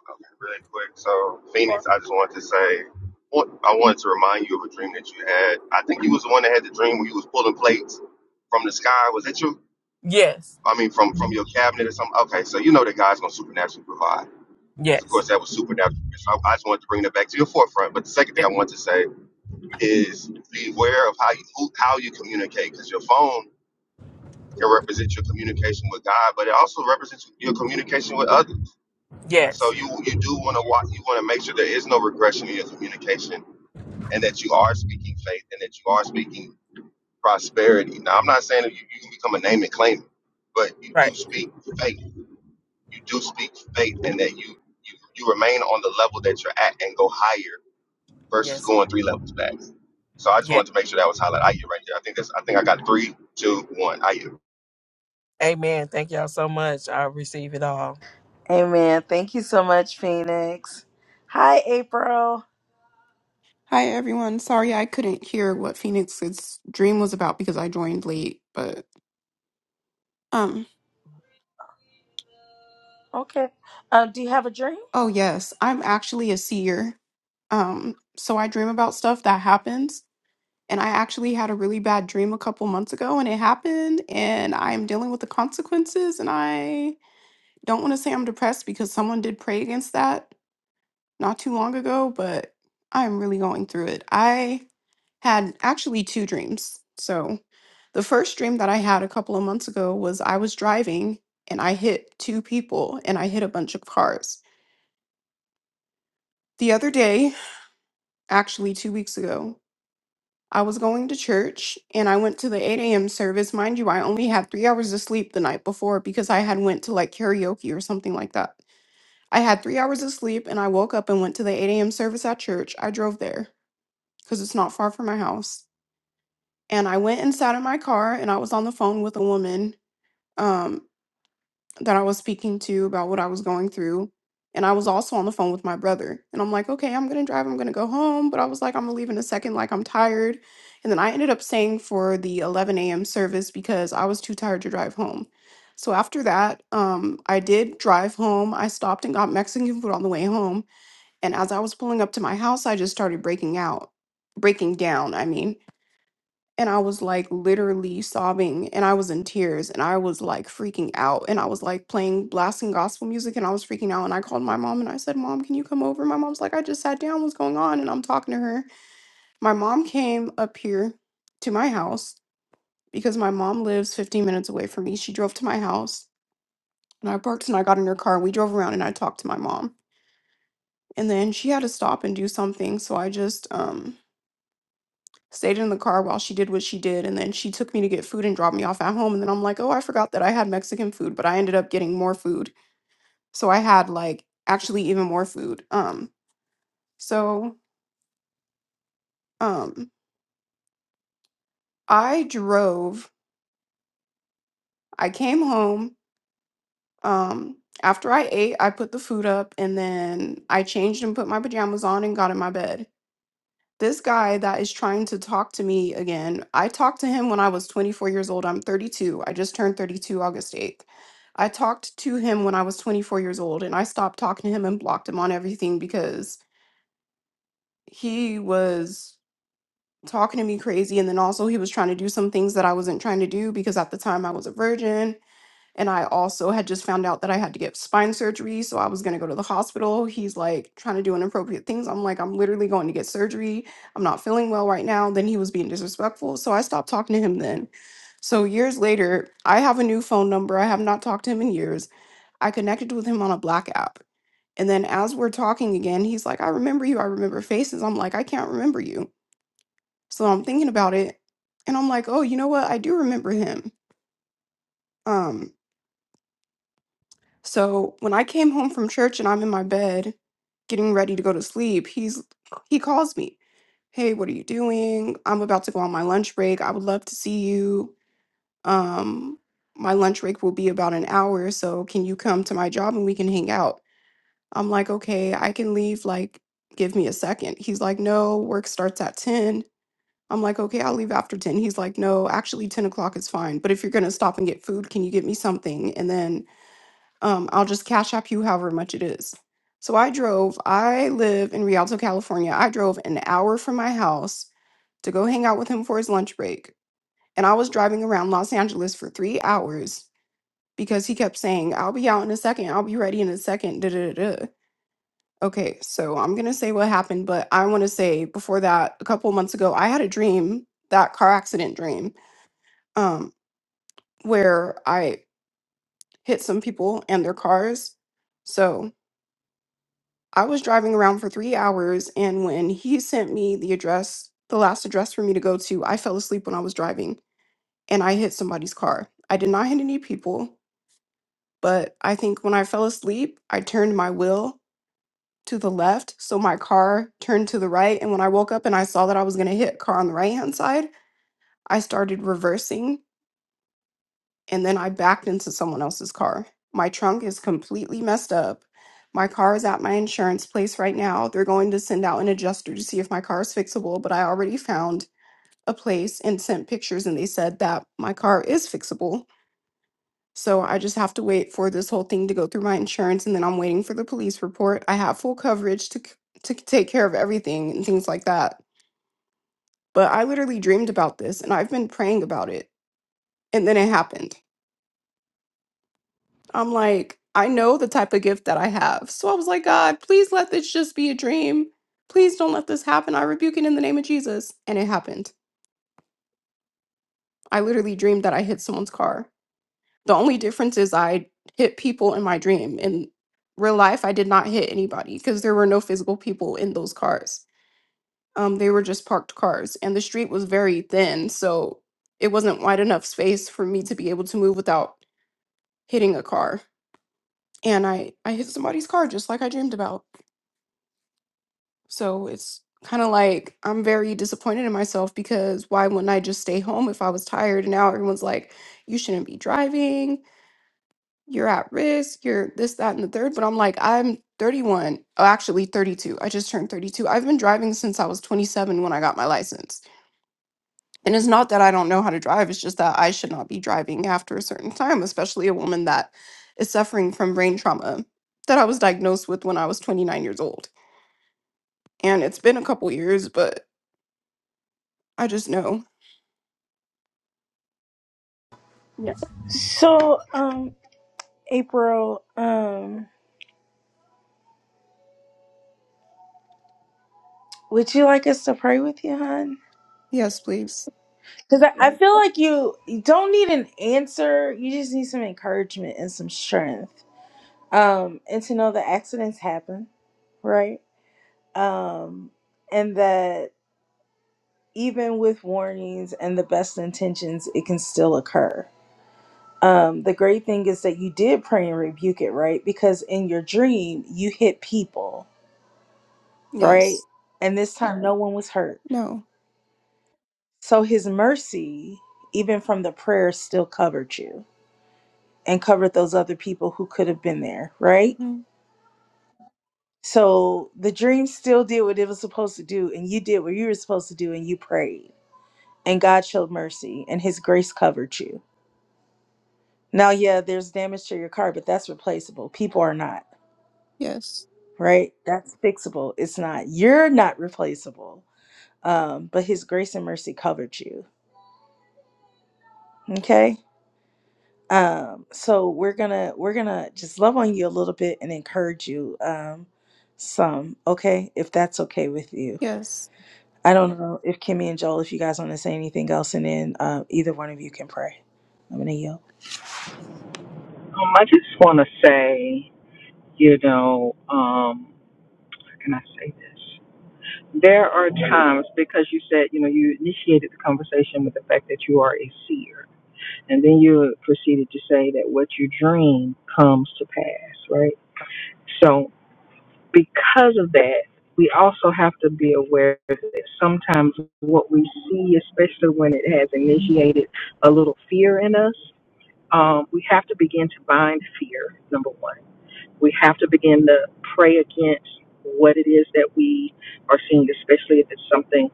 Speaker 4: Okay, Really quick. So,
Speaker 8: Or-
Speaker 4: Phoenix, I just wanted to say, what- I wanted to remind you of a dream that you had. I think you was the one that had the dream where you was pulling plates from the sky. Was that you?
Speaker 8: Yes.
Speaker 4: I mean, from from your cabinet or something. Okay, so you know that God's gonna supernaturally provide. Because of course
Speaker 8: Yes.
Speaker 4: that was supernatural. So I, I just wanted to bring that back to your forefront. But the second thing
Speaker 8: Yes.
Speaker 4: I wanted to say is beware of how you who, how you communicate, because your phone can represent your communication with God, but it also represents your communication with others. So
Speaker 8: Yes.
Speaker 4: you you do want to watch. You want to make sure there is no regression in your communication, and that you are speaking faith, and that you are speaking prosperity. Now, I'm not saying that you, you can become a name and claim, it, but you do
Speaker 8: Right.
Speaker 4: speak faith. You do speak faith, and that you you you remain on the level that you're at and go higher versus
Speaker 8: Yes.
Speaker 4: going three levels back. So I just
Speaker 8: Yes.
Speaker 4: wanted to make sure that was highlighted. Ayu right there. I think that's. I think I got three, two, one. Ayu.
Speaker 8: Amen. Thank y'all so much. I receive it all.
Speaker 1: Amen. Thank you so much, Phoenix. Hi, April.
Speaker 9: Hi everyone. Sorry I couldn't hear what Phoenix's dream was about because I joined late, but um
Speaker 1: Okay. Um, do you have a dream?
Speaker 9: oh yes, I'm actually a seer. Um so I dream about stuff that happens and I actually had a really bad dream a couple months ago and it happened and I'm dealing with the consequences and I don't want to say I'm depressed because someone did pray against that not too long ago, but I'm really going through it. I. had actually two dreams. So, the first dream that I had a couple of months ago was I was driving and I hit two people and I hit a bunch of cars. The other day, actually two weeks ago, I was going to church and I went to the 8 a.m. service. Mind you, I only had three hours of sleep the night before because I had went to like karaoke or something like that. I had three hours of sleep and I woke up and went to the 8 a.m. service at church. I drove there because it's not far from my house. And I went and sat in my car and I was on the phone with a woman um, that I was speaking to about what I was going through. And I was also on the phone with my brother. And I'm like, okay, I'm going to drive. I'm going to go home. But I was like, I'm going to leave in a second. Like, I'm tired. And then I ended up staying for the 11 a.m. service because I was too tired to drive home. So after that, um, I did drive home. I stopped and got Mexican food on the way home. And as I was pulling up to my house, I just started breaking out, breaking down, I mean and I was like literally sobbing and I was in tears and I was like freaking out and I was like playing blasting gospel music and I was freaking out and I called my mom and I said, "Mom, can you come over?" My mom's like, "I just sat down. What's going on?" And I'm talking to her. My mom came up here to my house because my mom lives 15 minutes away from me. She drove to my house and I parked and I got in her car and we drove around and I talked to my mom. And then she had to stop and do something, so I just um stayed in the car while she did what she did and then she took me to get food and dropped me off at home and then I'm like, "Oh, I forgot that I had Mexican food, but I ended up getting more food." So I had like actually even more food. Um so um I drove, I came home, um after I ate, I put the food up and then I changed and put my pajamas on and got in my bed. This guy that is trying to talk to me again, I talked to him when I was 24 years old. I'm 32. I just turned 32 August 8th. I talked to him when I was 24 years old and I stopped talking to him and blocked him on everything because he was talking to me crazy. And then also, he was trying to do some things that I wasn't trying to do because at the time I was a virgin and I also had just found out that I had to get spine surgery. So I was going to go to the hospital. He's like trying to do inappropriate things. I'm like, I'm literally going to get surgery. I'm not feeling well right now. Then he was being disrespectful. So I stopped talking to him then. So years later, I have a new phone number. I have not talked to him in years. I connected with him on a black app. And then as we're talking again, he's like, I remember you. I remember faces. I'm like, I can't remember you. So I'm thinking about it. And I'm like, oh, you know what? I do remember him. Um. So when I came home from church and I'm in my bed getting ready to go to sleep, he's he calls me. Hey, what are you doing? I'm about to go on my lunch break. I would love to see you. Um my lunch break will be about an hour, so can you come to my job and we can hang out? I'm like, "Okay, I can leave like give me a second." He's like, "No, work starts at 10." I'm like, "Okay, I'll leave after 10." He's like, "No, actually 10 o'clock is fine, but if you're going to stop and get food, can you get me something?" And then um, I'll just cash app you however much it is. So I drove, I live in Rialto, California. I drove an hour from my house to go hang out with him for his lunch break. And I was driving around Los Angeles for three hours because he kept saying, I'll be out in a second, I'll be ready in a second, da da da da. Okay, so I'm gonna say what happened, but I wanna say before that, a couple of months ago, I had a dream, that car accident dream, um, where I hit some people and their cars. So I was driving around for three hours, and when he sent me the address, the last address for me to go to, I fell asleep when I was driving and I hit somebody's car. I did not hit any people, but I think when I fell asleep, I turned my wheel to the left, so my car turned to the right. And when I woke up and I saw that I was going to hit a car on the right hand side, I started reversing and then I backed into someone else's car. My trunk is completely messed up. My car is at my insurance place right now. They're going to send out an adjuster to see if my car is fixable, but I already found a place and sent pictures, and they said that my car is fixable. So I just have to wait for this whole thing to go through my insurance, and then I'm waiting for the police report. I have full coverage to c- to take care of everything and things like that. But I literally dreamed about this, and I've been praying about it, and then it happened. I'm like, I know the type of gift that I have. So I was like, God, please let this just be a dream. Please don't let this happen. I rebuke it in the name of Jesus. And it happened. I literally dreamed that I hit someone's car. The only difference is I hit people in my dream. In real life, I did not hit anybody because there were no physical people in those cars. Um, they were just parked cars, and the street was very thin. So it wasn't wide enough space for me to be able to move without hitting a car. And I, I hit somebody's car just like I dreamed about. So it's kind of like I'm very disappointed in myself because why wouldn't I just stay home if I was tired? And now everyone's like, you shouldn't be driving. You're at risk. You're this, that, and the third. But I'm like, I'm 31. Oh, actually, 32. I just turned 32. I've been driving since I was 27 when I got my license. And it's not that I don't know how to drive, it's just that I should not be driving after a certain time, especially a woman that is suffering from brain trauma that I was diagnosed with when I was 29 years old. And it's been a couple years, but I just know. Yeah.
Speaker 1: So, um, April, um, would you like us to pray with you, hon?
Speaker 9: Yes, please.
Speaker 1: Because I, I feel like you, you don't need an answer. You just need some encouragement and some strength. Um, and to know that accidents happen, right? Um, and that even with warnings and the best intentions, it can still occur. Um, the great thing is that you did pray and rebuke it, right? Because in your dream, you hit people, right?
Speaker 9: Yes.
Speaker 1: And this time, no one was hurt.
Speaker 9: No.
Speaker 1: So his mercy, even from the prayer, still covered you and covered those other people who could have been there, right?
Speaker 9: hmm
Speaker 1: So the dream still did what it was supposed to do, and you did what you were supposed to do, and you prayed. And God showed mercy, and his grace covered you Now, yeah, there's damage to your car, but that's replaceable. People are not,
Speaker 9: Yes.
Speaker 1: right? That's fixable. It's not. You're not replaceable. Um, but his grace and mercy covered you. Okay? Um, so we're gonna we're gonna just love on you a little bit and encourage you um some, okay, if that's okay with you.
Speaker 9: Yes.
Speaker 1: I don't know if Kimmy and Joel, if you guys want to say anything else, and then uh, either one of you can pray. I'm gonna yield.
Speaker 2: um, i just want to say You know, um, how can I say this? There are times because you said, you know, you initiated the conversation with the fact that you are a seer, and then you proceeded to say that what you dream comes to pass, right? So, because of that, we also have to be aware that sometimes what we see, especially when it has initiated a little fear in us, um, we have to begin to bind fear, number one we have to begin to pray against what it is that we are seeing, especially if it's something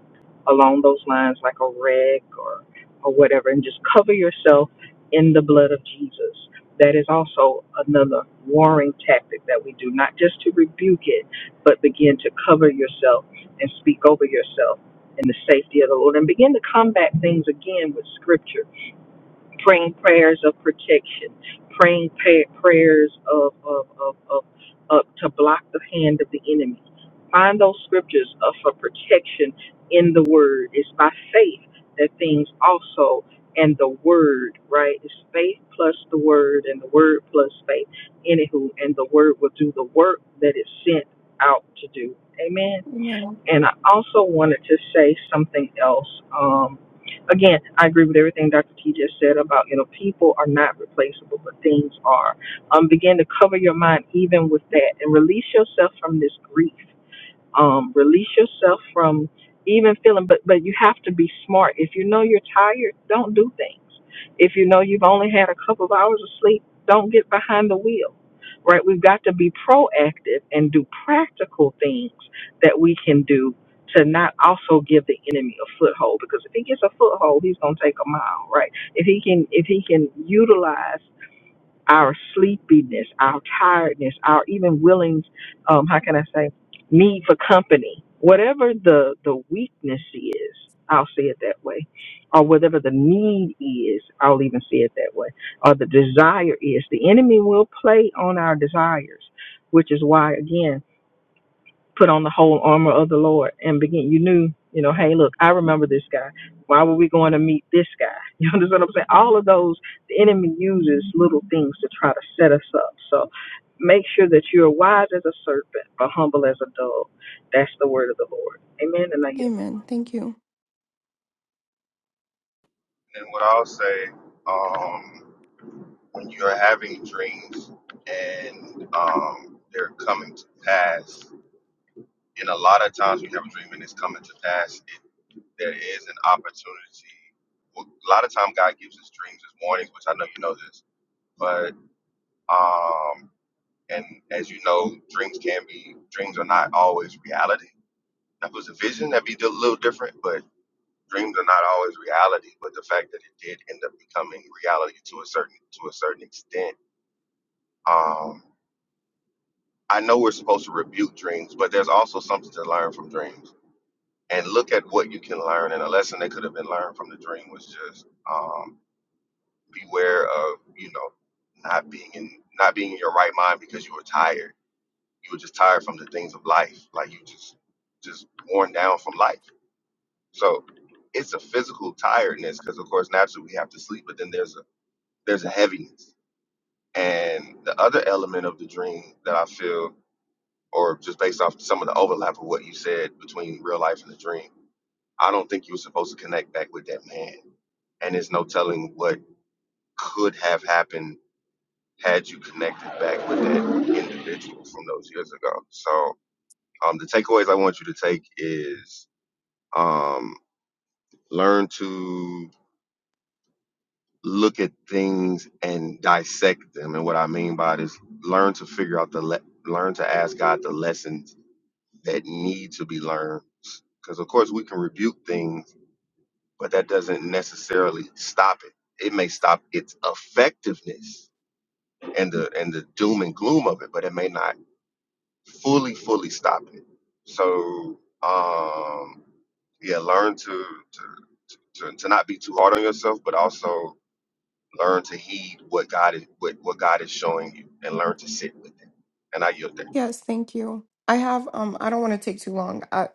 Speaker 2: along those lines like a wreck or, or whatever, and just cover yourself in the blood of Jesus. That is also another warring tactic that we do, not just to rebuke it, but begin to cover yourself and speak over yourself in the safety of the Lord and begin to combat things again with scripture praying prayers of protection, praying pa- prayers of, of, of, of, of to block the hand of the enemy. Find those scriptures of, for protection in the word. It's by faith that things also and the word, right? It's faith plus the word and the word plus faith. Anywho, and the word will do the work that it's sent out to do. Amen.
Speaker 9: Amen.
Speaker 2: And I also wanted to say something else. Um, again, I agree with everything Dr. T just said about, you know, people are not replaceable, but things are. Um, begin to cover your mind even with that and release yourself from this grief um, release yourself from even feeling but but you have to be smart if you know you're tired don't do things if you know you've only had a couple of hours of sleep don't get behind the wheel right we've got to be proactive and do practical things that we can do to not also give the enemy a foothold because if he gets a foothold he's going to take a mile right if he can if he can utilize our sleepiness, our tiredness, our even willing, um, how can I say, need for company, whatever the, the weakness is, I'll say it that way, or whatever the need is, I'll even say it that way, or the desire is. The enemy will play on our desires, which is why, again, put on the whole armor of the Lord and begin. You knew, you know, hey, look, I remember this guy. Why were we going to meet this guy? You understand what I'm saying? All of those, the enemy uses little things to try to set us up. So make sure that you're wise as a serpent, but humble as a dove. That's the word of the Lord. Amen. And I yield.
Speaker 9: Amen. Thank you.
Speaker 4: And what I'll say. Um, when you're having dreams and um, they're coming to pass, and a lot of times when you have a dream and it's coming to pass, it, there is an opportunity. Well, a lot of time God gives us dreams as warnings, which I know you know this, but um, and as you know, dreams can be dreams are not always reality. If it was a vision, that'd be a little different, but dreams are not always reality. But the fact that it did end up becoming reality to a certain to a certain extent. Um, I know we're supposed to rebuke dreams, but there's also something to learn from dreams. And look at what you can learn. And a lesson that could have been learned from the dream was just um, beware of you know not being in not being in your right mind because you were tired. You were just tired from the things of life, like you just just worn down from life. So it's a physical tiredness because of course naturally we have to sleep, but then there's a there's a heaviness. And the other element of the dream that I feel or just based off some of the overlap of what you said between real life and the dream. I don't think you were supposed to connect back with that man. And there's no telling what could have happened had you connected back with that individual from those years ago. So um, the takeaways I want you to take is um, learn to look at things and dissect them. And what I mean by this, learn to figure out the le- learn to ask God the lessons that need to be learned. Because, of course, we can rebuke things, but that doesn't necessarily stop it. It may stop its effectiveness and the and the doom and gloom of it, but it may not fully, fully stop it. So, um, yeah, learn to, to to, to not be too hard on yourself, but also learn to heed what God is what, what God is showing you, and learn to sit with it. And I yield there.
Speaker 9: Yes, thank you. I have um I don't want to take too long. I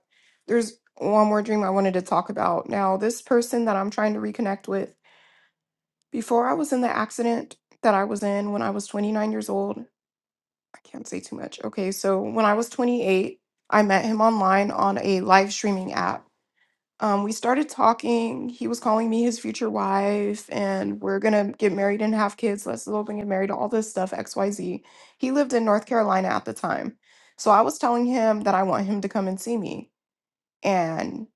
Speaker 9: there's one more dream I wanted to talk about. Now, this person that I'm trying to reconnect with, before I was in the accident that I was in when I was 29 years old, I can't say too much. Okay, so when I was 28, I met him online on a live streaming app. Um, we started talking. He was calling me his future wife, and we're gonna get married and have kids. Let's elope and get married. All this stuff, X, Y, Z. He lived in North Carolina at the time, so I was telling him that I want him to come and see me, and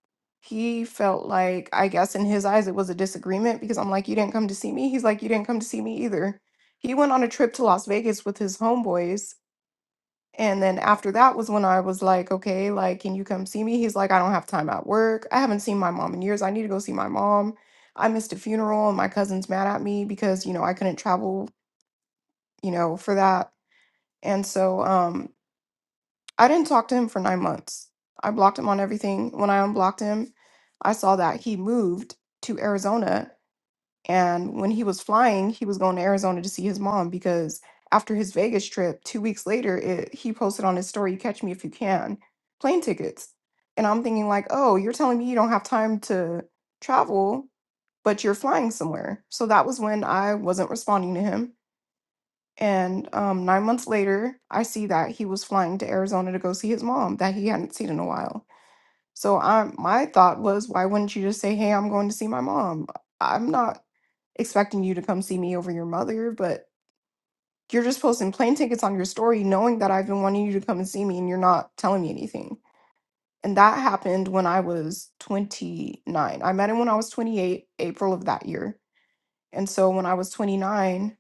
Speaker 9: he felt like, I guess in his eyes, it was a disagreement because I'm like, you didn't come to see me. He's like, you didn't come to see me either. He went on a trip to Las Vegas with his homeboys and then after that was when I was like, okay, like, can you come see me? He's like, I don't have time at work. I haven't seen my mom in years. I need to go see my mom. I missed a funeral and my cousin's mad at me because, you know, I couldn't travel, you know, for that. And so um I didn't talk to him for nine months. I blocked him on everything. When I unblocked him, I saw that he moved to Arizona and when he was flying, he was going to Arizona to see his mom because after his Vegas trip, two weeks later, it, he posted on his story, Catch Me If You Can, plane tickets. And I'm thinking, like, oh, you're telling me you don't have time to travel, but you're flying somewhere. So that was when I wasn't responding to him. And um, nine months later, I see that he was flying to Arizona to go see his mom that he hadn't seen in a while. So I my thought was, why wouldn't you just say, "Hey, I'm going to see my mom. I'm not expecting you to come see me over your mother, but you're just posting plane tickets on your story knowing that I've been wanting you to come and see me and you're not telling me anything." And that happened when I was 29. I met him when I was 28, April of that year. And so when I was 29,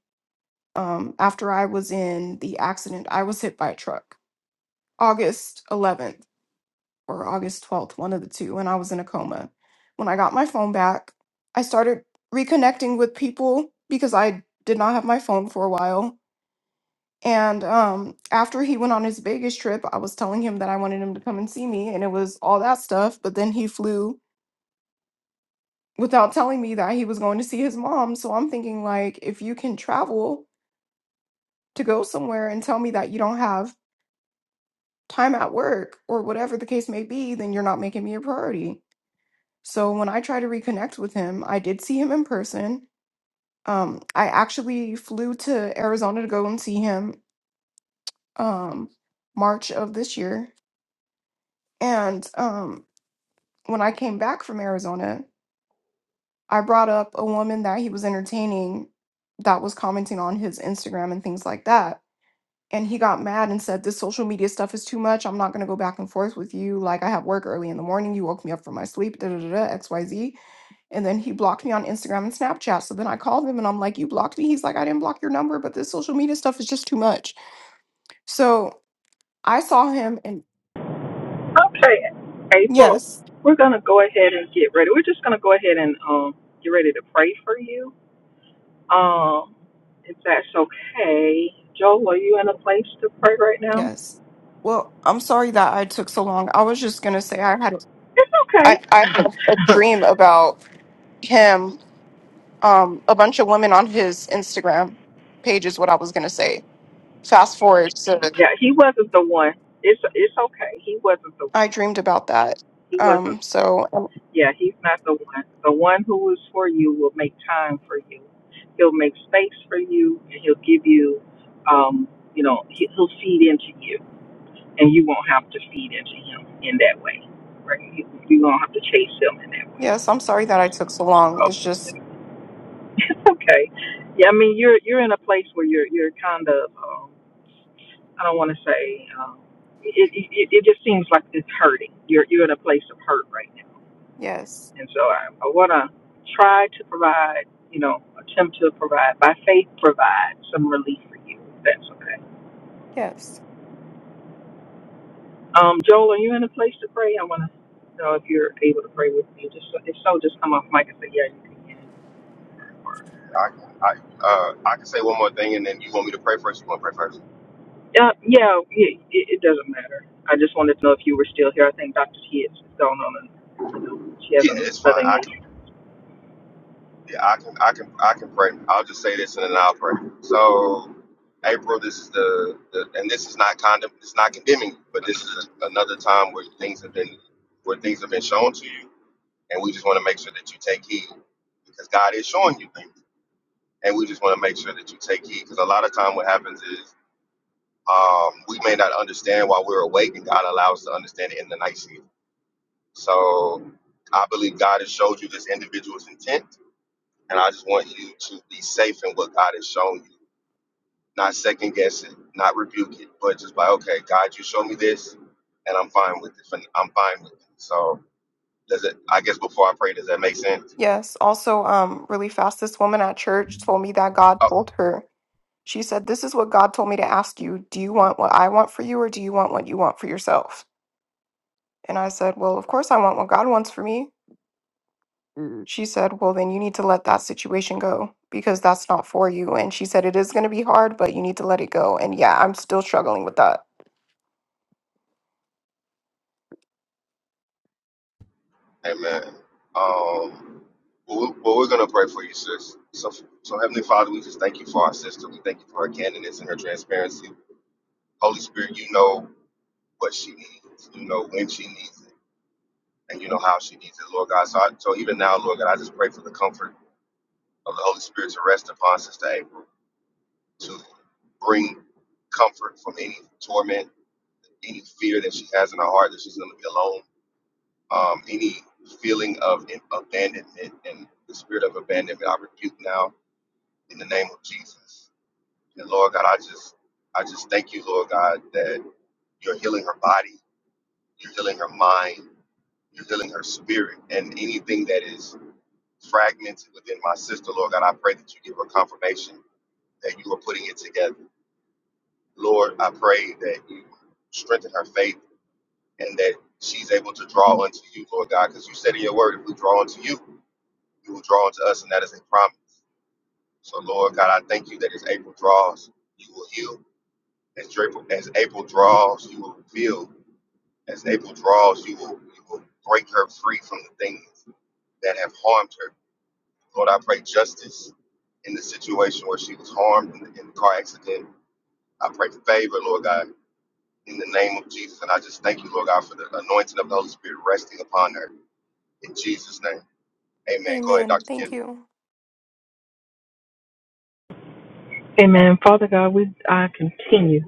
Speaker 9: um, after I was in the accident, I was hit by a truck. August 11th. or August 12th, one of the two, and I was in a coma. When I got my phone back, I started reconnecting with people because I did not have my phone for a while. And um, after he went on his Vegas trip, I was telling him that I wanted him to come and see me, and it was all that stuff. But then he flew without telling me that he was going to see his mom. So I'm thinking, like, if you can travel to go somewhere and tell me that you don't have time at work or whatever the case may be, then you're not making me a priority. So when I tried to reconnect with him, I did see him in person. Um, I actually flew to Arizona to go and see him um, March of this year. And um, when I came back from Arizona, I brought up a woman that he was entertaining that was commenting on his Instagram and things like that. And he got mad and said, This social media stuff is too much. I'm not going to go back and forth with you. Like, I have work early in the morning. You woke me up from my sleep, da da da da, XYZ. And then he blocked me on Instagram and Snapchat. So then I called him and I'm like, You blocked me? He's like, I didn't block your number, but this social media stuff is just too much. So I saw him and
Speaker 2: Okay, April,
Speaker 9: yes,
Speaker 2: we're going to go ahead and get ready. We're just going to go ahead and um, get ready to pray for you. Um, if that's okay. Joel, are you in a place to pray right now?
Speaker 9: yes. Well, I'm sorry that I took so long. I was just gonna say I had a-
Speaker 2: It's
Speaker 9: I,
Speaker 2: okay.
Speaker 9: I had a dream about him, um, a bunch of women on his Instagram page is what I was gonna say. Fast forward to
Speaker 2: yeah, he wasn't the one. It's it's okay. He wasn't the
Speaker 9: I dreamed about that.
Speaker 2: he wasn't.
Speaker 9: Um, so
Speaker 2: Yeah, he's not the one. The one who is for you will make time for you. He'll make space for you, and he'll give you, um, you know, he, he'll feed into you, and you won't have to feed into him in that way. Right? You, you won't have to chase him in that way.
Speaker 9: yes, I'm sorry that I took so long. It's
Speaker 2: So,
Speaker 9: just
Speaker 2: it's okay. Yeah, I mean, you're you're in a place where you're you're kind of. Um, I don't want to say um, it, it. It just seems like it's hurting. You're you're in a place of hurt right now,
Speaker 9: yes,
Speaker 2: and so I, I want to try to provide, you know, attempt to provide by faith, provide some relief for you. If that's okay.
Speaker 9: yes.
Speaker 2: Um, Joel, are you in a place to pray? I want to know if you're able to pray with me. Just so- if so, just come off mic and say, yeah, you can. Or,
Speaker 4: I can I uh I can say one more thing, and then you want me to pray first. You want to pray first?
Speaker 2: uh, yeah, it, it it doesn't matter. I just wanted to know if you were still here. I think Dr. T is gone on, and you know, she has
Speaker 4: Yeah, it's fine.
Speaker 2: another
Speaker 4: I can,
Speaker 2: engagement.
Speaker 4: yeah, I can, I can, I can pray. I'll just say this and then I'll pray. So, April, this is the, the and this is not condemn, it's not condemning, but this is a, another time where things have been, where things have been shown to you, and we just want to make sure that you take heed because God is showing you things, and we just want to make sure that you take heed because a lot of time what happens is um, we may not understand while we're awake, and God allows us to understand it in the night season. So, I believe God has showed you this individual's intent And I just want you to be safe in what God has shown you, not second guess it, not rebuke it, but just like, okay, God, you show me this, and I'm fine with it. I'm fine with it. So does it? I guess before I pray, does that make sense?
Speaker 9: Yes. Also, um, really fast, this woman at church told me that God
Speaker 4: Oh,
Speaker 9: told her, she said, This is what God told me to ask you. Do you want what I want for you, or do you want what you want for yourself? And I said, Well, of course I want what God wants for me. Mm. She said, Well, then you need to let that situation go because that's not for you. And she said, It is going to be hard, but you need to let it go. And yeah, I'm still struggling with that.
Speaker 4: amen. Um, well, we- well, we're gonna pray for you, sis. So, so Heavenly Father, we just thank you for our sister. We thank you for her candidness and her transparency. Holy Spirit, you know what she needs. You know when she needs it, and you know how she needs it, Lord God. So, I, so even now, Lord God, I just pray for the comfort of the Holy Spirit to rest upon Sister April to bring comfort from any torment, any fear that she has in her heart that she's going to be alone, um, any feeling of in- abandonment and the spirit of abandonment. I rebuke now in the name of Jesus. And Lord God, I just, I just thank you, Lord God, that you're healing her body, you're healing her mind, you're healing her spirit, and anything that is fragmented within my sister, Lord God, I pray that you give her confirmation that you are putting it together Lord, I pray that you strengthen her faith and that she's able to draw unto you, Lord God, because you said in your word, if we draw unto you, you will draw unto us, and that is a promise. So, Lord God, I thank you that as April draws, you will heal. As April, as April draws, you will reveal. As April draws, you will, you will break her free from the things that have harmed her. Lord, I pray justice in the situation where she was harmed in the, in the car accident. I pray favor, Lord God in the name of Jesus. And I just thank you, Lord God, for the anointing of the Holy Spirit resting upon her. In Jesus' name. Amen. Go ahead,
Speaker 9: Amen.
Speaker 4: Dr.
Speaker 9: Thank
Speaker 4: Kim.
Speaker 9: you.
Speaker 2: Amen. Father God, we I continue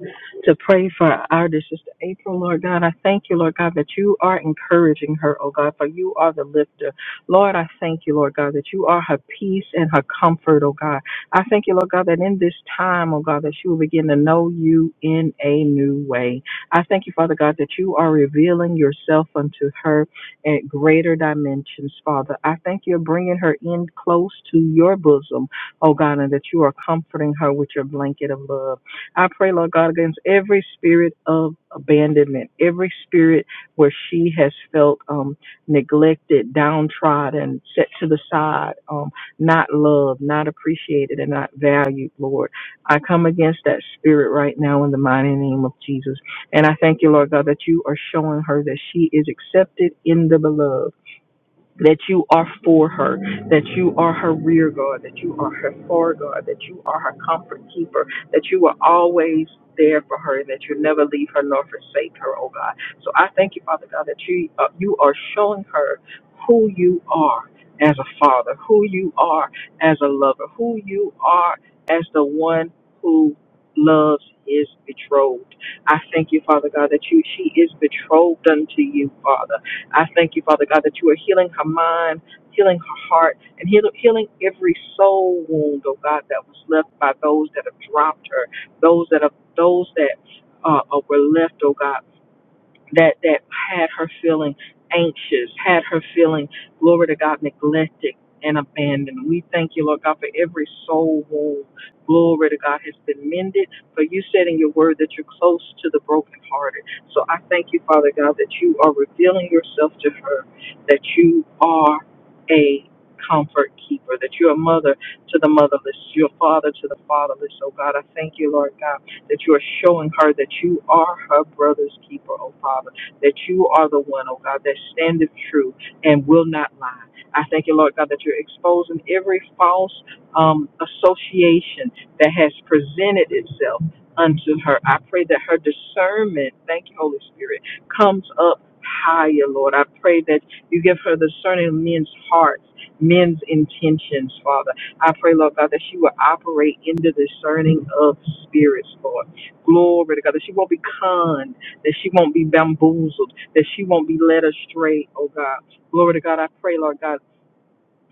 Speaker 2: to pray for our dear sister April, Lord God. I thank you, Lord God, that you are encouraging her, oh God, for you are the lifter. Lord, I thank you, Lord God, that you are her peace and her comfort, oh God. I thank you, Lord God, that in this time, oh God, that she will begin to know you in a new way. I thank you, Father God, that you are revealing yourself unto her at greater dimensions, Father. I thank you for bringing her in close to your bosom, oh God, and that you are comforting her with your blanket of love. I pray, Lord God, against every spirit of abandonment, every spirit where she has felt um, neglected, downtrodden, set to the side, um, not loved, not appreciated, and not valued, Lord. I come against that spirit right now in the mighty name of Jesus. And I thank you, Lord God, that you are showing her that she is accepted in the beloved that you are for her, that you are her rear guard, that you are her foreguard, that you are her comfort keeper, that you are always there for her, and that you never leave her nor forsake her, oh God. So I thank you, Father God, that you uh, you are showing her who you are as a father, who you are as a lover, who you are as the one who loves his betrothed. I thank you, Father God, that you she is betrothed unto you, Father. I thank you, Father God, that you are healing her mind, healing her heart, and heal, healing every soul wound, oh God, that was left by those that have dropped her, those that have, those that uh, uh, were left, oh God that that had her feeling anxious, had her feeling glory to God neglected and abandoned. We thank you, Lord God, for every soul wound. Glory to God has been mended. For you said in your word that you're close to the brokenhearted. So I thank you, Father God, that you are revealing yourself to her, that you are a comfort keeper, that you're a mother to the motherless, you're a father to the fatherless. Oh God, I thank you, Lord God that you are showing her that you are her brother's keeper, oh Father, that you are the one, oh God, that standeth true and will not lie. I thank you, Lord God, that you're exposing every false um, association that has presented itself unto her. I pray that her discernment, thank you, Holy Spirit, comes up higher, Lord. I pray that you give her discerning men's hearts, men's intentions, Father. I pray, Lord God, that she will operate in the discerning of spirits, Lord. Glory to God, that she won't be conned, that she won't be bamboozled, that she won't be led astray, oh God. Glory to God, I pray, Lord God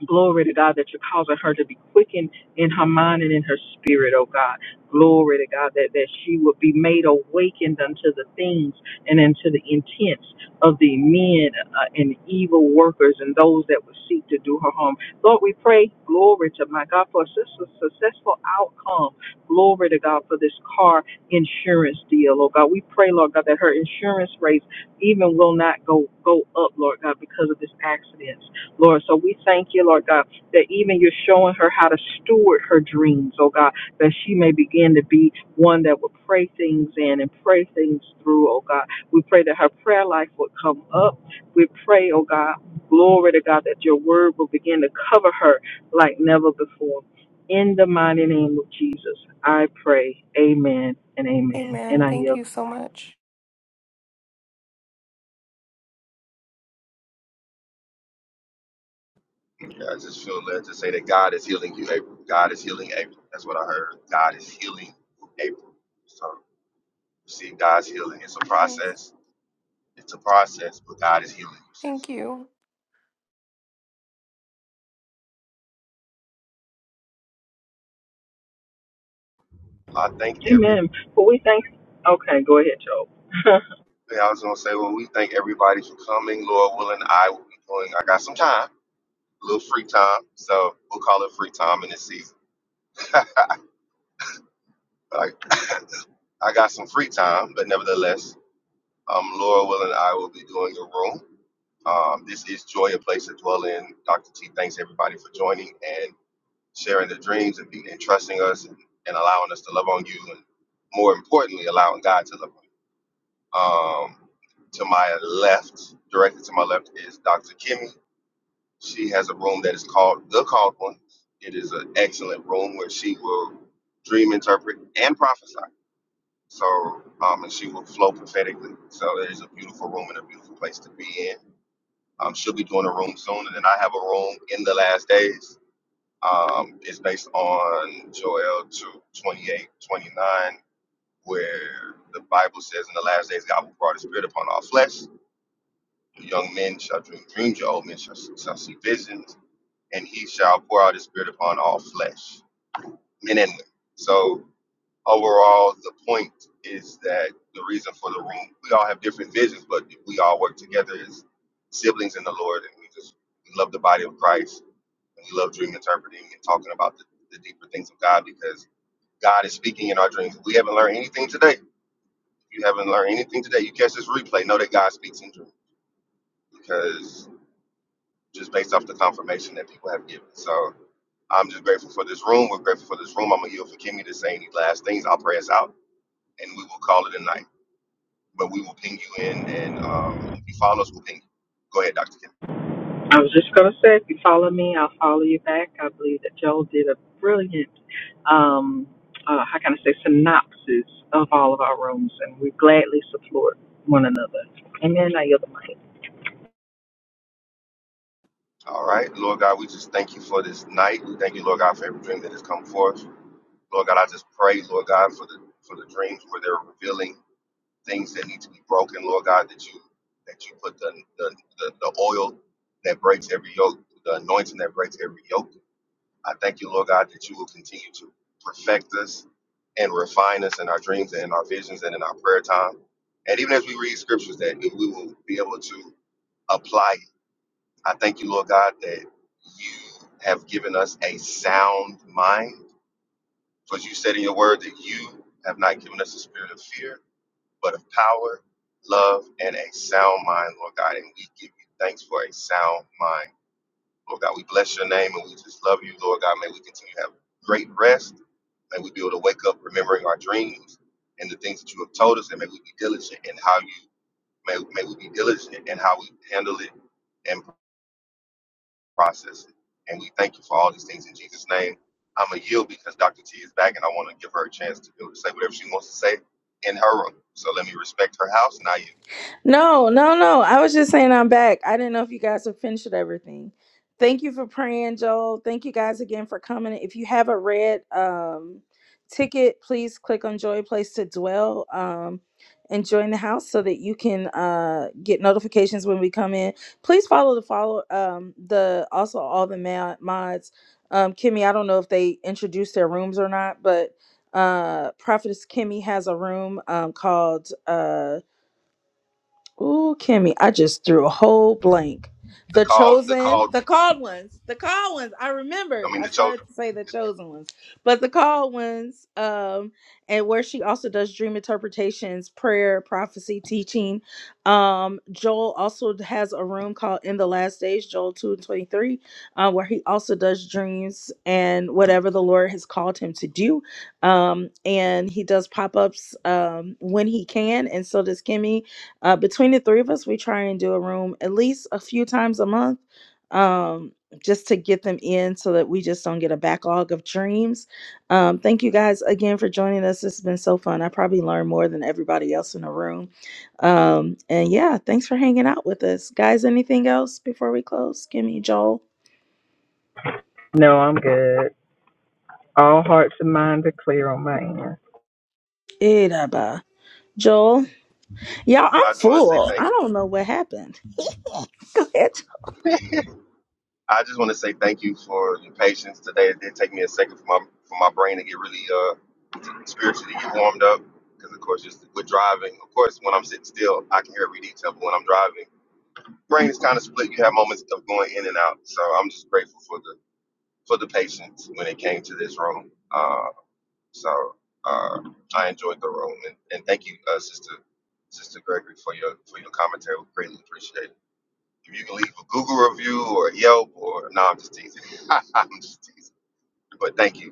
Speaker 2: Glory to God that you're causing her to be quickened in her mind and in her spirit, oh God. Glory to God that, that she would be made awakened unto the things and unto the intents of the men uh, and evil workers and those that would seek to do her harm. Lord, we pray, glory to my God, for a sus- successful outcome. Glory to God for this car insurance deal, oh God. We pray, Lord God, that her insurance rates even will not go, go up, Lord God, because of this accident Lord. So we thank you, Lord God, that even you're showing her how to steward her dreams, oh God, that she may begin to be one that will pray things in and pray things through, oh God. We pray that her prayer life would come up. We pray, oh God, glory to God, that your word will begin to cover her like never before. In the mighty name of Jesus, I pray. Amen and amen. And
Speaker 9: Amen.
Speaker 2: I
Speaker 9: Thank
Speaker 2: yield.
Speaker 9: you so much.
Speaker 4: Yeah, I just feel led to say that God is healing you, April. God is healing April. That's what I heard. God is healing April. So see, God's healing. It's a
Speaker 9: Yes.
Speaker 4: process. It's a process, but God is healing you, sis.
Speaker 9: Thank you.
Speaker 4: Well, I thank every
Speaker 2: Amen. Well, we thank. Okay, go ahead, Joe.
Speaker 4: yeah, I was gonna say, well, we thank everybody for coming. Lord willing, I will be going. I got some time, a little free time. So we'll call it free time in this season. Like I got some free time, but nevertheless, um, Laura Will and I will be doing a room. Um, this is Joy, a place to dwell in. Dr. T, thanks everybody for joining and sharing their dreams and, be, and trusting us and, and allowing us to love on you, and more importantly, allowing God to love on you. Um, to my left, directly to my left, is Dr. Kimmy. She has a room that is called The Called One. It is an excellent room where she will dream, interpret, and prophesy So, um, and she will flow prophetically. So it is a beautiful room and a beautiful place to be in. Um, she'll be doing a room soon, and then I have a room in the last days. Um, it's based on Joel 2, twenty-eight, 29, where the Bible says, In the last days, God will pour out his spirit upon all flesh. Your young men shall dream dreams, your old men shall, shall see visions, and he shall pour out his spirit upon all flesh, men and women. So overall, the point is that the reason for the room, we all have different visions, but we all work together as siblings in the Lord, and we just we love the body of Christ, and we love dream interpreting and talking about the, the deeper things of God because God is speaking in our dreams. If we haven't learned anything today, if you haven't learned anything today, you catch this replay, know that God speaks in dreams because just based off the confirmation that people have given. So I'm just grateful for this room. We're grateful for this room. I'm going to yield for Kimmy to say any last things. I'll pray us out, and we will call it a night. but we will ping you in. And um, if you follow us, we'll ping you. Go ahead, Dr. Kim.
Speaker 2: I was just gonna say, if you follow me, I'll follow you back. I believe that Joel did a brilliant, um, uh, how can I say, synopsis of all of our rooms, and we gladly support one another. Amen. I yield the mic.
Speaker 4: All right. Lord God, we just thank you for this night. We thank you, Lord God, for every dream that has come forth. Lord God, I just pray, Lord God, for the for the dreams where they're revealing things that need to be broken, Lord God, that you that you put the the, the, the oil that breaks every yoke, the anointing that breaks every yoke. I thank you, Lord God, that you will continue to perfect us and refine us in our dreams and in our visions and in our prayer time. And even as we read scriptures, that we will be able to apply it. I thank you, Lord God, that you have given us a sound mind. For you said in your word that you have not given us a spirit of fear, but of power, love, and a sound mind, Lord God. And we give you thanks for a sound mind Lord God, we bless your name and we just love you, Lord God. May we continue to have great rest. May we be able to wake up remembering our dreams and the things that you have told us, and may we be diligent in how you may, may we be diligent in how we handle it and process it. And we thank you for all these things in Jesus' name. I'm gonna yield because Dr. T is back, and I want to give her a chance to be able to say whatever she wants to say in her room. So let me respect her house. Now you,
Speaker 1: No, no, no. I was just saying I'm back. I didn't know if you guys have finished with everything. Thank you for praying, Joel. Thank you guys again for coming. If you have a red um, ticket, please click on Joy Place to Dwell um, and join the house so that you can uh, get notifications when we come in. Please follow the follow um, the also all the ma- mods. Um, Kimmy, I don't know if they introduced their rooms or not, but uh, Prophetess Kimmy has a room um, called. Uh, Ooh, Kimmy, I just threw a whole blank.
Speaker 4: the
Speaker 1: The
Speaker 4: call, the
Speaker 1: Chosen,
Speaker 4: call.
Speaker 1: the Called Ones, the Called Ones. I remembered.
Speaker 4: I mean,
Speaker 1: I
Speaker 4: the
Speaker 1: started
Speaker 4: chosen.
Speaker 1: to say the Chosen Ones, but the Called Ones, um, and where she also does dream interpretations, prayer, prophecy, teaching. Um, Joel also has a room called In the Last Days, Joel two and twenty three, uh, where he also does dreams and whatever the Lord has called him to do. Um, and he does pop ups um when he can, and so does Kimmy uh, between the three of us, we try and do a room at least a few times a month um, just to get them in so that we just don't get a backlog of dreams. Um, thank you guys again for joining us. It's been so fun. I probably learned more than everybody else in the room. Um, and yeah, thanks for hanging out with us. Guys, anything else before we close? Give me Joel.
Speaker 2: No, I'm good. All hearts and minds are clear on my end.
Speaker 1: Idaba. Joel. Y'all, I'm
Speaker 4: I just want to say
Speaker 1: full.
Speaker 4: thank you.
Speaker 1: I don't know what happened.
Speaker 4: I just want to say thank you for your patience today. It did take me a second for my for my brain to get really uh to- spiritually get warmed up because of course just with driving. Of course, when I'm sitting still, I can hear every detail. But when I'm driving, brain is kind of split. You have moments of going in and out. So I'm just grateful for the for the patience when it came to this room. Uh, so uh, I enjoyed the room and, and thank you, uh, Sister Sister Gregory, for your for your commentary. We greatly appreciate it. If you can leave a Google review or Yelp or no, I'm just teasing. I'm just teasing. But thank you.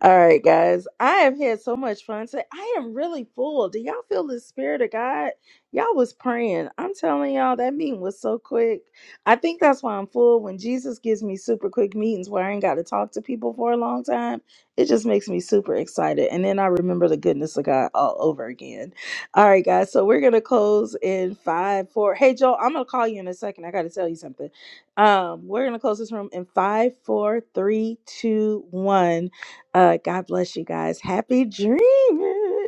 Speaker 1: All right, guys. I have had so much fun today. I am really full. Do y'all feel the spirit of God? Y'all was praying. I'm telling y'all, that meeting was so quick. I think that's why I'm full. When Jesus gives me super quick meetings where I ain't got to talk to people for a long time, it just makes me super excited. And then I remember the goodness of God all over again. All right, guys. So we're going to close in five, four. Hey, Joel, I'm going to call you in a second. I got to tell you something. Um, we're going to close this room in five, four, three, two, one. Uh, God bless you guys. Happy dreaming.